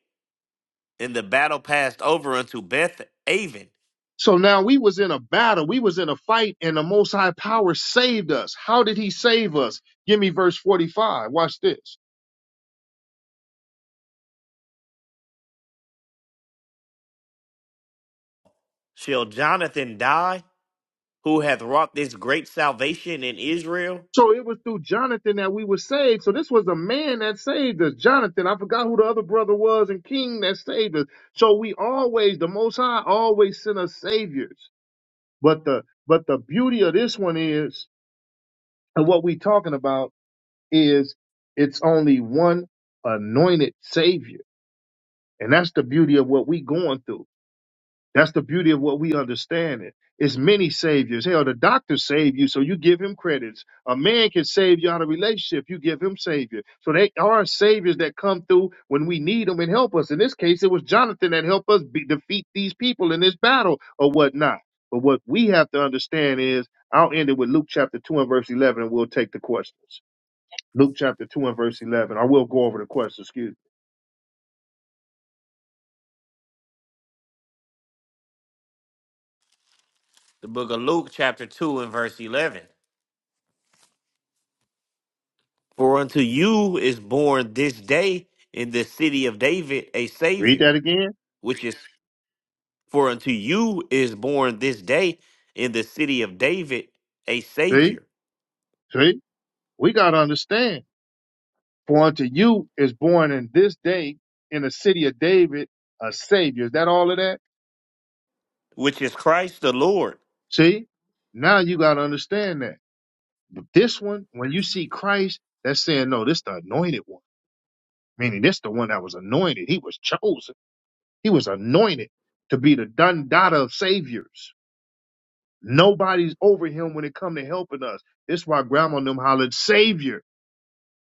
[SPEAKER 3] And the battle passed over unto Beth Aven.
[SPEAKER 1] So now we was in a battle, we was in a fight, and the Most High Power saved us. How did He save us? Give me verse 45. Watch this.
[SPEAKER 3] Shall Jonathan die, who hath wrought this great salvation in Israel?
[SPEAKER 1] So it was through Jonathan that we were saved. So this was a man that saved us. Jonathan, I forgot who the other brother was and King that saved us. So we always, the Most High always sent us saviors. But the but the beauty of this one is, and what we talking about is, it's only one anointed savior And that's the beauty of what we going through. That's the beauty of what we understanding. It's many saviors. Hell, the doctor saved you, so you give him credits. A man can save you out of relationship, you give him savior. So they are saviors that come through when we need them and help us. In this case, it was Jonathan that helped us be, defeat these people in this battle or whatnot. But what we have to understand is, I'll end it with Luke chapter 2 and verse 11, and we'll take the questions. Luke chapter 2 and verse 11, I will go over the questions, excuse me.
[SPEAKER 3] The book of Luke, chapter 2, and verse 11. For unto you is born this day in the city of David a
[SPEAKER 1] Read
[SPEAKER 3] Savior,
[SPEAKER 1] that again.
[SPEAKER 3] which is, for unto you is born this day in the city of David a
[SPEAKER 1] See?
[SPEAKER 3] Savior,
[SPEAKER 1] See? We got to understand. For unto you is born in this day in the city of David a Savior. Is that all of that?
[SPEAKER 3] which is Christ the Lord.
[SPEAKER 1] See, now you got to understand that. But this one, when you see Christ, that's saying, no, this the anointed one, meaning this the one that was anointed. He was chosen. He was anointed to be the Dundada of Saviors. Nobody's over him when it come to helping us. This why grandma and them hollered, Savior,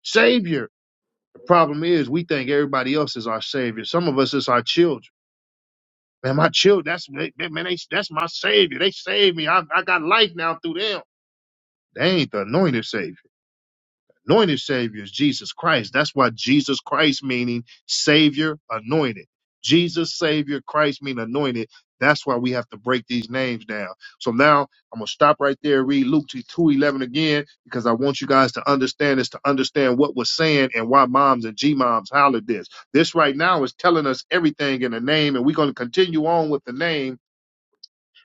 [SPEAKER 1] Savior. The problem is we think everybody else is our Savior. Some of us is our children. Man, my children, that's they, they- man, they, that's my savior. They saved me. I, I got life now through them. They ain't the anointed savior. Anointed savior is Jesus Christ. That's why Jesus Christ meaning savior, anointed. Jesus savior, Christ mean anointed. That's why we have to break these names down. So now I'm gonna stop right there, read Luke two eleven again, because I want you guys to understand this, to understand what was saying and why moms and G moms hollered this. This right now is telling us everything in the name, and we're gonna continue on with the name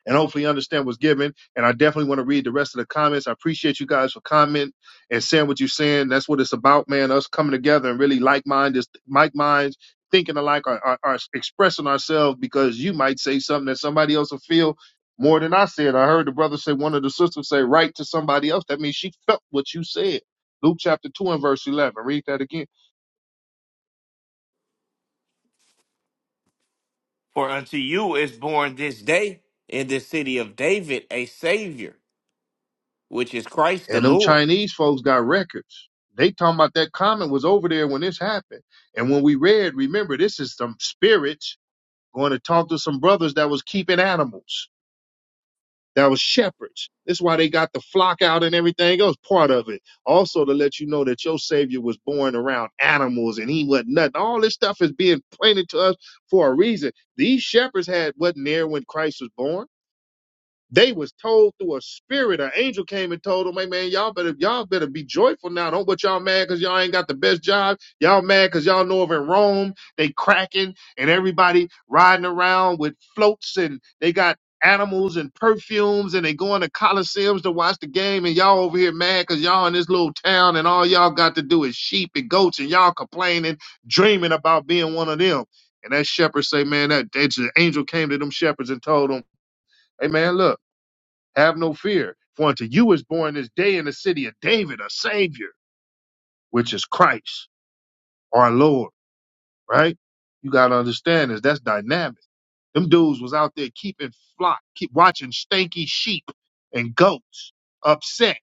[SPEAKER 1] and hopefully understand what's given. And I definitely want to read the rest of the comments. I appreciate you guys for comment and saying what you're saying. That's what it's about, man. Us coming together and really like minded, like minds, thinking alike, are, are, are expressing ourselves because you might say something that somebody else will feel more than I said. I heard the brother say, one of the sisters say, write to somebody else. That means she felt what you said. Luke chapter 2 and verse 11. Read that again.
[SPEAKER 3] For unto you is born this day in the city of David a Savior, which is Christ the
[SPEAKER 1] And them
[SPEAKER 3] Lord.
[SPEAKER 1] Chinese folks got records. They talking about that comment was over there when this happened. And when we read, remember, this is some spirits going to talk to some brothers that was keeping animals, that was shepherds. That's why they got the flock out and everything else, part of it. Also to let you know that your savior was born around animals and he wasn't nothing. All this stuff is being pointed to us for a reason. These shepherds had wasn't there when Christ was born they was told through a spirit, an angel came and told them, "Hey man, y'all better y'all better be joyful now. Don't but y'all mad because y'all ain't got the best job. Y'all mad because y'all know of in Rome they cracking and everybody riding around with floats and they got animals and perfumes and they going to coliseums to watch the game and y'all over here mad because y'all in this little town and all y'all got to do is sheep and goats and y'all complaining, dreaming about being one of them." And that shepherd say, "Man, that, that angel came to them shepherds and told them, 'Hey, man, look. Have no fear, for unto you is born this day in the city of David a Savior, which is Christ, our Lord. Right? You gotta understand this. That's dynamic. Them dudes was out there keeping flock, keep watching stanky sheep and goats, upset,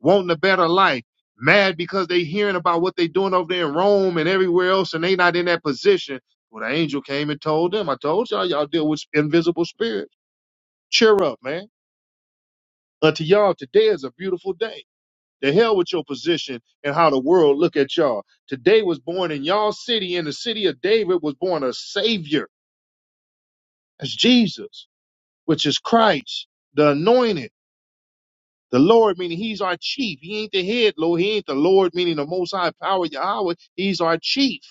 [SPEAKER 1] wanting a better life, mad because they hearing about what they doing over there in Rome and everywhere else, and they not in that position. Well, the angel came and told them, I told y'all, y'all deal with invisible spirits. Cheer up, man. Unto y'all, today is a beautiful day. The hell with your position and how the world look at y'all. Today was born in y'all city, in the city of David was born a savior. That's Jesus, which is Christ, the anointed, the Lord, meaning he's our chief. He ain't the head, Lord. He ain't the Lord, meaning the most high power, Yahweh. He's our chief.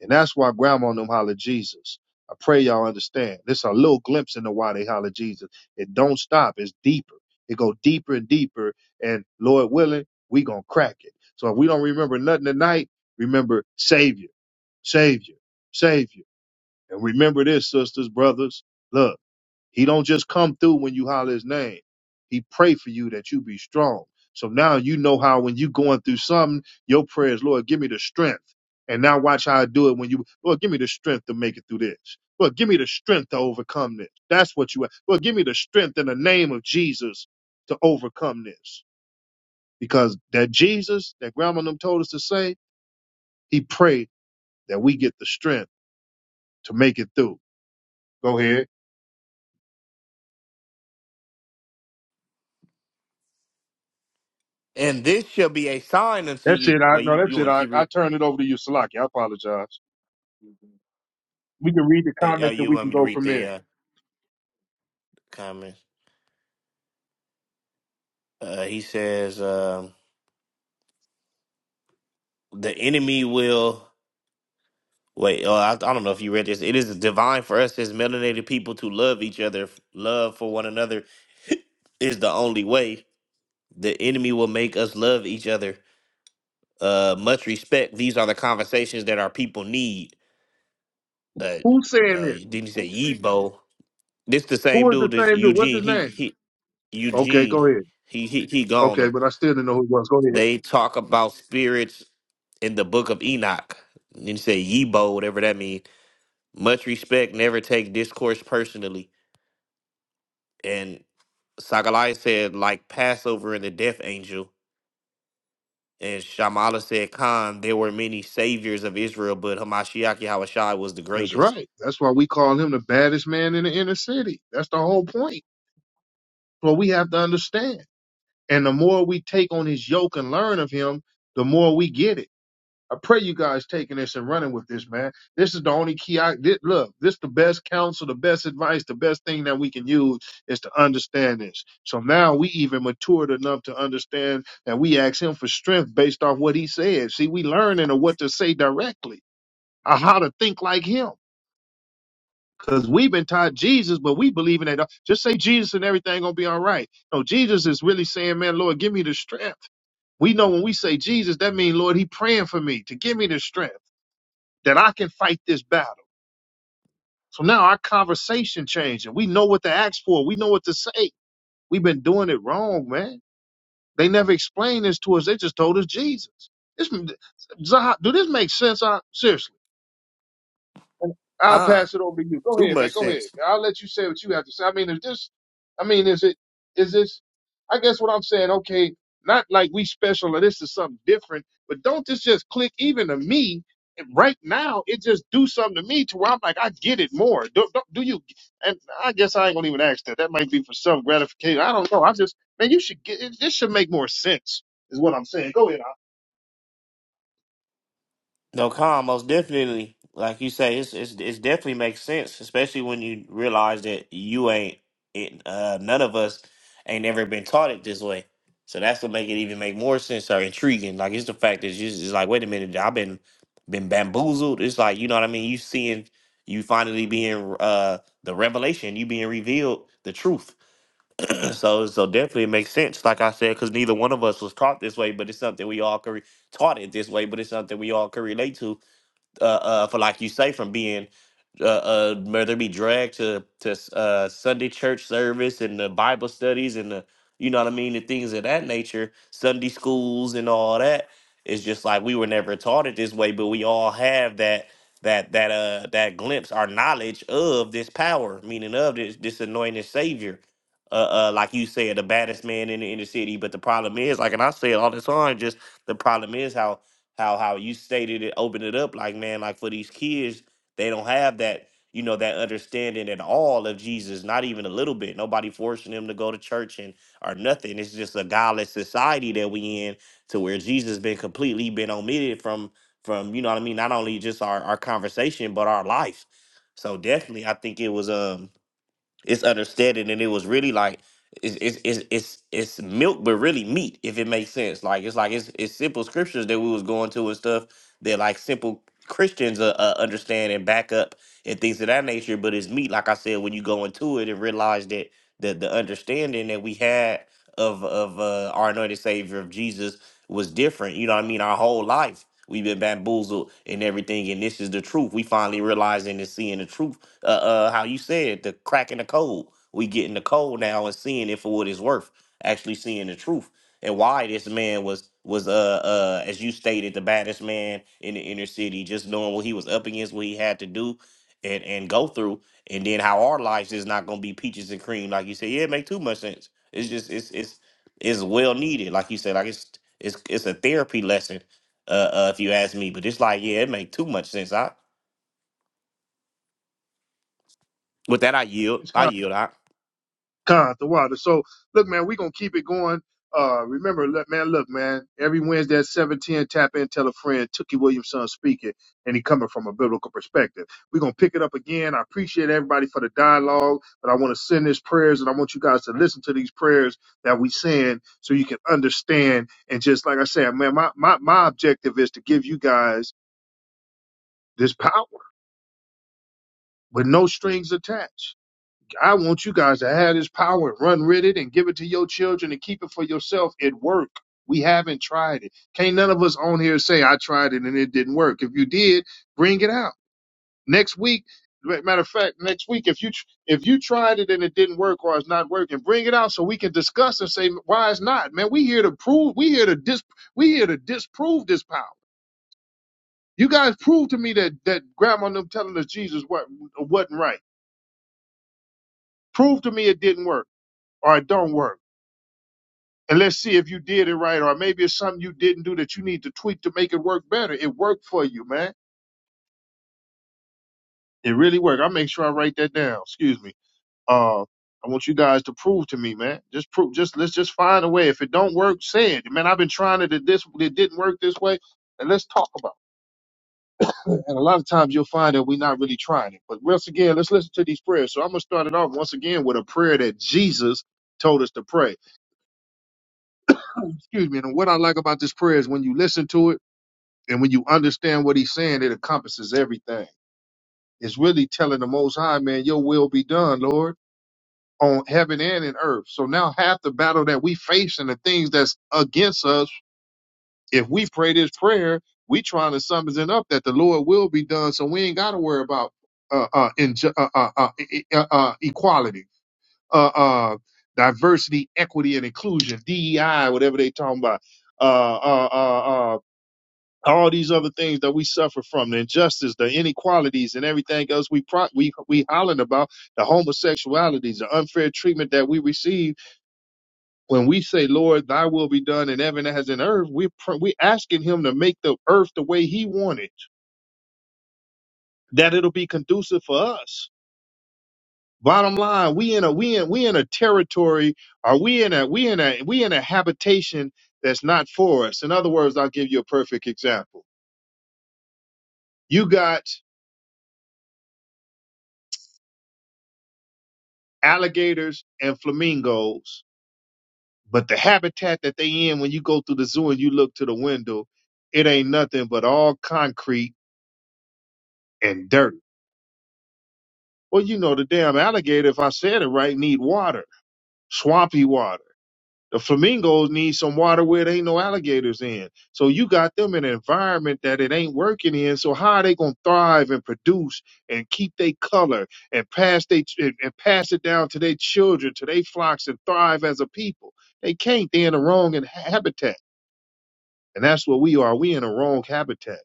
[SPEAKER 1] And that's why grandma and them holler Jesus. I pray y'all understand. This a little glimpse into why they holler Jesus. It don't stop. It's deeper. It go deeper and deeper. And Lord willing, we gonna crack it. So if we don't remember nothing tonight, remember Savior, Savior, Savior. And remember this, sisters, brothers. Look. He don't just come through when you holler his name. He pray for you that you be strong. So now you know how when you going through something, your prayers, Lord, give me the strength. And now watch how I do it when you, Lord, give me the strength to make it through this. Lord, give me the strength to overcome this. That's what you, Lord, give me the strength in the name of Jesus to overcome this. Because that Jesus that grandma and them told us to say, he prayed that we get the strength to make it through. Go ahead.
[SPEAKER 3] And this shall be a sign unto
[SPEAKER 1] That's
[SPEAKER 3] you.
[SPEAKER 1] it. I
[SPEAKER 3] Well,
[SPEAKER 1] no,
[SPEAKER 3] you, you
[SPEAKER 1] that's it.
[SPEAKER 3] want me to
[SPEAKER 1] I,
[SPEAKER 3] keep
[SPEAKER 1] I
[SPEAKER 3] reading?
[SPEAKER 1] turn it over to you, Salaki. I apologize. We can read the
[SPEAKER 3] Uh, oh,
[SPEAKER 1] comment and
[SPEAKER 3] you
[SPEAKER 1] we
[SPEAKER 3] want
[SPEAKER 1] can
[SPEAKER 3] me to
[SPEAKER 1] go
[SPEAKER 3] read
[SPEAKER 1] from
[SPEAKER 3] the
[SPEAKER 1] there.
[SPEAKER 3] uh, comments? Uh, he says, um, the enemy will. Wait, oh, I, I don't know if you read this. It is divine for us as melanated people to love each other. Love for one another is the only way. The enemy will make us love each other. Uh, much respect. These are the conversations that our people need. Uh,
[SPEAKER 1] Who's saying
[SPEAKER 3] uh,
[SPEAKER 1] this?
[SPEAKER 3] didn't he say Yibo? This the same
[SPEAKER 1] Who is the
[SPEAKER 3] dude as
[SPEAKER 1] same dude? What's
[SPEAKER 3] Eugene.
[SPEAKER 1] his
[SPEAKER 3] He
[SPEAKER 1] name?
[SPEAKER 3] he
[SPEAKER 1] Okay,
[SPEAKER 3] Eugene,
[SPEAKER 1] go ahead.
[SPEAKER 3] he he he gone.
[SPEAKER 1] Okay,
[SPEAKER 3] now.
[SPEAKER 1] but I still didn't know who it was. Go ahead.
[SPEAKER 3] They talk about spirits in the book of Enoch. And you say Yibo, whatever that means. Much respect, never take discourse personally. And Sakalai said, like Passover and the death angel. And Shamala said, Khan, there were many saviors of Israel, but Hamashiach Yahushai was the
[SPEAKER 1] That's
[SPEAKER 3] greatest.
[SPEAKER 1] right. That's why we call him the baddest man in the inner city. That's the whole point. What we have to understand. And the more we take on his yoke and learn of him, the more we get it. I pray you guys taking this and running with this, man. This is the only key I did. Look, this the best counsel, the best advice, the best thing that we can use is to understand this. So now we even matured enough to understand that we ask him for strength based off what he said. See, we learning of what to say directly or how to think like him. Cause we've been taught Jesus, but we believe in that. Just say Jesus and everything gonna be all right. No, Jesus is really saying, man, Lord, give me the strength. We know when we say Jesus, that means, Lord, he praying for me to give me the strength that I can fight this battle. So now our conversation changed, and We know what to ask for. We know what to say. We've been doing it wrong, man. They never explained this to us. They just told us Jesus. This, Zaha, do this make sense? I, seriously. And I'll
[SPEAKER 3] Khan,
[SPEAKER 1] pass it over to you. Go
[SPEAKER 3] too
[SPEAKER 1] ahead, man.
[SPEAKER 3] much
[SPEAKER 1] Go
[SPEAKER 3] sense.
[SPEAKER 1] ahead. I'll let you say what you have to say. I mean, is this, I mean, is it, is this, I guess what I'm saying, okay, not like we special or this is something different, but don't this just click even to me and right now? It just do something to me to where I'm like, I get it more. Do, do, do you, and I guess I ain't gonna even ask that. That might be for self gratification. I don't know. I just, man, you should get, it, this should make more sense, is what I'm saying. Go ahead.
[SPEAKER 3] No, Khan, most definitely, like you say, it's it's it's definitely makes sense, especially when you realize that you ain't it, uh none of us ain't ever been taught it this way. So that's what make it even make more sense or intriguing. Like it's the fact that you just it's like, wait a minute, I've been been bamboozled. It's like, you know what I mean? You seeing you finally being uh the revelation, you being revealed the truth. so so definitely it makes sense, like I said, because neither one of us was taught this way, but it's something we all could re- taught it this way, but it's something we all could relate to uh, uh, for like you say, from being uh, uh whether it be dragged to to uh Sunday church service and the Bible studies and the you know what I mean, the things of that nature, Sunday schools and all that. It's just like we were never taught it this way, but we all have that that that uh that glimpse, our knowledge of this power, meaning of this this anointed savior. Uh, uh, like you said, the baddest man in the inner city. But the problem is, like, and I say it all the time, just the problem is how how how you stated it, opened it up, like, man, like for these kids, they don't have that, you know, that understanding at all of Jesus, not even a little bit. Nobody forcing them to go to church and or nothing. It's just a godless society that we in to where Jesus been completely been omitted from from, you know what I mean, not only just our, our conversation, but our life. So definitely I think it was um it's understanding and it was really like it's it's it's it's, it's milk but really meat if it makes sense like it's like it's, it's simple scriptures that we was going to and stuff that like simple christians uh, uh, understand and back up and things of that nature but it's meat like i said when you go into it and realize that the, the understanding that we had of of uh, our anointed savior of jesus was different you know what i mean our whole life we've been bamboozled and everything and this is the truth we finally realizing and seeing the truth uh, uh how you said the cracking the code. We getting the code now and seeing it for what it's worth, actually seeing the truth and why this man was was uh uh as you stated the baddest man in the inner city, just knowing what he was up against, what he had to do and and go through, and then how our lives is not gonna be peaches and cream, like you said. Yeah, it make too much sense. It's just it's it's it's well needed, like you said. Like it's it's it's a therapy lesson, uh, uh if you ask me. But it's like yeah, it make too much sense. I with that I yield. I
[SPEAKER 1] Al.
[SPEAKER 3] yield. I.
[SPEAKER 1] Con, the water. So look, man, we're gonna keep it going. Uh remember, look, man, look, man, every Wednesday at 710, tap in, tell a friend, Tookie Williamson speaking, and he coming from a biblical perspective. We're gonna pick it up again. I appreciate everybody for the dialogue, but I want to send these prayers and I want you guys to listen to these prayers that we send so you can understand. And just like I said, man, my my, my objective is to give you guys this power with no strings attached I want you guys to have this power and run with it and give it to your children and keep it for yourself. It worked. We haven't tried it. Can't none of us on here say I tried it and it didn't work. If you did, bring it out next week. Matter of fact, next week, if you tr- if you tried it and it didn't work or it's not working, bring it out so we can discuss and say why it's not. Man, we here to prove. We here to dis. We here to disprove this power. You guys prove to me that that grandma and them telling us Jesus what wasn't right. Prove to me it didn't work or it don't work. and let's see if you did it right, or maybe it's something you didn't do that you need to tweak to make it work better. It worked for you, man. It really worked. I will make sure I write that down. Excuse me. Uh, I want you guys to prove to me, man. Just prove. Just let's just find a way. If it don't work, say it, man. I've been trying it. It this it didn't work this way, and let's talk about it. And a lot of times you'll find that we're not really trying it. But once again, let's listen to these prayers. So I'm gonna start it off once again with a prayer that Jesus told us to pray. Excuse me. And what I like about this prayer is when you listen to it. And when you understand what he's saying, it encompasses everything. It's really telling the Most High, man, your will be done, Lord, on heaven and in earth. So now half the battle that we face and the things that's against us, if we pray this prayer, we trying to summons it up that the Lord will be done. So we ain't got to worry about uh, uh, inju- uh, uh, uh, e- e, uh, uh, equality, uh, uh, diversity, equity, and inclusion, DEI, whatever they talking about. Uh, uh, uh, uh, all these other things that we suffer from, the injustice, the inequalities, and everything else we pro- we we hollering about, the homosexualities, the unfair treatment that we receive when we say, "Lord, Thy will be done in heaven as in earth." We pr- we asking Him to make the earth the way He wanted, that it'll be conducive for us. Bottom line, we in a we in we in a territory, or we in a we in a we in a habitation that's not for us. In other words, I'll give you a perfect example. You got alligators and flamingos. But the habitat that they in when you go through the zoo and you look to the window, it ain't nothing but all concrete and dirt. Well, you know the damn alligator, if I said it right, need water, swampy water. The flamingos need some water where there ain't no alligators in. So you got them in an environment that it ain't working in. So how are they gonna thrive and produce and keep their color and pass they and, and pass it down to their children, to their flocks, and thrive as a people? They can't. They're in the wrong in- habitat, and that's what we are. We in the wrong habitat.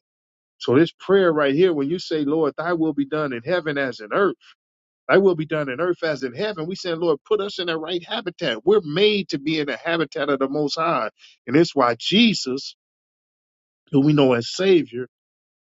[SPEAKER 1] So this prayer right here, when you say, "Lord, Thy will be done in heaven as in earth." Thy will be done in earth as in heaven. We saying, Lord, put us in the right habitat. We're made to be in the habitat of the Most High. And it's why Jesus, who we know as Savior,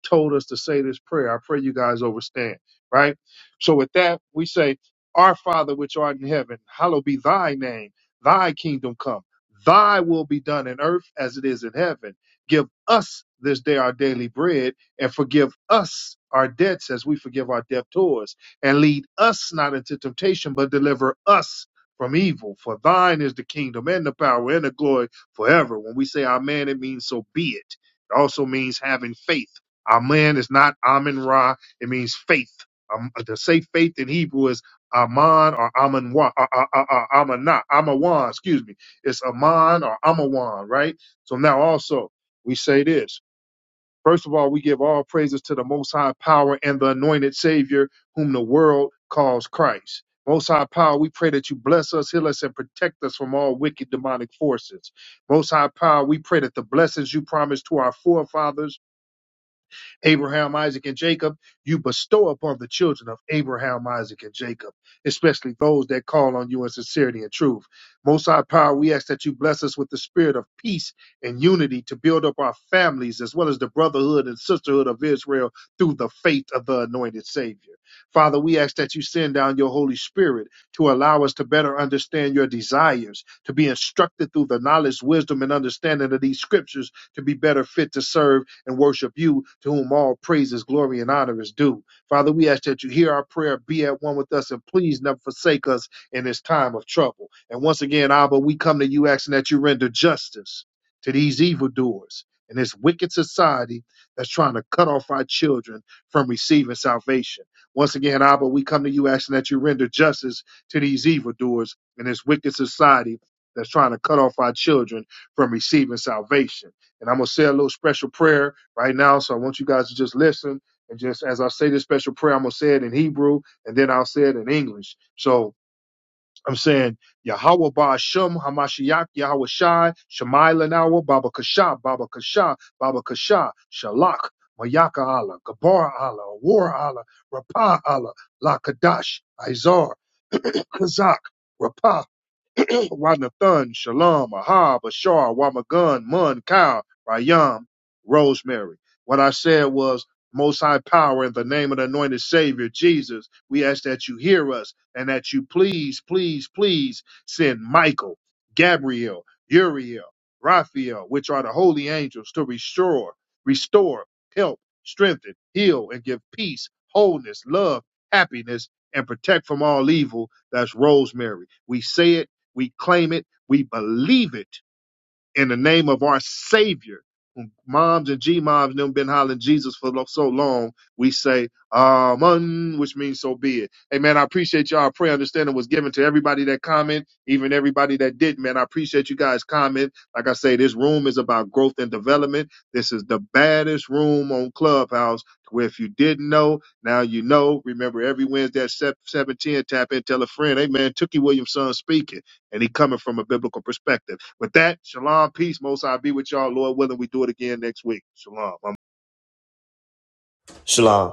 [SPEAKER 1] told us to say this prayer. I pray you guys overstand, right? So with that, we say, Our Father which art in heaven, hallowed be thy name, thy kingdom come, thy will be done in earth as it is in heaven. Give us this day our daily bread, and forgive us our debts as we forgive our debtors, and lead us not into temptation, but deliver us from evil. For thine is the kingdom and the power and the glory forever. When we say amen, it means so be it. It also means having faith Amen is not Amen Ra. It means faith. Um, uh, to say faith in Hebrew is Aman or Aman Wa, uh, uh, uh, uh, Amana, Amawan, excuse me. It's Aman or Amawan, right? So now also we say this. First of all, we give all praises to the Most High Power and the anointed Savior, whom the world calls Christ. Most High Power, we pray that you bless us, heal us, and protect us from all wicked demonic forces. Most High Power, we pray that the blessings you promised to our forefathers Abraham, Isaac, and Jacob, you bestow upon the children of Abraham, Isaac, and Jacob, especially those that call on you in sincerity and truth. Most High Power, we ask that you bless us with the spirit of peace and unity to build up our families as well as the brotherhood and sisterhood of Israel through the faith of the anointed Savior. Father, we ask that you send down your Holy Spirit to allow us to better understand your desires, to be instructed through the knowledge, wisdom, and understanding of these scriptures to be better fit to serve and worship you, to whom all praises, glory, and honor is due. Father, we ask that you hear our prayer, be at one with us, and please never forsake us in this time of trouble. And once again, Abba, we come to you asking that you render justice to these evildoers and this wicked society that's trying to cut off our children from receiving salvation. Once again, Abba, we come to you asking that you render justice to these evildoers and this wicked society that's trying to cut off our children from receiving salvation. And I'm going to say a little special prayer right now. So I want you guys to just listen. And just as I say this special prayer, I'm going to say it in Hebrew and then I'll say it in English. So I'm saying, Yahweh Ba'ashem Hamashiach Yahweh Shai Shemai Lanawa Baba Kasha Baba Kasha Baba Kasha Shalak Mayaka Allah Gabar Allah War Allah Rapah Allah Lakadash Izar Kazak Rapah Wanathan, Shalom, Ahab, Ashar, Wamagun, Mun, Kyle, Rayam, Rosemary. What I said was, Most High Power, in the name of the anointed Savior, Jesus, we ask that you hear us and that you please, please, please send Michael, Gabriel, Uriel, Raphael, which are the holy angels, to restore, restore, help, strengthen, heal, and give peace, wholeness, love, happiness, and protect from all evil. That's Rosemary. We say it we claim it. We believe it in the name of our Savior. When Moms and G moms them been hollering Jesus for lo- so long. We say Amen, which means so be it. Hey man, I appreciate y'all. I pray understanding was given to everybody that comment, even everybody that didn't. Man, I appreciate you guys comment. Like I say, this room is about growth and development. This is the baddest room on Clubhouse. Where if you didn't know, now you know. Remember every Wednesday at seven ten. Tap in, tell a friend. Hey man, Tookie Williamson speaking and he coming from a biblical perspective. With that, shalom, peace, most I be with y'all. Lord willing, we do it again next week. Shalom.
[SPEAKER 3] Shalom.